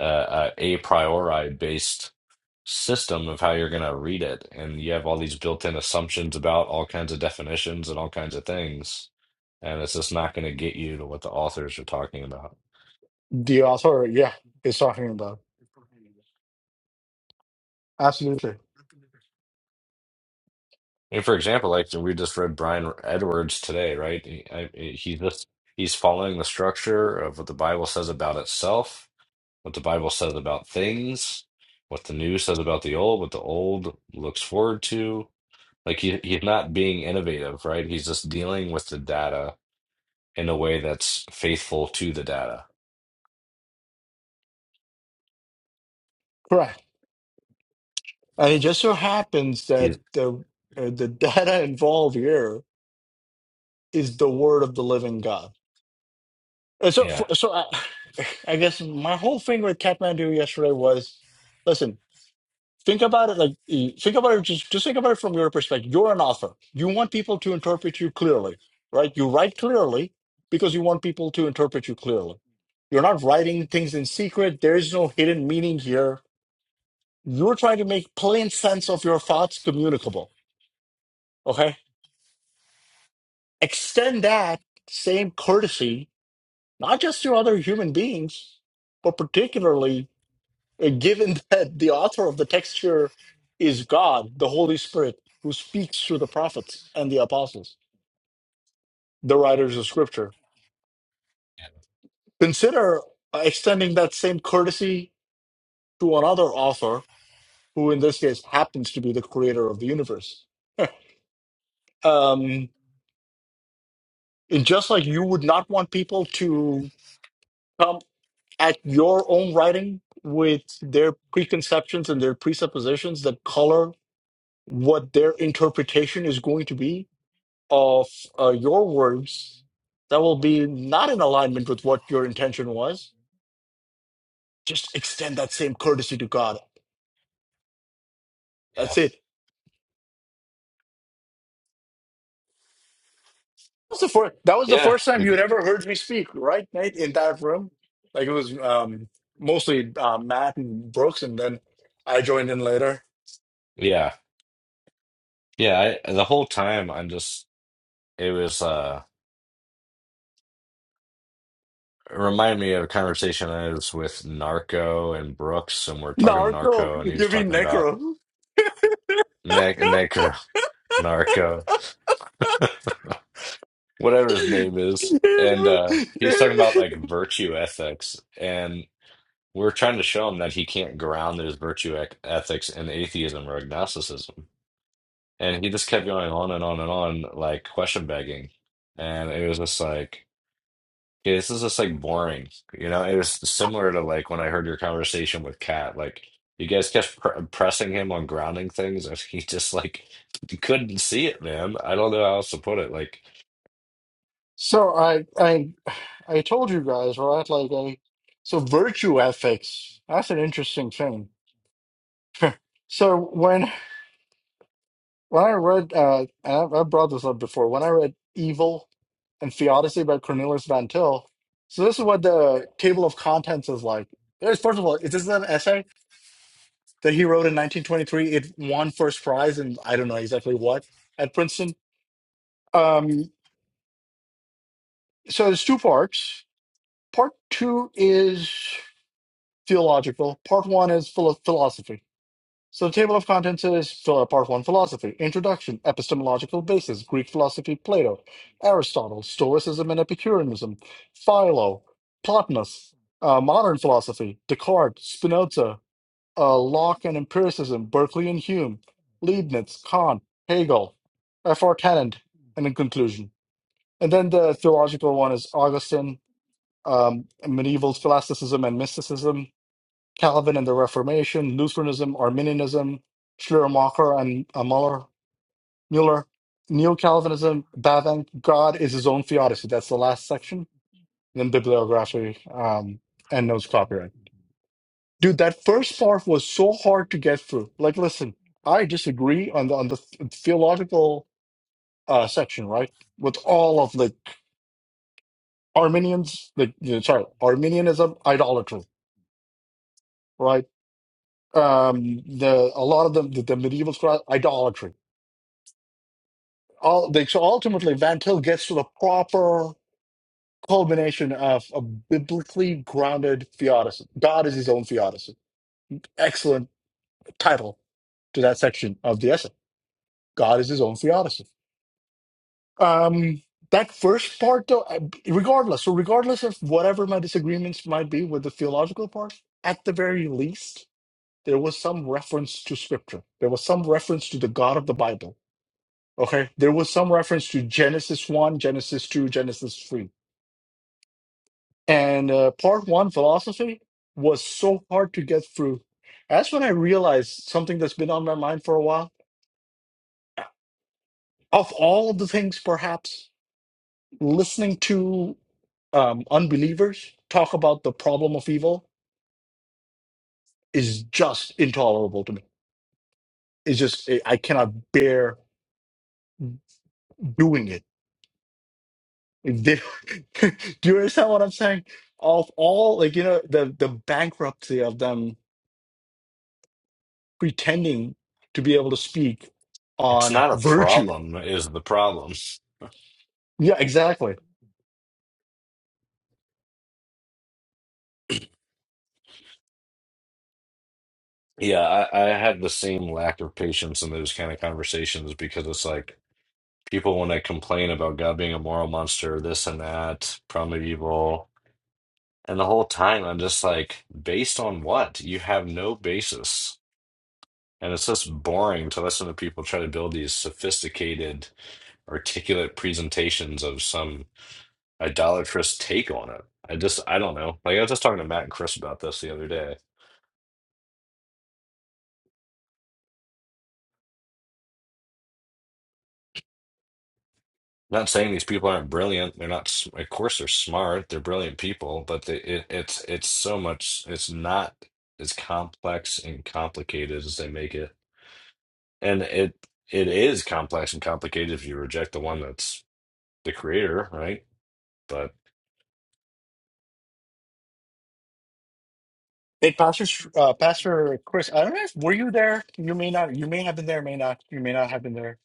B: uh, a a priori based system of how you're going to read it, and you have all these built-in assumptions about all kinds of definitions and all kinds of things, and it's just not going to get you to what the authors are talking about.
A: the author, yeah, is talking about. Absolutely.
B: And for example, like we just read Brian Edwards today, right? He, I, he just he's following the structure of what the Bible says about itself, what the Bible says about things, what the new says about the old, what the old looks forward to. Like he, he's not being innovative, right? He's just dealing with the data in a way that's faithful to the data.
A: Correct. And it just so happens that
B: He's
A: the, uh, the data involved here is the word of the living God. And so,
B: yeah,
A: so I, I guess my whole thing with Kathmandu yesterday was listen, think about it like eh, think about it just, just think about it from your perspective you're an author you want people to interpret you clearly right you write clearly because you want people to interpret you clearly you're not writing things in secret there is no hidden meaning here you're trying to make plain sense of your thoughts communicable okay extend that same courtesy not just to other human beings but particularly Uh, Given that the author of the texture is God, the Holy Spirit, who speaks through the prophets and the apostles, the writers of Scripture,
B: yeah,
A: consider uh, extending that same courtesy to another author, who in this case happens to be the creator of the universe. um, and just like you would not want people to come at your own writing with their preconceptions and their presuppositions that color what their interpretation is going to be of uh, your words that will be not in alignment with what your intention was, just extend that same courtesy to God.
B: yeah,
A: That's it. That was the first, that was the
B: yeah,
A: first time you had
B: ex-
A: ever heard me speak, right, Nate, in that room? Like it was um, mostly uh, Matt and Brooks, and then I joined in later.
B: yeah. yeah. I, the whole time, I'm just it was. uh, It reminded me of a conversation I was with Narco and Brooks, and we're talking to
A: Naruto,
B: Narco, and he was
A: you mean
B: talking about
A: Necro.
B: Nick Necro Narco, whatever his name is, and uh, he was talking about like virtue ethics, and we're trying to show him that he can't ground his virtue ec- ethics in atheism or agnosticism, and he just kept going on and on and on, like question begging, and it was just like. Okay, this is just like boring. You know, it was similar to like when I heard your conversation with Kat. Like you guys kept pr pressing him on grounding things, and he just like couldn't see it, man. I don't know how else to put it. Like
A: so I, I, I told you guys, right? Like, I, so virtue ethics, that's an interesting thing So when when I read, uh, and I've, I've brought this up before, when I read Evil and Theodicy by Cornelius Van Til, so this is what the table of contents is like. There's, first of all, is this an essay that he wrote in 1923? It won first prize, and I don't know exactly what at Princeton. Um, so there's two parts. Part two is theological. Part one is philo- philosophy. So the table of contents is uh, part one philosophy, introduction, epistemological basis, Greek philosophy, Plato, Aristotle, Stoicism and Epicureanism, Philo, Plotinus, uh, modern philosophy, Descartes, Spinoza, uh, Locke and empiricism, Berkeley and Hume, Leibniz, Kant, Hegel, F.R. Tennant, and in conclusion. And then the theological one is Augustine, um, medieval scholasticism and mysticism, Calvin and the Reformation, Lutheranism, Arminianism, Schleiermacher and uh, Muller, Mueller, Neo Calvinism, Bavinck, God is his own theodicy. That's the last section. Then bibliography um, and notes copyright. Dude, that first part was so hard to get through. Like, listen, I disagree on the on the th- theological uh, section, right? With all of the Arminians, the you know, sorry, Arminianism, idolatry, right? Um, the a lot of them, the, the medieval scholars, idolatry all like, so ultimately Van Til gets to the proper culmination of a biblically grounded theodicy. God is his own theodicy. Excellent title to that section of the essay. God is his own theodicy. Um, that first part, though, I- regardless, so regardless of whatever my disagreements might be with the theological part, at the very least, there was some reference to scripture. There was some reference to the God of the Bible. Okay. There was some reference to Genesis 1, Genesis 2, Genesis 3 And uh, part one, philosophy, was so hard to get through. That's when I realized something that's been on my mind for a while. Of all the things, perhaps, listening to um, unbelievers talk about the problem of evil is just intolerable to me. It's just, I I cannot bear doing it. If They- Do you understand what I'm saying? Of all, like, you know, the, the bankruptcy of them pretending to be able to speak
B: it's
A: on
B: not a
A: virtue.
B: problem, is the problem.
A: Yeah, exactly.
B: Yeah, I, I had the same lack of patience in those kind of conversations because it's like people when they complain about God being a moral monster, this and that, primeval, and the whole time I'm just like, based on what? You have no basis. And it's just boring to listen to people try to build these sophisticated, articulate presentations of some idolatrous take on it. I just, I don't know. Like, I was just talking to Matt and Chris about this the other day. Not saying these people aren't brilliant. They're not, s- of course, they're smart. They're brilliant people, but they, it, it's, it's so much, it's not as complex and complicated as they make it. And it, it is complex and complicated if you reject the one that's the creator, right?
A: Hey, Pastor, uh, Pastor Chris, I don't know if were you there. You may not. You may have been there. May not. You may not have been there.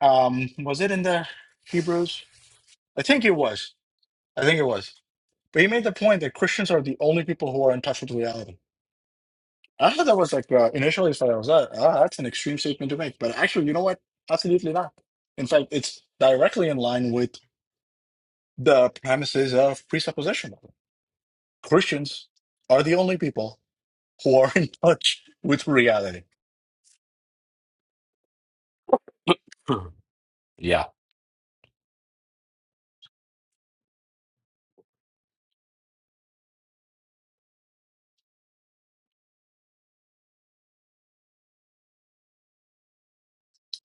A: Um, was it in the Hebrews? I think it was. I think it was. But he made the point that Christians are the only people who are in touch with reality. I thought that was like uh, initially. I thought I was uh, ah, that's an extreme statement to make. But actually, you know what? Absolutely not. In fact, it's directly in line with the premises of presupposition. Christians are the only people who are in touch with reality.
B: yeah.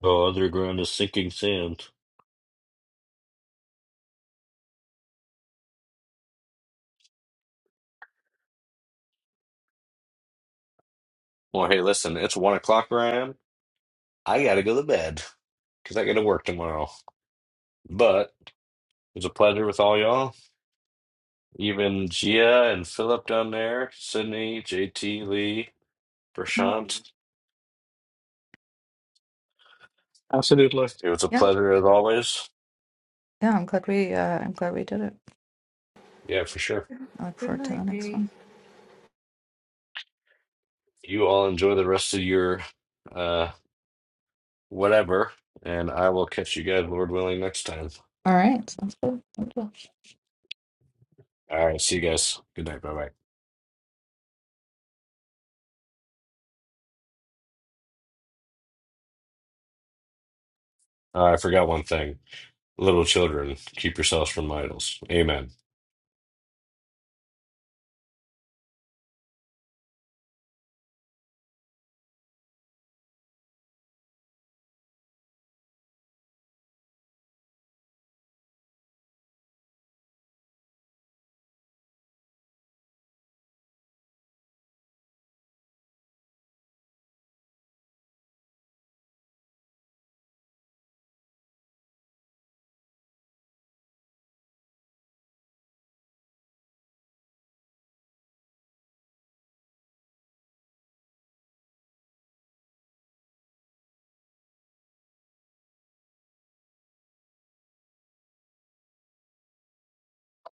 B: Oh, underground is sinking sand. Well, hey, listen, it's one o'clock where I am. I gotta go to bed because I gotta work tomorrow. But it was a pleasure with all y'all, even Gia and Philip down there, Sydney, JT, Lee,
E: Mm,
B: Prashant.
A: Absolutely.
B: It
A: I
B: was a
E: Yeah,
B: pleasure as always.
E: yeah. I'm glad we. Uh, I'm glad we did it.
B: Yeah, for sure.
E: I look
D: Good
E: forward to the
D: night,
E: next
D: Nate.
E: one.
B: You all enjoy the rest of your uh whatever, and I will catch you guys, Lord willing, next time.
E: All right, sounds good. Thank you.
B: All right, see you guys. Good night. Bye bye. Uh, I forgot one thing. Little children, keep yourselves from idols. Amen.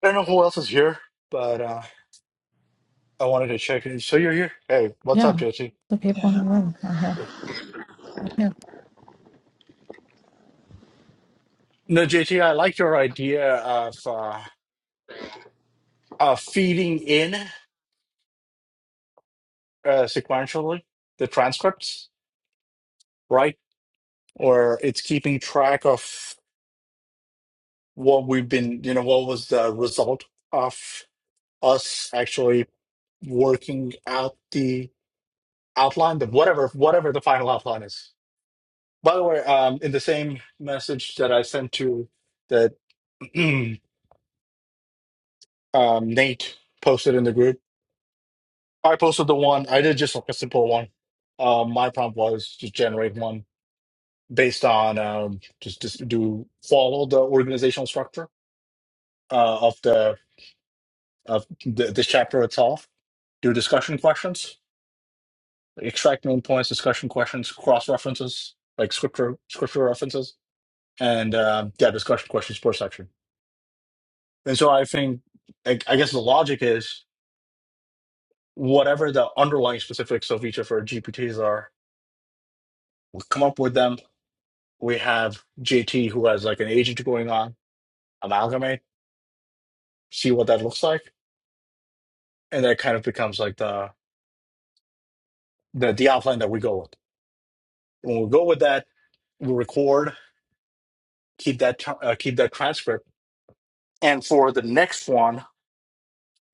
A: don't know who else is here, but uh, I wanted to check in. So you're here. Hey, what's up,
E: Yeah,
A: JT?
E: the people
C: Yeah.
E: in the room are here. Yeah,
A: No, JT, I like your idea of uh, uh, feeding in uh, sequentially the transcripts, right? Or it's keeping track of what we've been, you know, what was the result of us actually working out the outline, the whatever, whatever the final outline is By the way, um, in the same message that I sent to that um, Nate posted in the group, I posted the one. I did just like a simple one. Um, my prompt was just generate one based on um, just just do follow the organizational structure uh, of the of the, this chapter itself. Do discussion questions, extract main points, discussion questions, cross references like scripture scripture references, and um yeah, discussion questions per section And so I think, I, I guess the logic is whatever the underlying specifics of each of our GPTs are, we come up with them. We have JT who has like an agent going on, amalgamate, see what that looks like. And that kind of becomes like the, the, the outline that we go with. When we go with that, we record, keep that, tr- uh, keep that transcript. And for the next one,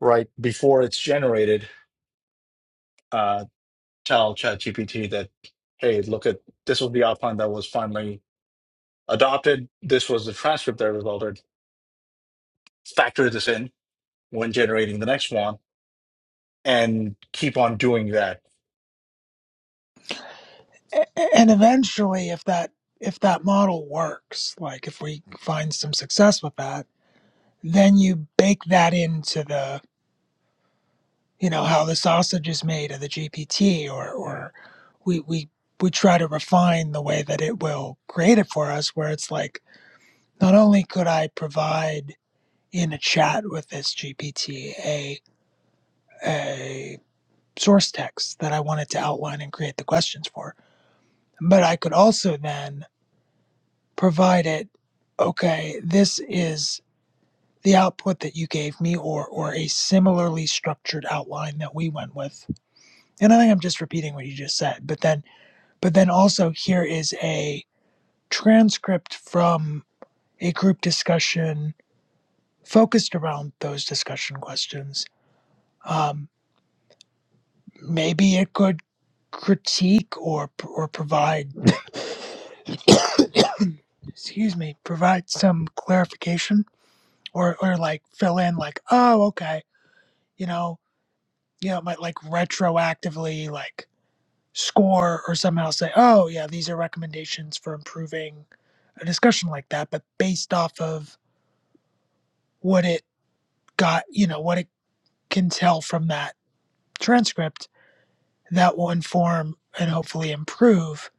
A: right before it's generated, uh, tell ChatGPT that, hey, look at, this was the outline that was finally adopted. This was the transcript that was altered. Factor this in when generating the next one and keep on doing that.
C: A- And eventually, if that, if that model works, like if we find some success with that, then you bake that into the, you know, how the sausage is made of the GPT or, or we, we, we try to refine the way that it will create it for us, where it's like, not only could I provide in a chat with this GPT a, a source text that I wanted to outline and create the questions for. But I could also then provide it, okay, this is the output that you gave me or or a similarly structured outline that we went with. And I think I'm just repeating what you just said, but then but then also here is a transcript from a group discussion focused around those discussion questions. um, maybe it could critique or or provide excuse me provide some clarification or or like fill in like oh okay you know you know it might like retroactively like score or somehow say oh yeah these are recommendations for improving a discussion like that but based off of what it got you know what it can tell from that transcript that will inform and hopefully improve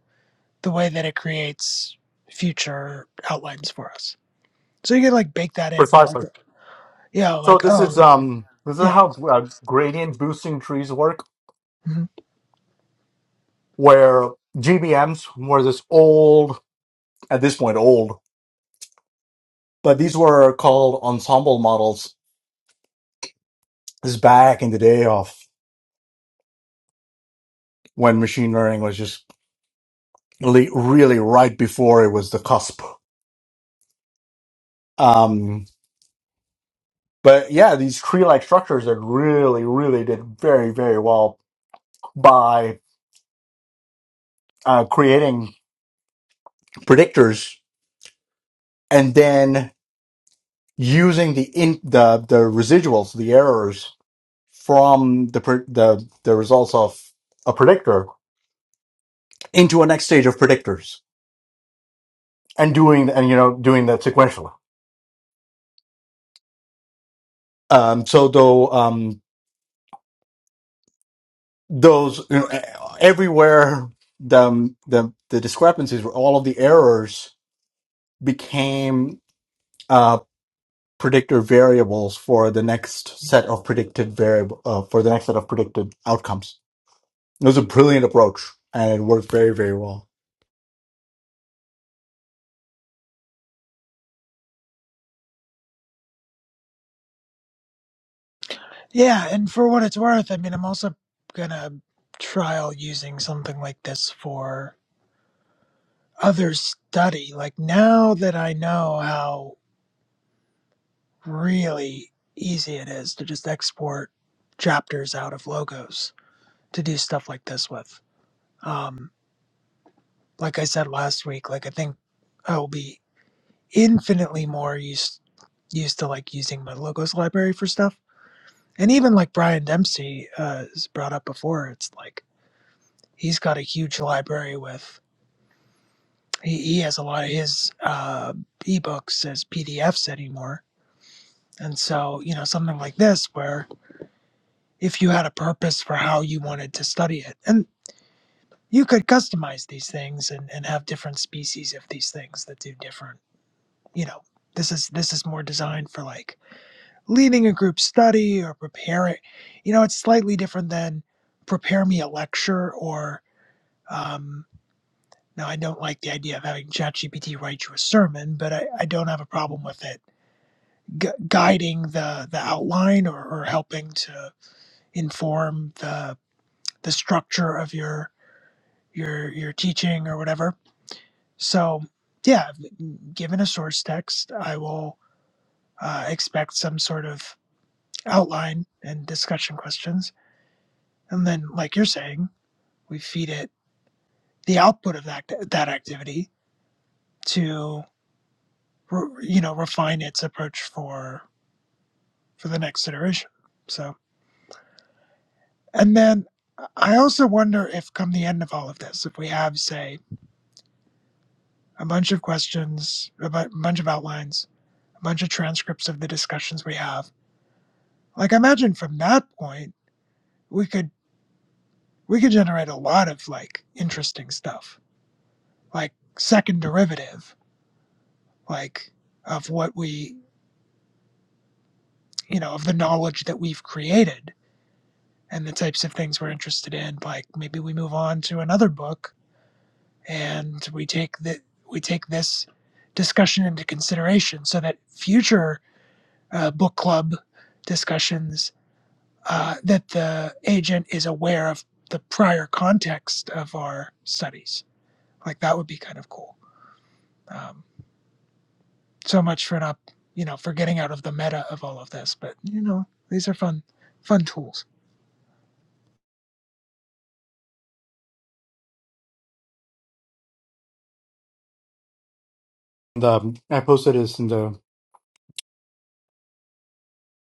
C: the way that it creates future outlines for us. So you could like bake that in, be like,
A: Precisely.
C: yeah,
A: So
C: like
A: this is
C: oh,
A: um this is
C: yeah,
A: how uh, gradient boosting trees work,
C: mhm.
A: where GBMs were this old at this point old, but these were called ensemble models. This is back in the day of when machine learning was just really, really right before it was the cusp. Um, But yeah, these tree-like structures that really, really did very, very well by uh, creating predictors and then using the in the the residuals, the errors from the pre- the the results of a predictor into a next stage of predictors and doing and you know doing that sequentially. Um, so though um, those you know, e- everywhere the the the discrepancies, where all of the errors became. uh, predictor variables for the next set of predicted variable uh, for the next set of predicted outcomes. It was a brilliant approach, and it worked very very well.
C: yeah. And for what it's worth, I mean, I'm also gonna trial using something like this for other study. Like now that I know how really easy it is to just export chapters out of logos to do stuff like this with. Um, like I said last week, like I think I will be infinitely more used used to like using my logos library for stuff. And even like Brian Dempsey uh, has brought up before, it's like he's got a huge library with he, he has a lot of his uh, ebooks as PDFs anymore. And so you know something like this where if you had a purpose for how you wanted to study it and you could customize these things and, and have different species of these things that do different you know this is this is more designed for like leading a group study or preparing you know it's slightly different than prepare me a lecture or um now i don't like the idea of having chatgpt write you a sermon but i, I don't have a problem with it gu- guiding the the outline or, or helping to inform the the structure of your your your teaching or whatever so yeah given a source text i will uh, expect some sort of outline and discussion questions And then, like you're saying, we feed it the output of that that activity to you know refine its approach for for the next iteration. So, and then I also wonder if, come the end of all of this, if we have say a bunch of questions, a bunch of outlines, a bunch of transcripts of the discussions we have. Like, I imagine from that point we could we could generate a lot of like interesting stuff, like second derivative, like of what we you know, of the knowledge that we've created and the types of things we're interested in. Like maybe we move on to another book and we take the we take this discussion into consideration so that future uh, book club discussions uh, that the agent is aware of the prior context of our studies. Like that would be kind of cool. Um, so much for not you know for getting out of the meta of all of this, but you know these are fun fun tools.
A: The um, I posted this in the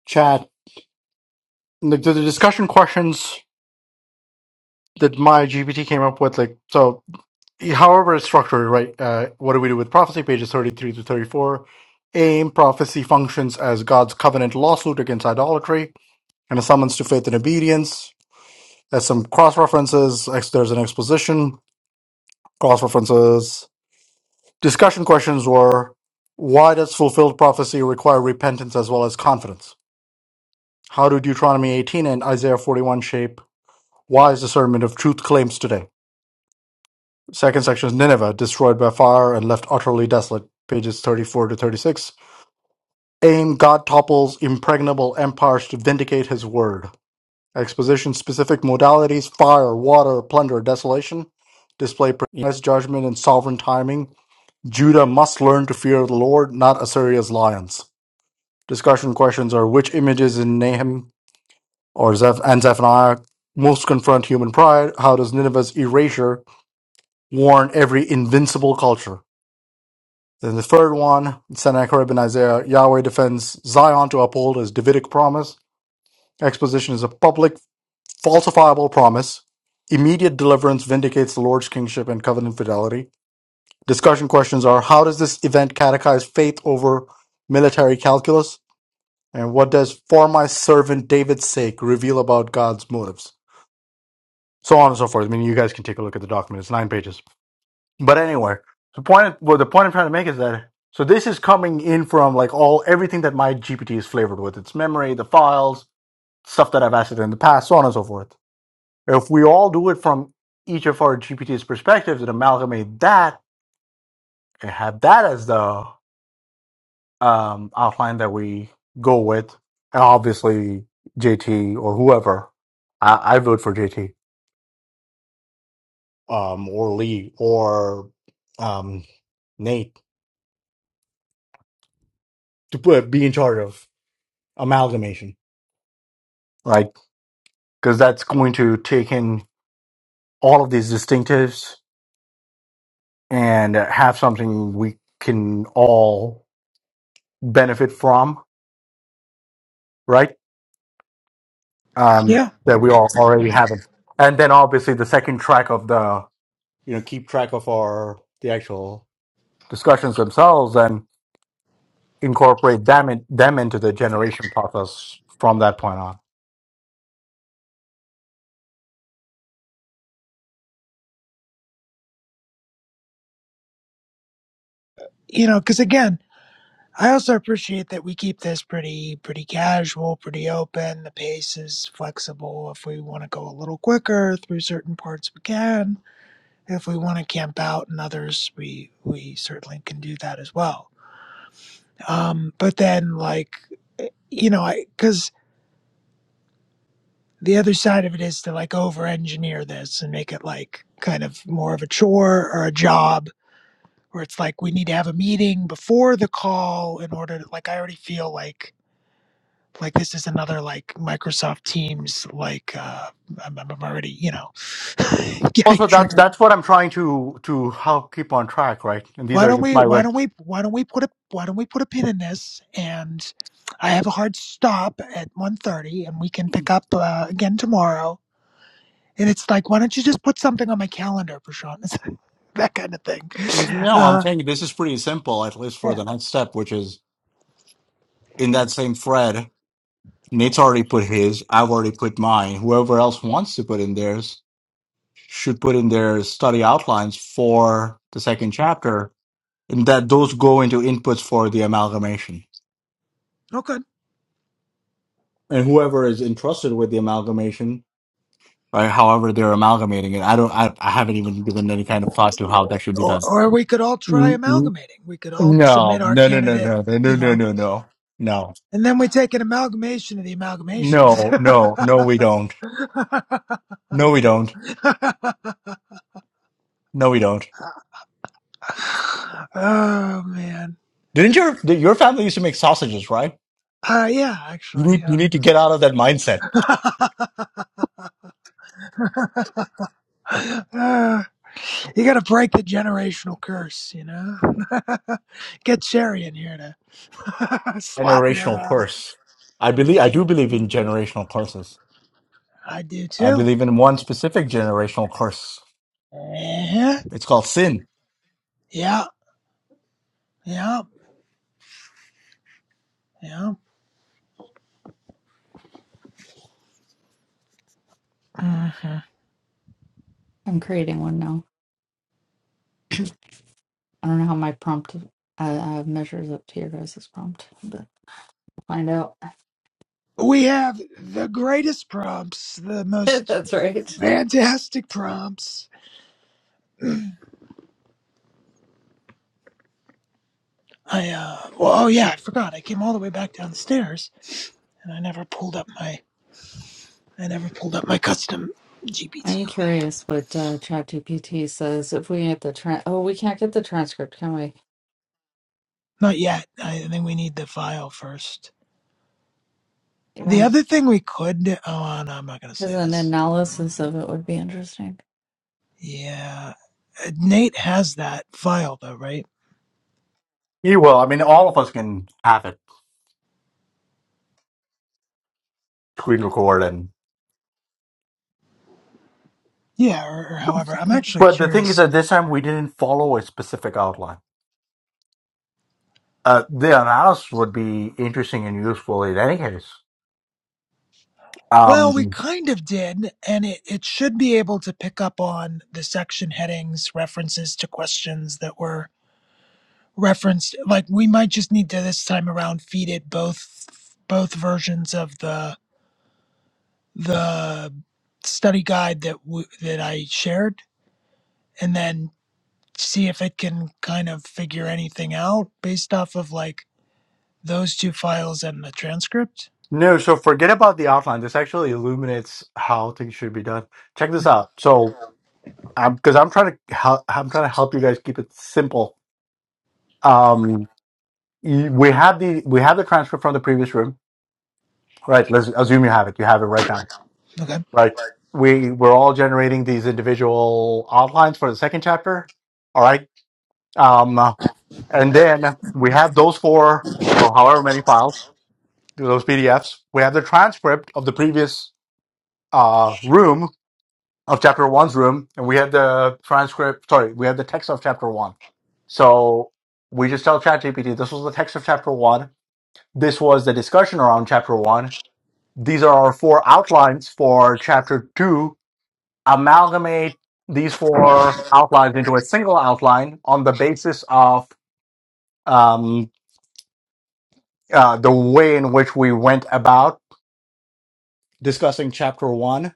A: chat. Like the, the discussion questions that my GPT came up with, like so, however it's structured, right? Uh, what do we do with prophecy? Pages thirty-three to thirty-four. Aim prophecy functions as God's covenant lawsuit against idolatry and a summons to faith and obedience. There's some cross references. There's an exposition cross references. Discussion questions were why does fulfilled prophecy require repentance as well as confidence? How do Deuteronomy 18 and Isaiah 41 shape wise discernment of truth claims today? Second section is Nineveh, destroyed by fire and left utterly desolate, pages 34 to 36. Aim God topples impregnable empires to vindicate his word. Exposition specific modalities fire, water, plunder, desolation, display precise judgment and sovereign timing Judah must learn to fear the Lord, not Assyria's lions. Discussion questions are which images in Nahum or Zeph- and Zephaniah most confront human pride? How does Nineveh's erasure warn every invincible culture? Then the third one, Sennacherib and Isaiah, Yahweh defends Zion to uphold his Davidic promise. Exposition is a public, falsifiable promise. Immediate deliverance vindicates the Lord's kingship and covenant fidelity. Discussion questions are How does this event catechize faith over military calculus? And what does for my servant David's sake reveal about God's motives? So on and so forth. I mean, you guys can take a look at the document. It's nine pages. But anyway, the point, well, the point I'm trying to make is that so this is coming in from like all everything that my GPT is flavored with its memory, the files, stuff that I've asked it in the past, so on and so forth. If we all do it from each of our GPT's perspectives and amalgamate that and have that as the um, outline that we go with. And obviously, JT or whoever, I, I vote for JT um, or Lee or um, Nate to put, be in charge of amalgamation, right? Because that's going to take in all of these distinctives and have something we can all benefit from, right? Um,
C: Yeah,
A: that we all already have it. And then obviously the second track of the, you know, keep track of our, the actual discussions themselves and incorporate them in, them into the generation process from that point on.
C: you know because again I also appreciate that we keep this pretty pretty casual, pretty open. The pace is flexible. If we want to go a little quicker through certain parts, we can. If we want to camp out in others, we we certainly can do that as well. Um, but then, like, eh, you know, I because the other side of it is to like over-engineer this and make it like kind of more of a chore or a job, where it's like we need to have a meeting before the call in order to like. I already feel like like this is another like Microsoft Teams like uh I'm, I'm already you know getting
A: Also, that's
C: triggered.
A: that's what I'm trying to to help keep on track, right? And these
C: Why
A: are
C: don't
A: just
C: we
A: my
C: why
A: rec.
C: don't we why don't we put a why don't we put a pin in this and I have a hard stop at one thirty and we can pick up uh, again tomorrow. And it's like why don't you just put something on my calendar for Sean? It's that kind of thing.
A: No, I'm
C: Uh
A: saying this is pretty simple, at least for
C: yeah.
A: the next step, which is in that same thread. Nate's already put his. I've already put mine. Whoever else wants to put in theirs should put in their study outlines for the second chapter, and that those go into inputs for the amalgamation.
C: Okay.
A: And whoever is entrusted with the amalgamation right? However, they're amalgamating it. I don't. I, I haven't even given any kind of thought to how that should be
C: Or,
A: done.
C: or we could all try
A: Mm, mm.
C: amalgamating. We could all submit
A: No,
C: our
A: no, no, no,
C: candidate,
A: no, no, no, no,
C: you know.
A: no, no, no,
C: And then we take an amalgamation of the amalgamations.
A: no, no, no. We don't. No, we don't. No, we don't.
C: oh man.
A: Didn't your did your family used to make sausages, right?
C: Uh, yeah,
A: You
C: actually,
A: need you
C: yeah.
A: need to get out of that mindset.
C: Uh, you got to break the generational curse, you know. Get Sherry in here to slap me
A: Generational
C: around.
A: curse. I believe I do believe in generational curses.
C: I do
A: I
C: too.
A: believe in one specific generational curse.
C: Uh-huh.
A: It's called sin.
C: Yeah, yeah, yeah. Mhm.
E: I'm creating one now. I don't know how my prompt uh, uh, measures up to your guys' prompt, but we'll find out.
C: We have the greatest prompts, the most
E: That's right.
C: fantastic prompts I uh well oh yeah, I forgot. I came all the way back down the stairs and I never pulled up my I never pulled up my custom GPT
E: I'm
C: on me.
E: curious what uh, ChatGPT says. If we get the tra- oh, we can't get the transcript, can we?
C: Not yet. I think we need the file first. The
E: Yeah,
C: other thing we could do- oh uh, no, I'm not gonna
E: because
C: say
E: an
C: this.
E: analysis of it would be interesting.
C: Yeah, uh, Nate has that file though, right?
A: Yeah, well, I mean, all of us can have it. Screen record and
C: Yeah, or, or however, I'm actually
A: But the thing is,
C: curious.
A: at this time, we didn't follow a specific outline. Uh, the analysis would be interesting and useful in any case. Um,
C: Well, we kind of did, and it, it should be able to pick up on the section headings, references to questions that were referenced like we might just need to this time around feed it both both versions of the the study guide that w- that I shared and then see if it can kind of figure anything out based off of like those two files and the transcript
A: no, so forget about the outline. This actually illuminates how things should be done. Check this out. So, because I'm trying to help, I'm trying to help you guys keep it simple. Um, you- we have the we have the transcript from the previous room, right? Let's assume you have it. You have it right now,
C: okay
A: right? We we're all generating these individual outlines for the second chapter. All right. Um, And then we have those four or however many files, those PDFs. We have the transcript of the previous uh, room of chapter one's room, and we have the transcript. Sorry, we have the text of chapter one. So we just tell ChatGPT this was the text of chapter one. This was the discussion around chapter one. These are our four outlines for chapter two. Amalgamate these four outlines into a single outline on the basis of um, uh, the way in which we went about discussing chapter one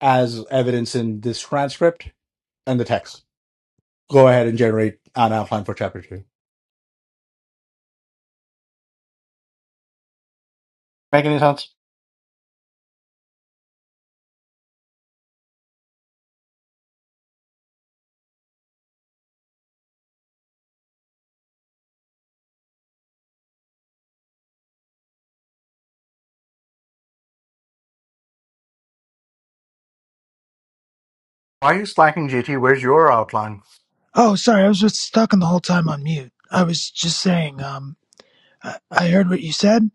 A: as evidence in this transcript and the text. Go ahead and generate an outline for chapter two. Make any sense? Why are you slacking, GT? Where's your outline?
C: oh sorry I was just stuck on the whole time on mute I was just saying um I, I heard what you said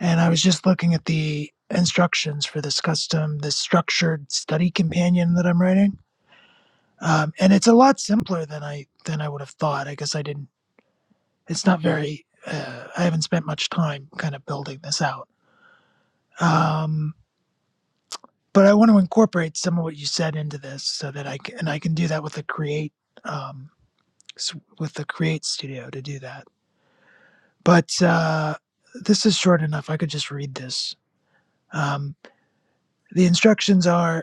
C: and I was just looking at the instructions for this custom this structured study companion that I'm writing um, and it's a lot simpler than I than I would have thought. I guess I didn't. It's not very. Uh, I haven't spent much time kind of building this out. Um, but I want to incorporate some of what you said into this so that I can, and I can do that with the create um, s- with the create studio to do that. But uh, this is short enough. I could just read this. Um, the instructions are.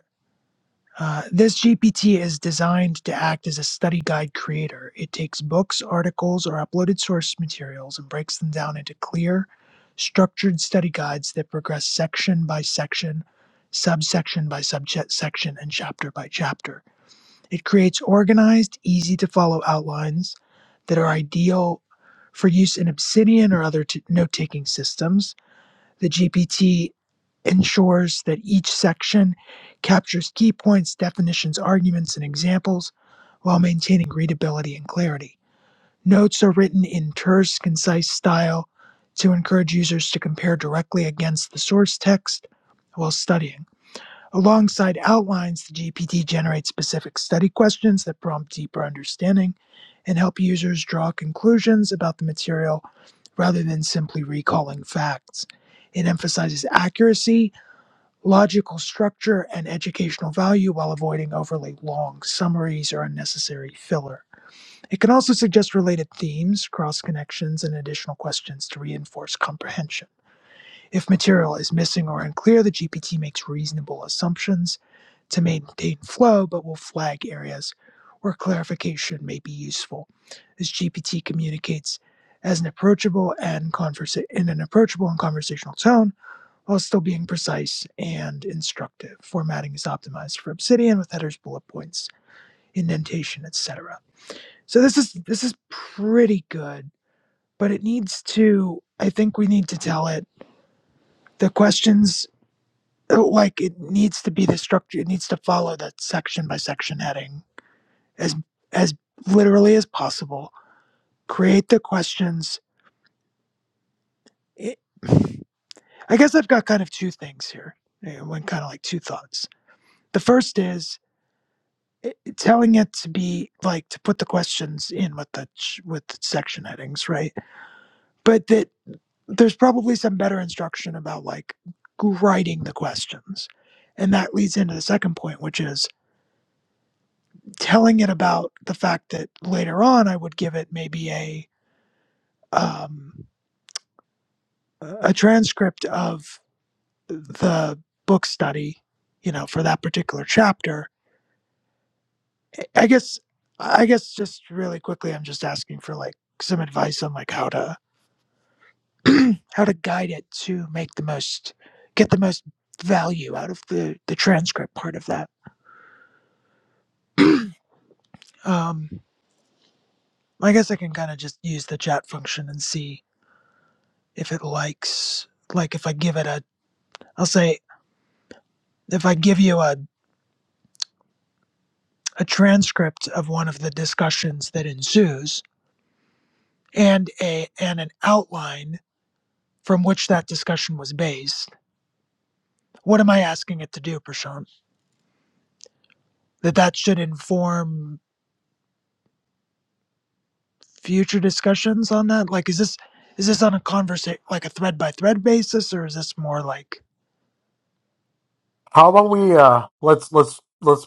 C: Uh, this GPT is designed to act as a study guide creator. It takes books, articles, or uploaded source materials and breaks them down into clear, structured study guides that progress section by section, subsection by subsection, and chapter by chapter. It creates organized, easy to follow outlines that are ideal for use in Obsidian or other t- note taking systems. The GPT ensures that each section captures key points, definitions, arguments, and examples while maintaining readability and clarity. Notes are written in terse, concise style to encourage users to compare directly against the source text while studying. Alongside outlines, the GPT generates specific study questions that prompt deeper understanding and help users draw conclusions about the material rather than simply recalling facts. It emphasizes accuracy, logical structure, and educational value while avoiding overly long summaries or unnecessary filler. It can also suggest related themes, cross connections, and additional questions to reinforce comprehension. If material is missing or unclear, the GPT makes reasonable assumptions to maintain flow, but will flag areas where clarification may be useful, as GPT communicates as an approachable and conversa- in an approachable and conversational tone while still being precise and instructive. Formatting is optimized for Obsidian with headers, bullet points, indentation, etc. So this is this is pretty good, but it needs to I think we need to tell it the questions uh, like it needs to be the structure it needs to follow that section by section heading as as literally as possible. Create the questions. It, I guess I've got kind of two things here. eh, One kind of like two thoughts. The first is eh, telling it to be like to put the questions in with the with section headings, right? But that there's probably some better instruction about like writing the questions. And that leads into the second point, which is telling it about the fact that later on I would give it maybe a um, a transcript of the book study you know for that particular chapter i guess i guess just really quickly i'm just asking for like some advice on like how to how to guide it to make the most get the most value out of the the transcript part of that um i guess i can kind of just use the chat function and see if it likes like if i give it a i'll say if i give you a a transcript of one of the discussions that ensues and a and an outline from which that discussion was based what am i asking it to do prashant that that should inform future discussions on that like is this is this on a conversation like a thread by thread basis or is this more like
A: How about we uh let's let's let's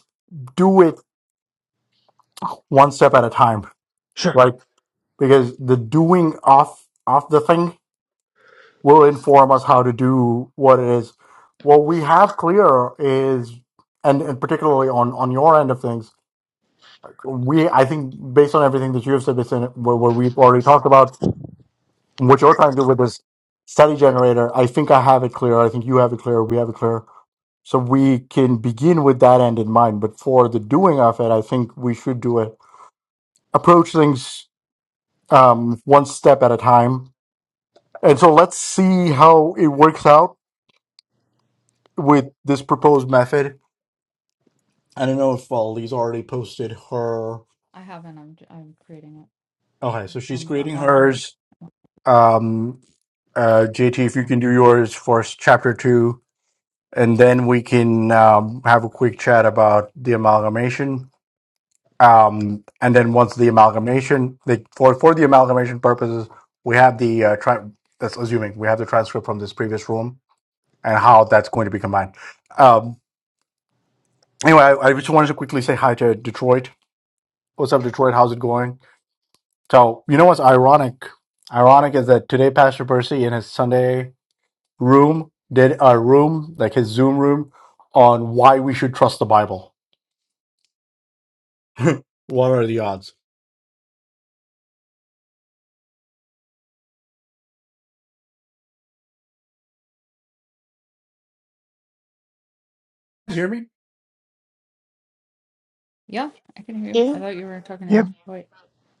A: do it one step at a time,
C: sure
A: right? Because the doing of of the thing will inform us how to do what it is. What we have clear is, and, and particularly on on your end of things we I think based on everything that you have said, based on what, what we've already talked about, and what you're trying to do with this study generator, I think I have it clear. I think you have it clear. We have it clear. So we can begin with that end in mind. But for the doing of it, I think we should do it. Approach things um, one step at a time. And so let's see how it works out with this proposed method. I don't know if uh, already posted her.
E: I haven't. I'm j- I'm creating it.
A: Okay, so she's
E: I'm I'm
A: creating
E: working. on
A: hers.
E: it.
A: Um, Uh, JT, if you can do yours for chapter two, and then we can um, have a quick chat about the amalgamation. Um, and then once the amalgamation, the, for for the amalgamation purposes, we have the uh, tri- that's assuming we have the transcript from this previous room and how that's going to be combined. Um, anyway, I, I just wanted to quickly say hi to Detroit. What's up, Detroit? How's it going? So you know what's ironic? Ironic is that today Pastor Percy in his Sunday room did a room like his Zoom room on why we should trust the Bible. what are the odds? You hear me?
E: Yeah, I can hear you.
D: Yeah.
E: I thought you were talking
C: yep
E: to Dwight.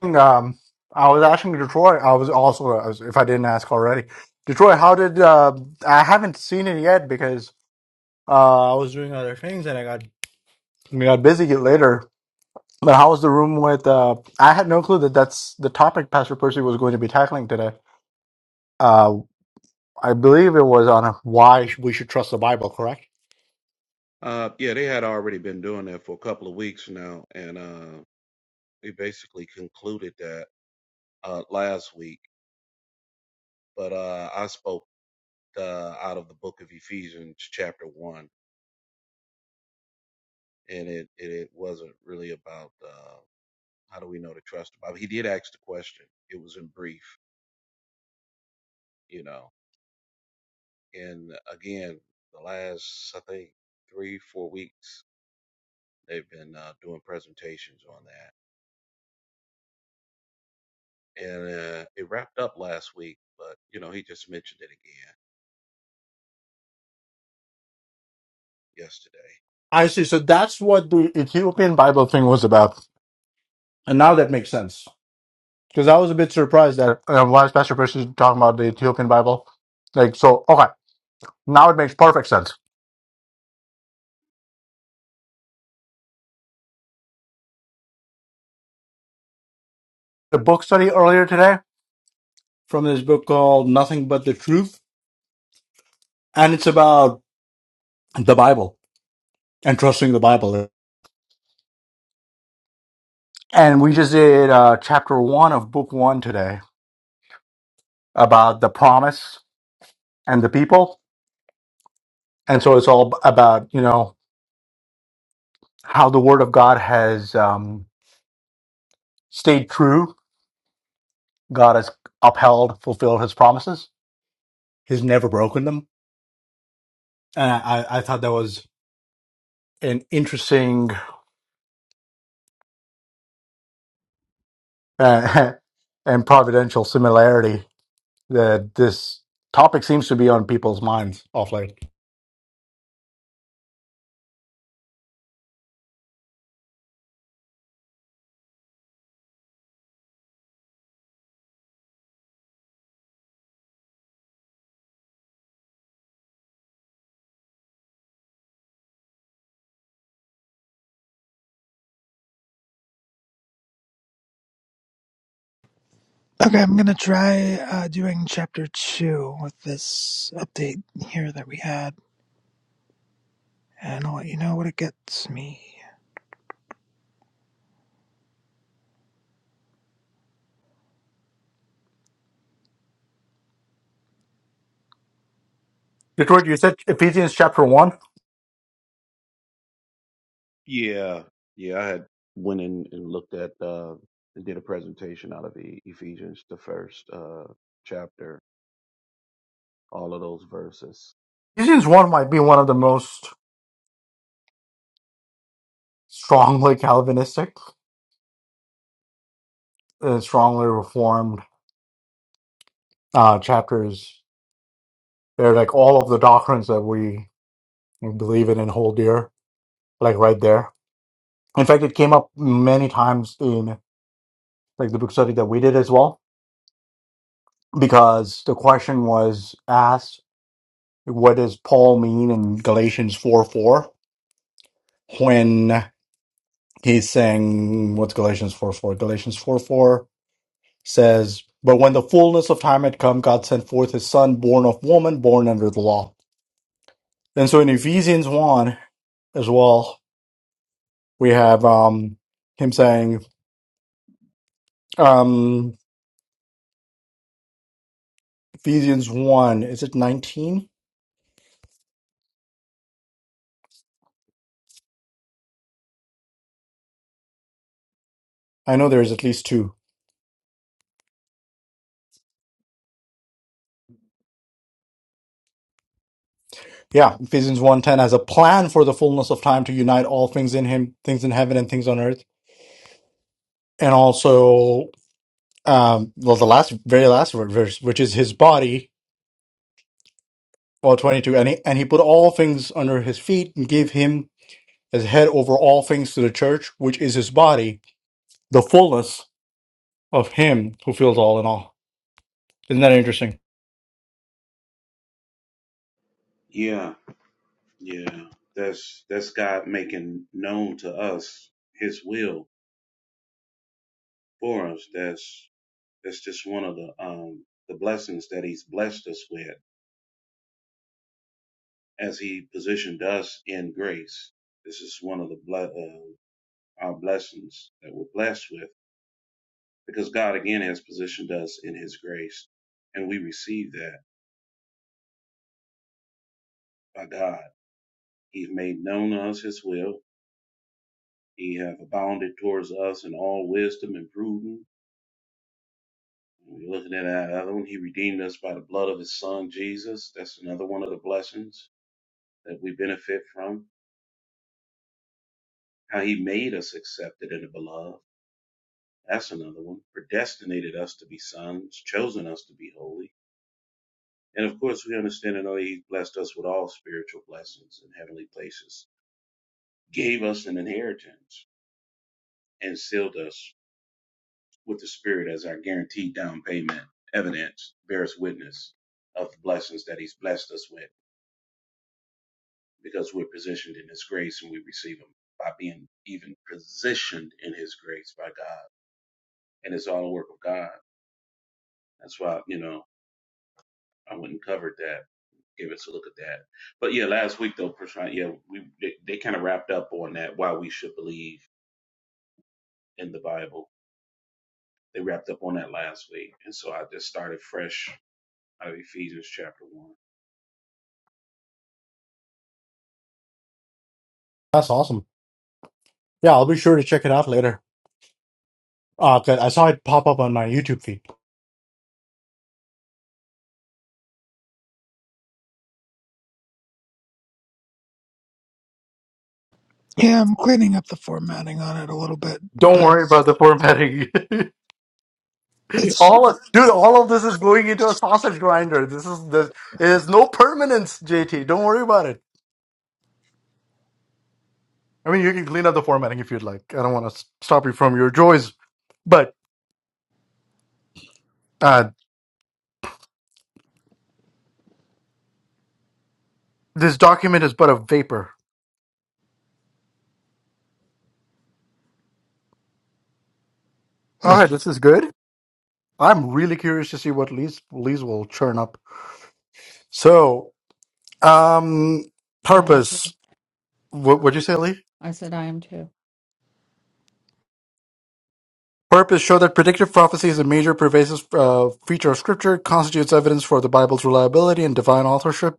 A: Um, I was asking Detroit. I was also, I was- if I didn't ask already, Detroit. How did uh, I haven't seen it yet because uh, I was doing other things and I got we got busy later. But how was the room with? Uh, I had no clue that that's the topic Pastor Percy was going to be tackling today. Uh. I believe it was on why we should trust the Bible, correct?
F: Uh, yeah, they had already been doing that for a couple of weeks now, and uh, we basically concluded that uh, last week. But uh, I spoke uh, out of the book of Ephesians, chapter one, and it it, it wasn't really about uh, how do we know to trust the Bible. He did ask the question. It was in brief, you know. And again, the last I think three four weeks they've been uh, doing presentations on that, and uh, it wrapped up last week. But you know, he just mentioned it again yesterday.
A: I see. So that's what the Ethiopian Bible thing was about. And now that makes sense. Because I was a bit surprised that uh, why is Pastor Percy talking about the Ethiopian Bible? Like, so, okay, now it makes perfect sense. The book study earlier today, from this book called Nothing But the Truth, and it's about the Bible and trusting the Bible. And we just did uh, chapter one of book one today about the promise and the people. And so it's all about, you know, how the word of God has um, stayed true. God has upheld, fulfilled his promises. He's never broken them. And I, I I thought that was an interesting uh, and providential similarity that this topic seems to be on people's minds of late.
C: okay i'm gonna try uh, doing chapter two with this update here that we had and i'll let you know what it gets me
A: Detroit, you said Ephesians chapter 1.
F: Yeah, yeah. I had went in and looked at uh and did a presentation out of E- Ephesians, the first uh chapter, all of those verses.
A: Ephesians 1 might be one of the most strongly Calvinistic, uh, strongly reformed uh, chapters. They're like all of the doctrines that we believe in and hold dear, like right there. In fact, it came up many times in like the book study that we did as well, because the question was asked, what does Paul mean in Galatians 4 4? when?" he's saying what's Galatians 4 4? Galatians 4 4 says, But when the fullness of time had come, God sent forth his son, born of woman, born under the law. And so in Ephesians 1 as well, we have um, him saying, um, Ephesians 1, is it 19? I know there's at least two. Yeah, Ephesians one ten has a plan for the fullness of time to unite all things in him, things in heaven and things on earth. And also um well the last very last verse, which is his body Well, 22. And he, and he put all things under his feet and gave him as head over all things to the church, which is his body, the fullness of him who fills all in all. Isn't that interesting?
F: Yeah, yeah. That's that's God making known to us His will for us. That's that's just one of the um the blessings that He's blessed us with as He positioned us in grace. This is one of the ble- uh, our blessings that we're blessed with. because God again has positioned us in His grace, and we receive that by God. He's made known to us His will. He have abounded towards us in all wisdom and prudence. We're looking at that other one. He redeemed us by the blood of His Son Jesus. That's another one of the blessings that we benefit from. How He made us accepted in the beloved. That's another one. Predestinated us to be sons, chosen us to be holy. And of course, we understand and know He's blessed us with all spiritual blessings in heavenly places gave us an inheritance and sealed us with the Spirit as our guaranteed down payment, evidence, bears witness of the blessings that He's blessed us with because we're positioned in His grace and we receive them by being even positioned in His grace by God. And it's all the work of God. That's why, you know, I went and covered that, gave us a look at that. But yeah, last week though, Prashant, yeah, we they, they kind of wrapped up on that why we should believe in the Bible. They wrapped up on that last week. And so I just started fresh of Ephesians chapter 1.
A: That's awesome. Yeah, I'll be sure to check it out later. Uh, 'cause I saw it pop up on my YouTube feed.
C: yeah i'm cleaning up the formatting on it a little bit
A: Don't
C: but
A: worry about the formatting.
C: it's
A: all of, dude, all of this is going into a sausage grinder. This is this it is no permanence, JT. Don't worry about it. I mean, you can clean up the formatting if you'd like. I don't want to stop you from your joys, but. uh. This document is but a vapor. All right, this is good. I'm really curious to see what Lee's Lee's will churn up. So, um,
E: Yeah, I am too.
A: purpose. What would you say, Lee?
E: I said I am too.
A: Purpose show that predictive prophecy is a major pervasive uh, feature of Scripture, constitutes evidence for the Bible's reliability and divine authorship.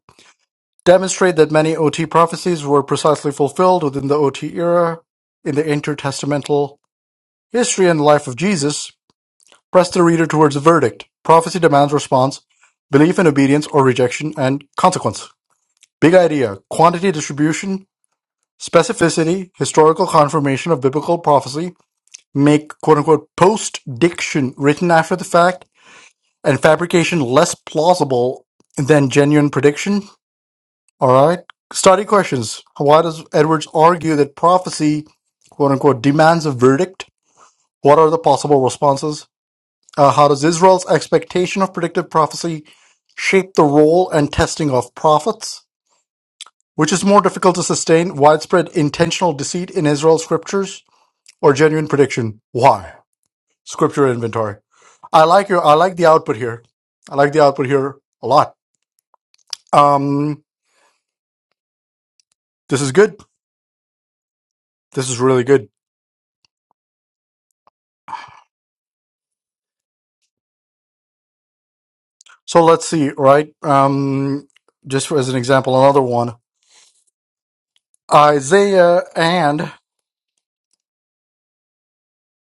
A: Demonstrate that many OT prophecies were precisely fulfilled within the OT era in the intertestamental history and life of Jesus. Press the reader towards a verdict; prophecy demands response, belief in obedience or rejection, and consequence. Big idea, quantity distribution, specificity, historical confirmation of biblical prophecy, make quote unquote post-diction written after the fact, and fabrication less plausible than genuine prediction. All right. Study questions. Why does Edwards argue that prophecy, quote unquote, demands a verdict? What are the possible responses? Uh, how does Israel's expectation of predictive prophecy shape the role and testing of prophets? Which is more difficult to sustain, widespread intentional deceit in Israel's scriptures or genuine prediction? Why? Scripture inventory. I like your, I like the output here. I like the output here a lot. Um, this is good. This is really good. So let's see, right? Um, just for, as an example, another one, Isaiah and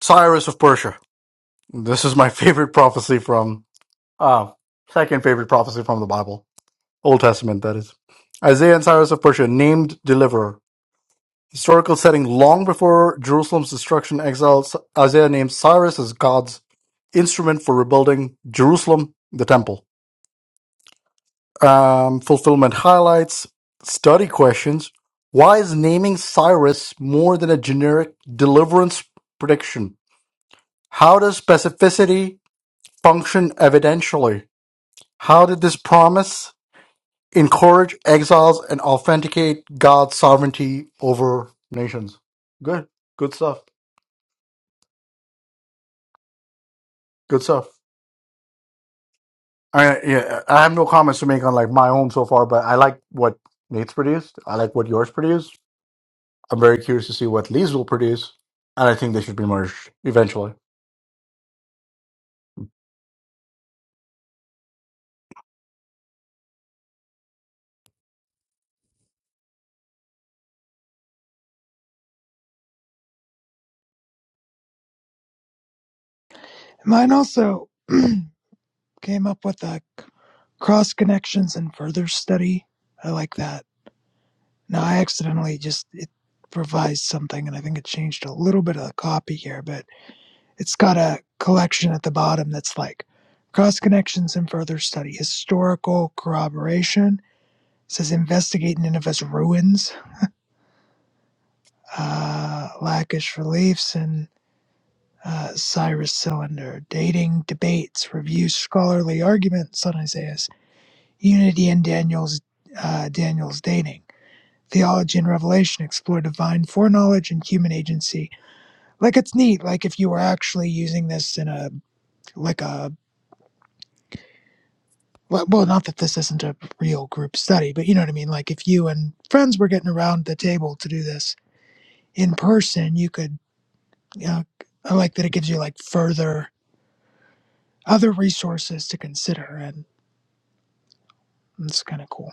A: Cyrus of Persia. This is my favorite prophecy from. Uh, second favorite prophecy from the Bible, Old Testament, that is. Isaiah and Cyrus of Persia, named deliverer. Historical setting long before Jerusalem's destruction, exile, S- Isaiah names Cyrus as God's instrument for rebuilding Jerusalem, the temple. Um, fulfillment highlights, study questions. Why is naming Cyrus more than a generic deliverance prediction? How does specificity function evidentially? How did this promise encourage exiles and authenticate God's sovereignty over nations. Good, good stuff. Good stuff. I yeah, I have no comments to make on like my own so far, but I like what Nate's produced. I like what yours produced. I'm very curious to see what Lee's will produce, and I think they should be merged eventually.
C: mine also came up with that cross connections and further study. I like that. Now I accidentally just it revised something, and I think it changed a little bit of the copy here, but it's got a collection at the bottom that's like cross connections and further study, historical corroboration. It says investigate Nineveh's ruins, uh, Lakish reliefs, and uh, Cyrus cylinder, dating debates, review scholarly arguments on Isaiah Unity in Daniel's uh, Daniel's dating. Theology and Revelation explore divine foreknowledge and human agency. Like it's neat. Like if you were actually using this in a like a well, well, not that this isn't a real group study, but you know what I mean. Like if you and friends were getting around the table to do this in person, you could. You know, I like that it gives you like further other resources to consider, and it's kind of cool.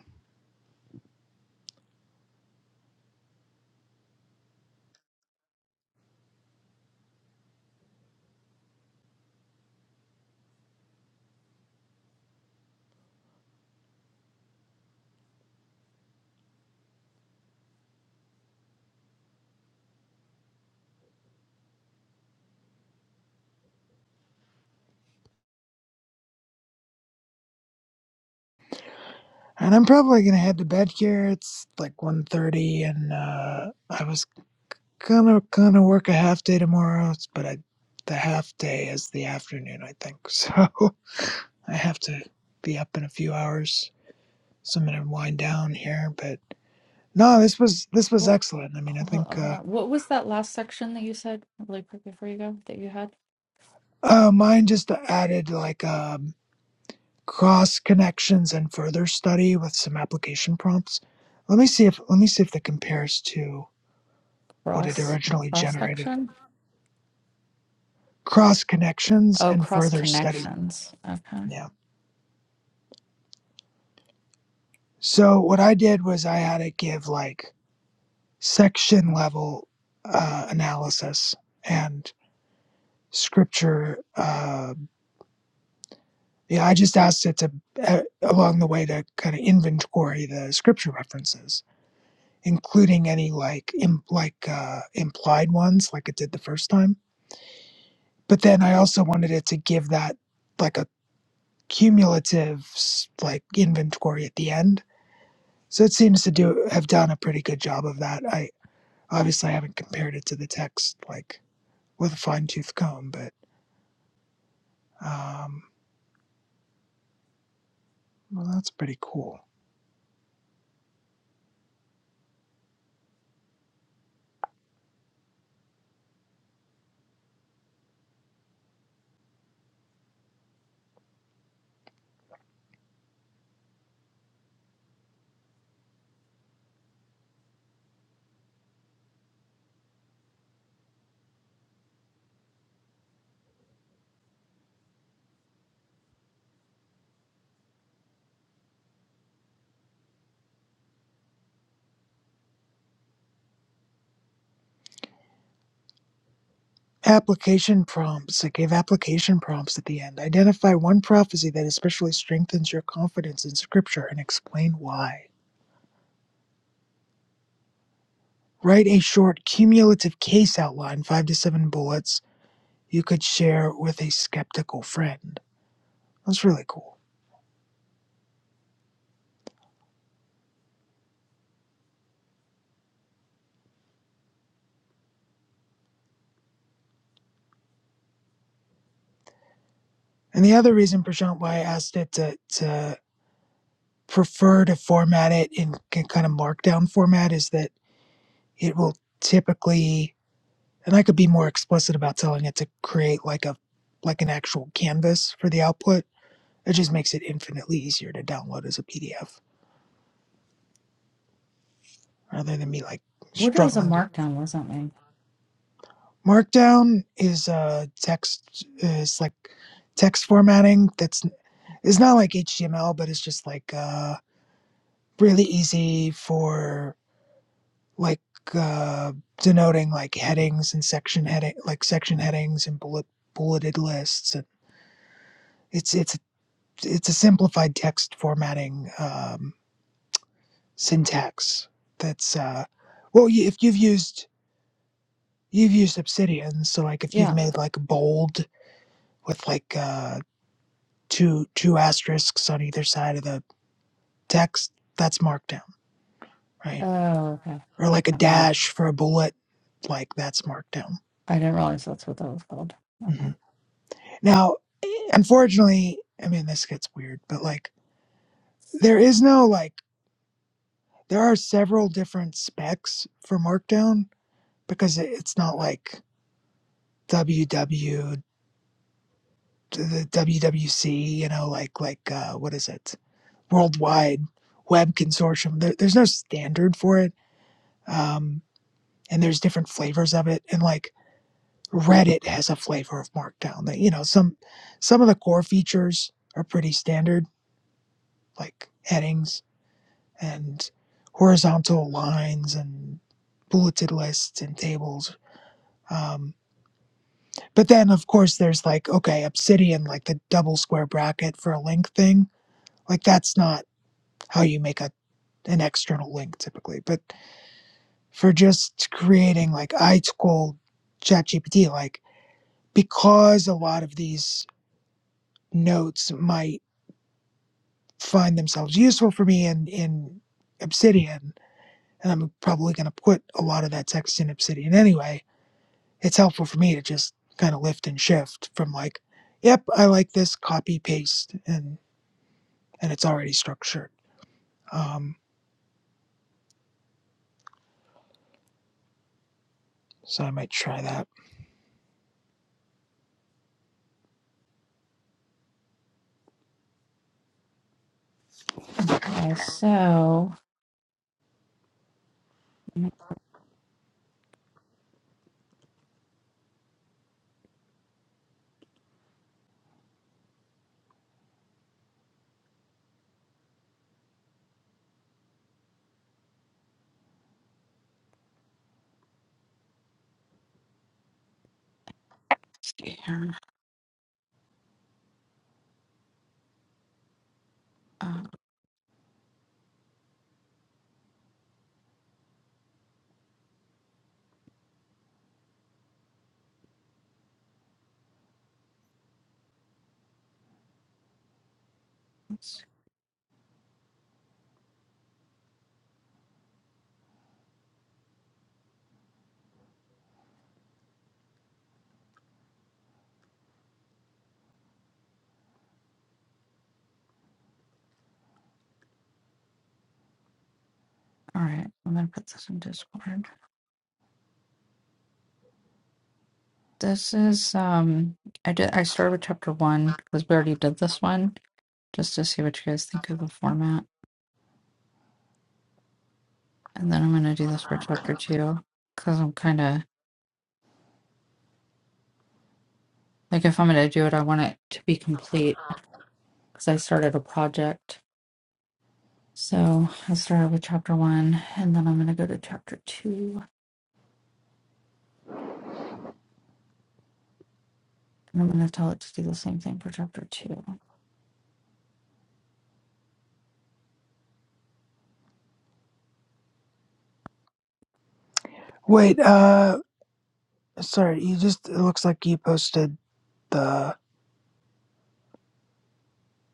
C: And I'm probably gonna head to bed here. It's like one thirty, and uh, I was gonna gonna work a half day tomorrow, but I, the half day is the afternoon, I think. So I have to be up in a few hours, so I'm gonna wind down here. But no, this was this was
E: Well,
C: excellent. I mean, I
E: hold
C: think
E: on, hold
C: uh,
E: on. What was that last section that you said really quick before you go that you had?
C: uh mine just added like um, cross connections and further study with some application prompts. Let me see if let me see if that compares to what it
E: Cross
C: originally
E: cross
C: generated.
E: section?
C: Cross connections
E: Oh,
C: and
E: cross
C: further study.
E: connections. Okay.
C: Yeah. So what I did was I had to give like section level uh, analysis and scripture. Uh, yeah, I just asked it to uh, along the way to kind of inventory the scripture references, including any like Im- like uh, implied ones, like it did the first time. But then I also wanted it to give that like a cumulative s- like inventory at the end. So it seems to do have done a pretty good job of that. I. Obviously, I haven't compared it to the text like with a fine tooth comb, but um, well, that's pretty cool. Application prompts. It gave application prompts at the end. Identify one prophecy that especially strengthens your confidence in Scripture and explain why. Write a short cumulative case outline, five to seven bullets, you could share with a skeptical friend. That's really cool. And the other reason, Prashant, why I asked it to, to prefer to format it in kind of markdown format is that it will typically and i could be more explicit about telling it to create like a like an actual canvas for the output it just makes it infinitely easier to download as a pdf rather than me like
E: What is a
C: struggling to
E: markdown? What's that mean?
C: markdown is uh text is like text formatting that's it's not like html but it's just like uh really easy for like uh denoting like headings and section heading like section headings and bullet bulleted lists and It's it's it's a simplified text formatting um, syntax. That's uh, well, you- if you've used you've used Obsidian, so like if you've
E: Yeah.
C: made like bold with like uh, two two asterisks on either side of the text, that's Markdown, right?
E: Oh, okay.
C: Or like a
E: Not really.
C: dash for a bullet, like that's Markdown.
E: I didn't realize that's what that was called. Okay.
C: hmm Now, unfortunately, I mean this gets weird, but like there is no like there are several different specs for Markdown because it's not like W W, the WWC, you know, like like uh, what is it? Worldwide Web Consortium. There, there's no standard for it, um, and there's different flavors of it. And like Reddit has a flavor of Markdown. That you know some some of the core features are pretty standard, like headings and horizontal lines and bulleted lists and tables. Um, But then, of course, there's like, okay, obsidian, like the double square bracket for a link thing. Like, that's not how you make a, an external link typically. But for just creating, like, I told ChatGPT, like, because a lot of these notes might find themselves useful for me in, in obsidian, and I'm probably going to put a lot of that text in obsidian anyway, it's helpful for me to just kind of lift and shift from like, yep, I like this, copy, paste, and and it's already structured. Um, so I might try that.
E: Okay. So let's see here. Uh, let's see. All right. I'm gonna put this in Discord. This is um. I did. I started with chapter one because we already did this one, just to see what you guys think of the format, and then I'm gonna do this for chapter two because I'm kind of like if I'm gonna do it, I want it to be complete because I started a project So I started with chapter one, and then I'm going to go to chapter two, and I'm going to tell it to do the same thing for chapter two.
C: Wait, uh, sorry, you just it looks like you posted the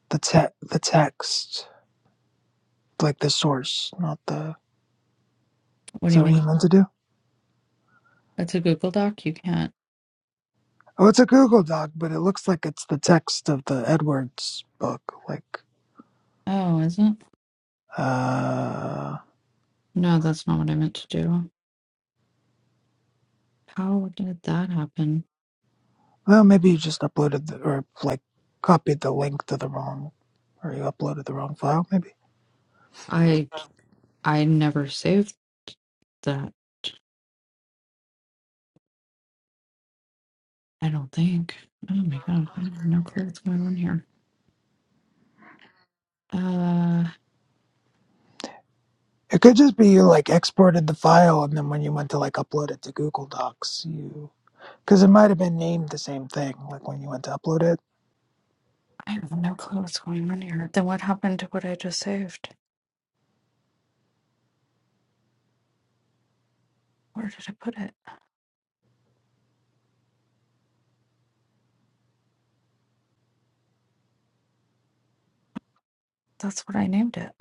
C: the te- the text, like the source, not the.
E: What
C: Is
E: do you
C: that what
E: mean?
C: you meant to do?
E: It's a Google Doc. You can't.
C: Oh, it's a Google Doc, but it looks like it's the text of the Edwards book. Like,
E: Oh, is it?
C: uh,
E: No, that's not what I meant to do. How did that happen?
C: well, maybe you just uploaded the, or like copied the link to the wrong, or you uploaded the wrong file, maybe.
E: I I never saved that. I don't think. Oh my god, I have no clue what's going on here. Uh,
C: It could just be you like exported the file and then when you went to like upload it to Google Docs, you because it might have been named the same thing like when you went to upload it.
E: I have no clue what's going on here. Then what happened to what I just saved? Where did I put it? That's what I named it.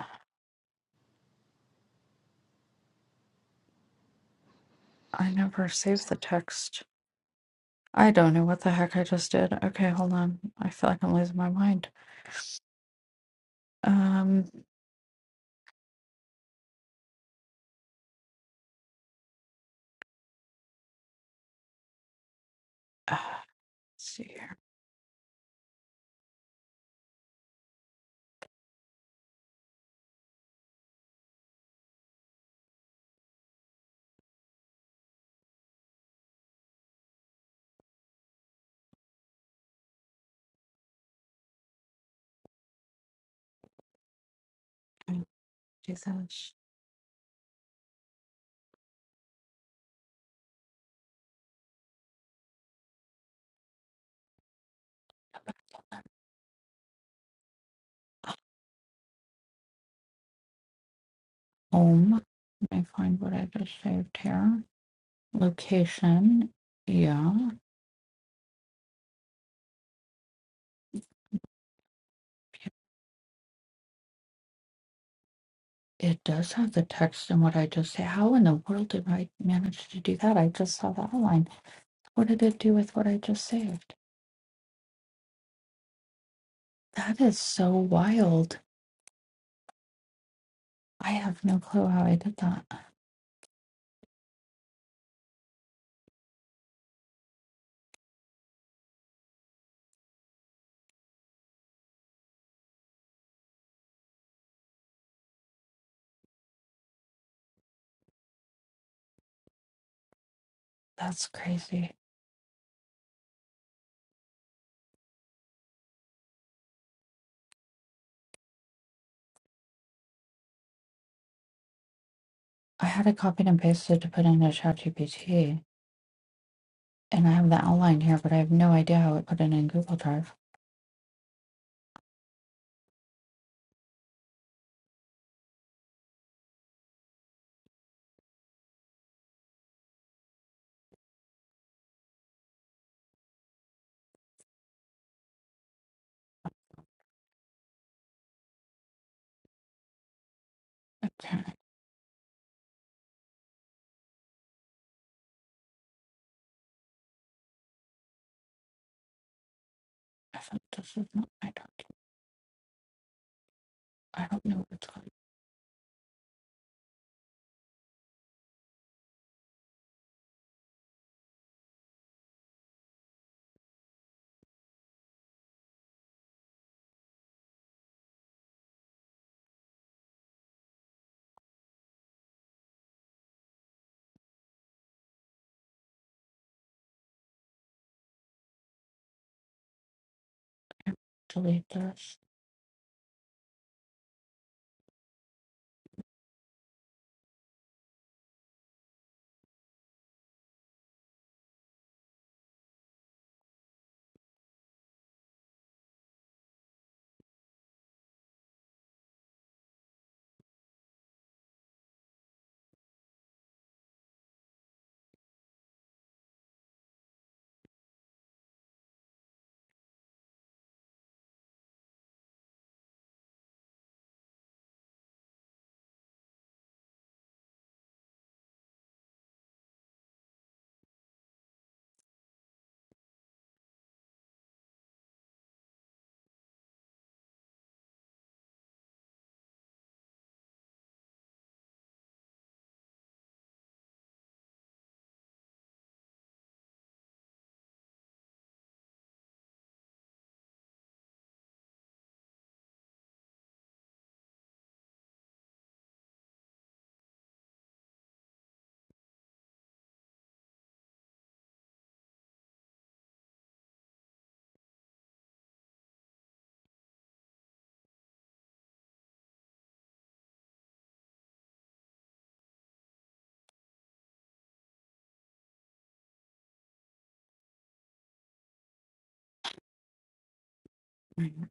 E: I never saved the text. I don't know what the heck I just did. Okay, hold on. I feel like I'm losing my mind. Um, uh, let's see here. Jesus. Home. Let me find what I just saved here. Location. Yeah, it does have the text and what I just say. How in the world did I manage to do that? I just saw the outline. What did it do with what I just saved? That is so wild. I have no clue how I did that. That's crazy. I had it copied and pasted to put into ChatGPT, and I have the outline here, but I have no idea how it put it in Google Drive. Okay, I thought this is not my document. I don't know what's going to delete this. Mhm.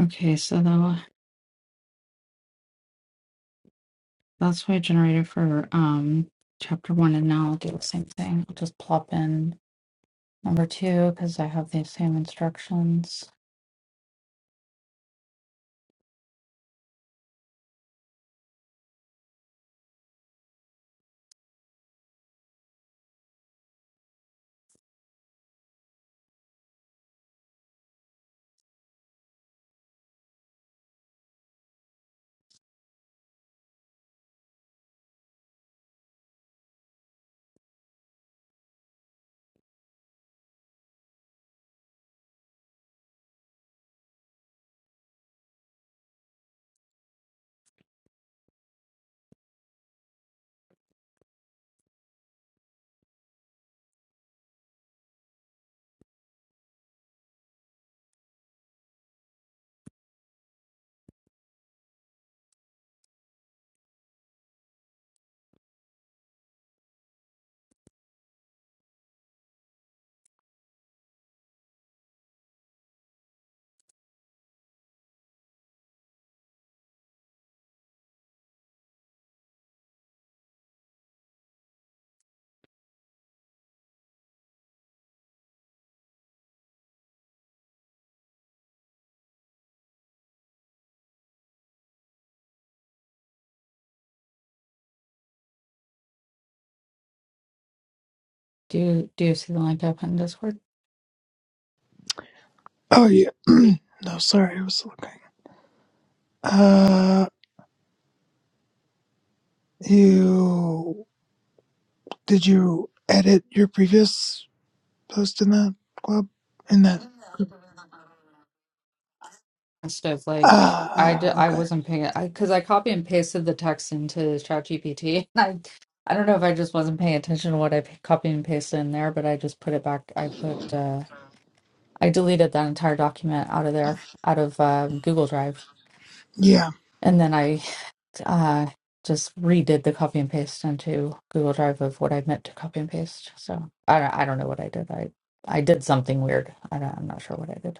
E: Okay, so though that's what I generated for um chapter one, and now I'll do the same thing. I'll just plop in number two because I have the same instructions. Do you, do you see the link up in Discord?
C: Oh yeah. no, sorry, I was looking. Uh, you did you edit your previous post in that club in that?
E: Instead of like,
C: Ah,
E: I, d-
C: ah,
E: I
C: okay.
E: wasn't paying I because I copy and pasted the text into ChatGPT. And I I don't know if I just wasn't paying attention to what I p- copied and pasted in there, but I just put it back. I put uh, I deleted that entire document out of there, out of uh, Google Drive,
C: Yeah,
E: and then I uh, just redid the copy and paste into Google Drive of what I meant to copy and paste. So I don't I don't know what I did. I I did something weird. I don't, I'm not sure what I did.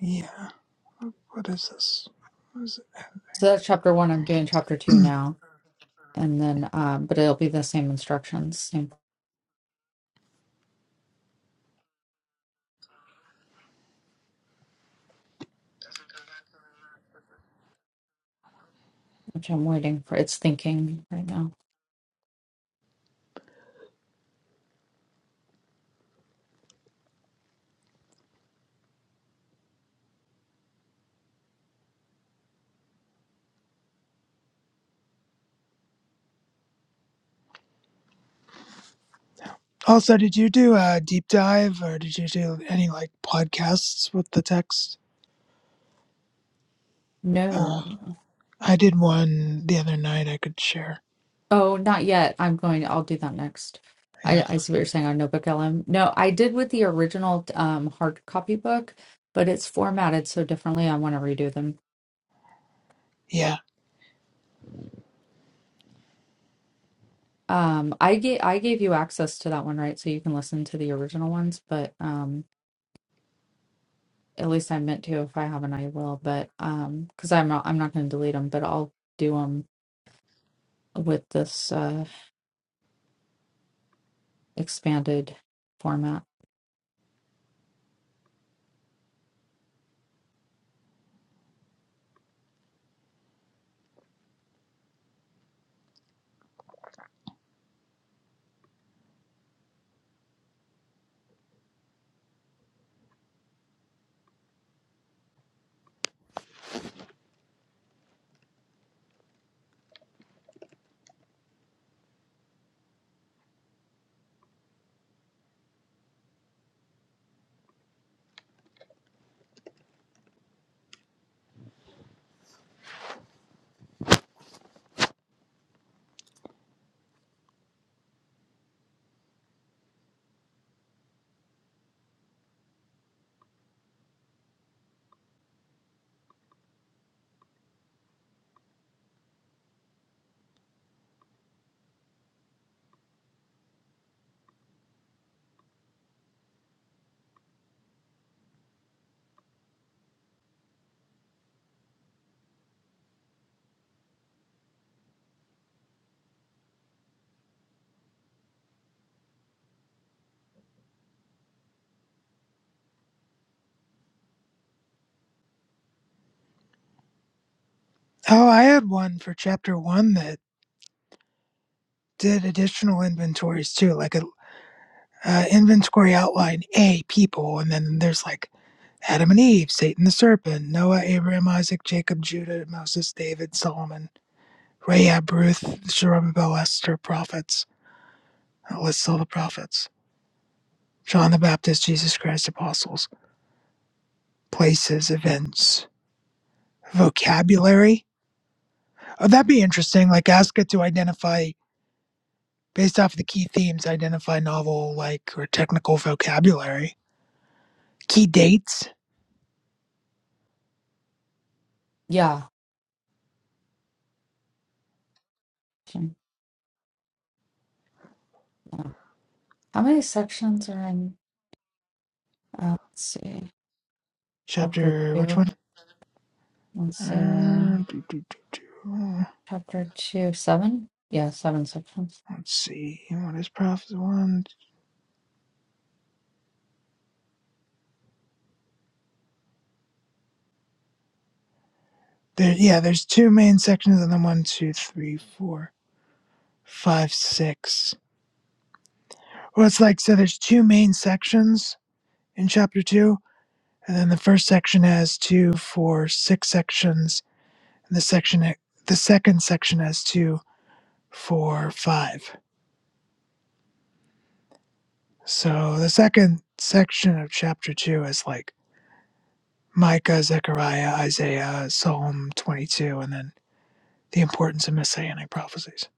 C: yeah. What is this? What is it?
E: So that's chapter one. I'm doing chapter two now. And then, um, but it'll be the same instructions, same, which I'm waiting for. It's thinking right now.
C: Also, did you do a deep dive or did you do any like podcasts with the text? Uh,
E: No.
C: I did one the other night I could share.
E: Oh, not yet. I'm going, I'll do that next.
C: Yeah.
E: I, I see what you're saying on Notebook LM. No, I did with the original um, hard copy book, but it's formatted so differently. I want to redo them.
C: Yeah.
E: Um, I gave I gave you access to that one, right? So you can listen to the original ones, but um, at least I meant to. If I haven't, I will. But um, because I'm not, I'm not going to delete them, but I'll do them with this uh, expanded format.
C: Oh, I had one for chapter one that did additional inventories too, like a uh, inventory outline A, people, and then there's like Adam and Eve, Satan the serpent, Noah, Abraham, Isaac, Jacob, Judah, Moses, David, Solomon, Rahab, Ruth, Zerubbabel, Esther, prophets, that lists all the prophets, John the Baptist, Jesus Christ, apostles, places, events, vocabulary. Oh, that'd be interesting. Like, ask it to identify. based off of the key themes, identify novel like or technical vocabulary. Key dates,
E: Yeah. Sure. Yeah. How many sections are in? Uh, let's see. Chapter
C: chapter which
E: two.
C: one?
E: Let's see.
C: Uh, do, do, do, do.
E: Chapter two, seven? Yeah, seven sections.
C: Let's see. What is prophecy one? There, yeah, there's two main sections, and then one, two, three, four, five, six. Well, it's like so. There's two main sections in chapter two, and then the first section has two, four, six sections, and the section the second section has two, four, five. So the second section of chapter two is like Micah, Zechariah, Isaiah, Psalm 22, and then the importance of messianic prophecies.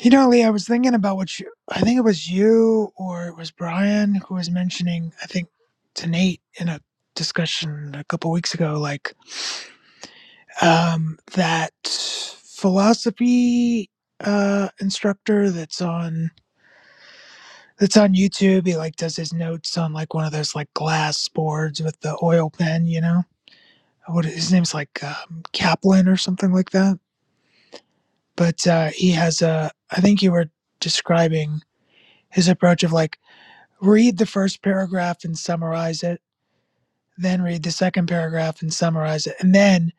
C: You know, Lee, I was thinking about what you, I think it was you or it was Brian who was mentioning, I think to Nate in a discussion a couple weeks ago, like um, that philosophy uh, instructor that's on It's on YouTube. He like does his notes on like one of those like glass boards with the oil pen, you know. What his name's like um, Kaplan or something like that. But uh, he has a. I think you were describing his approach of like read the first paragraph and summarize it, then read the second paragraph and summarize it, and then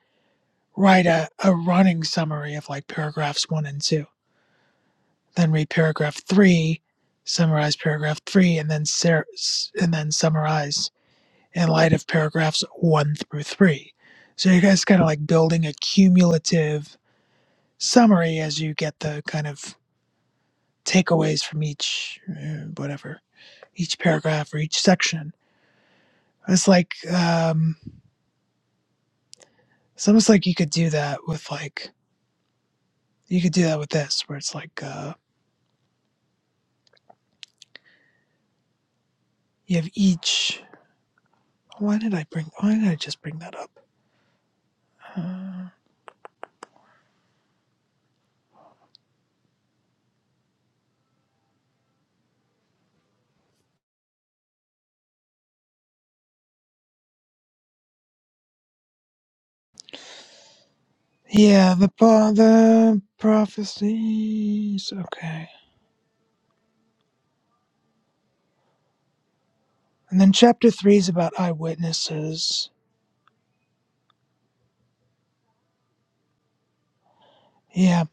C: write a, a running summary of like paragraphs one and two. Then read paragraph three, summarize paragraph three, and then ser- and then summarize in light of paragraphs one through three. So you guys kind of like building a cumulative summary as you get the kind of takeaways from each uh, whatever each paragraph or each section. It's like um, it's almost like you could do that with like you could do that with this where it's like uh, you have each. Why did I bring? Why did I just bring that up? Uh, yeah, the pro- the prophecies. Okay, and then chapter three is about eyewitnesses Yeah.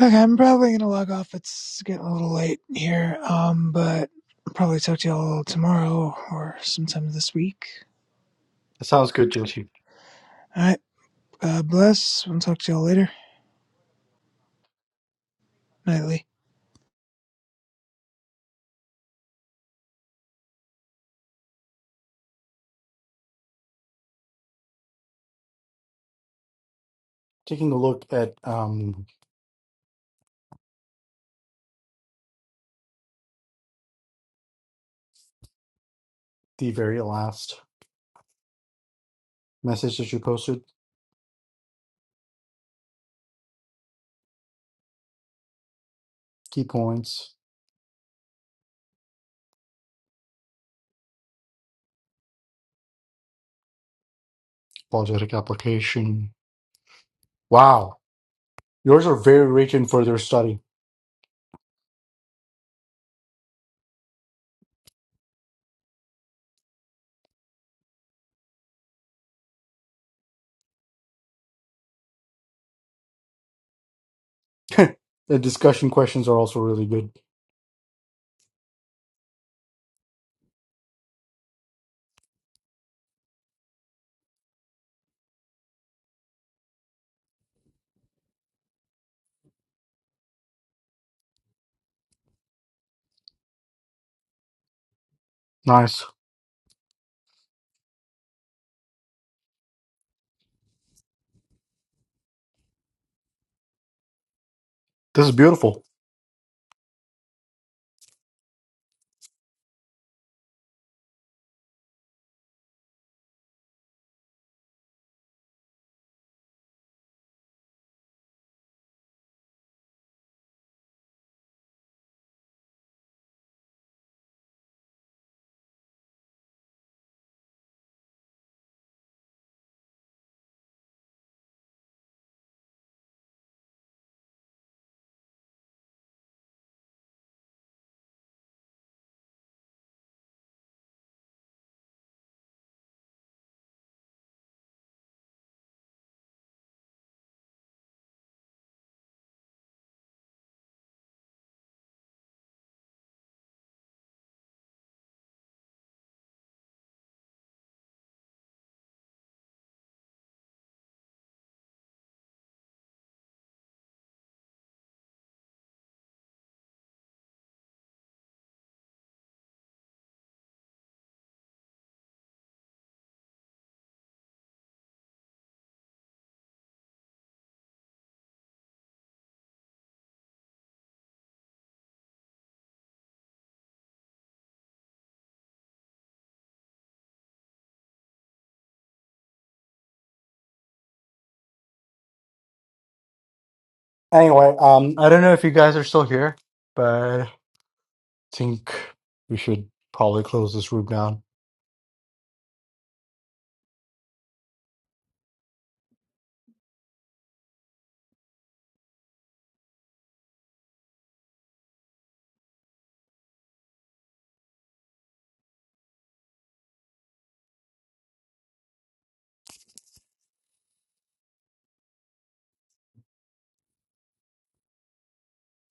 C: Okay, I'm probably gonna log off. It's getting a little late here. Um, but I'll probably talk to y'all tomorrow or sometime this week.
A: That sounds good, Joshi.
C: All right. God bless. I'll talk to y'all later. Nightly.
A: Taking a look at um, the very last message that you posted, key points, apologetic application. Wow, yours are very rich in further study. the discussion questions are also really good. Nice. This is beautiful. Anyway, um, I don't know if you guys are still here, but I think we should probably close this room down.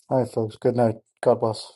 A: All right, folks. Good night. God bless.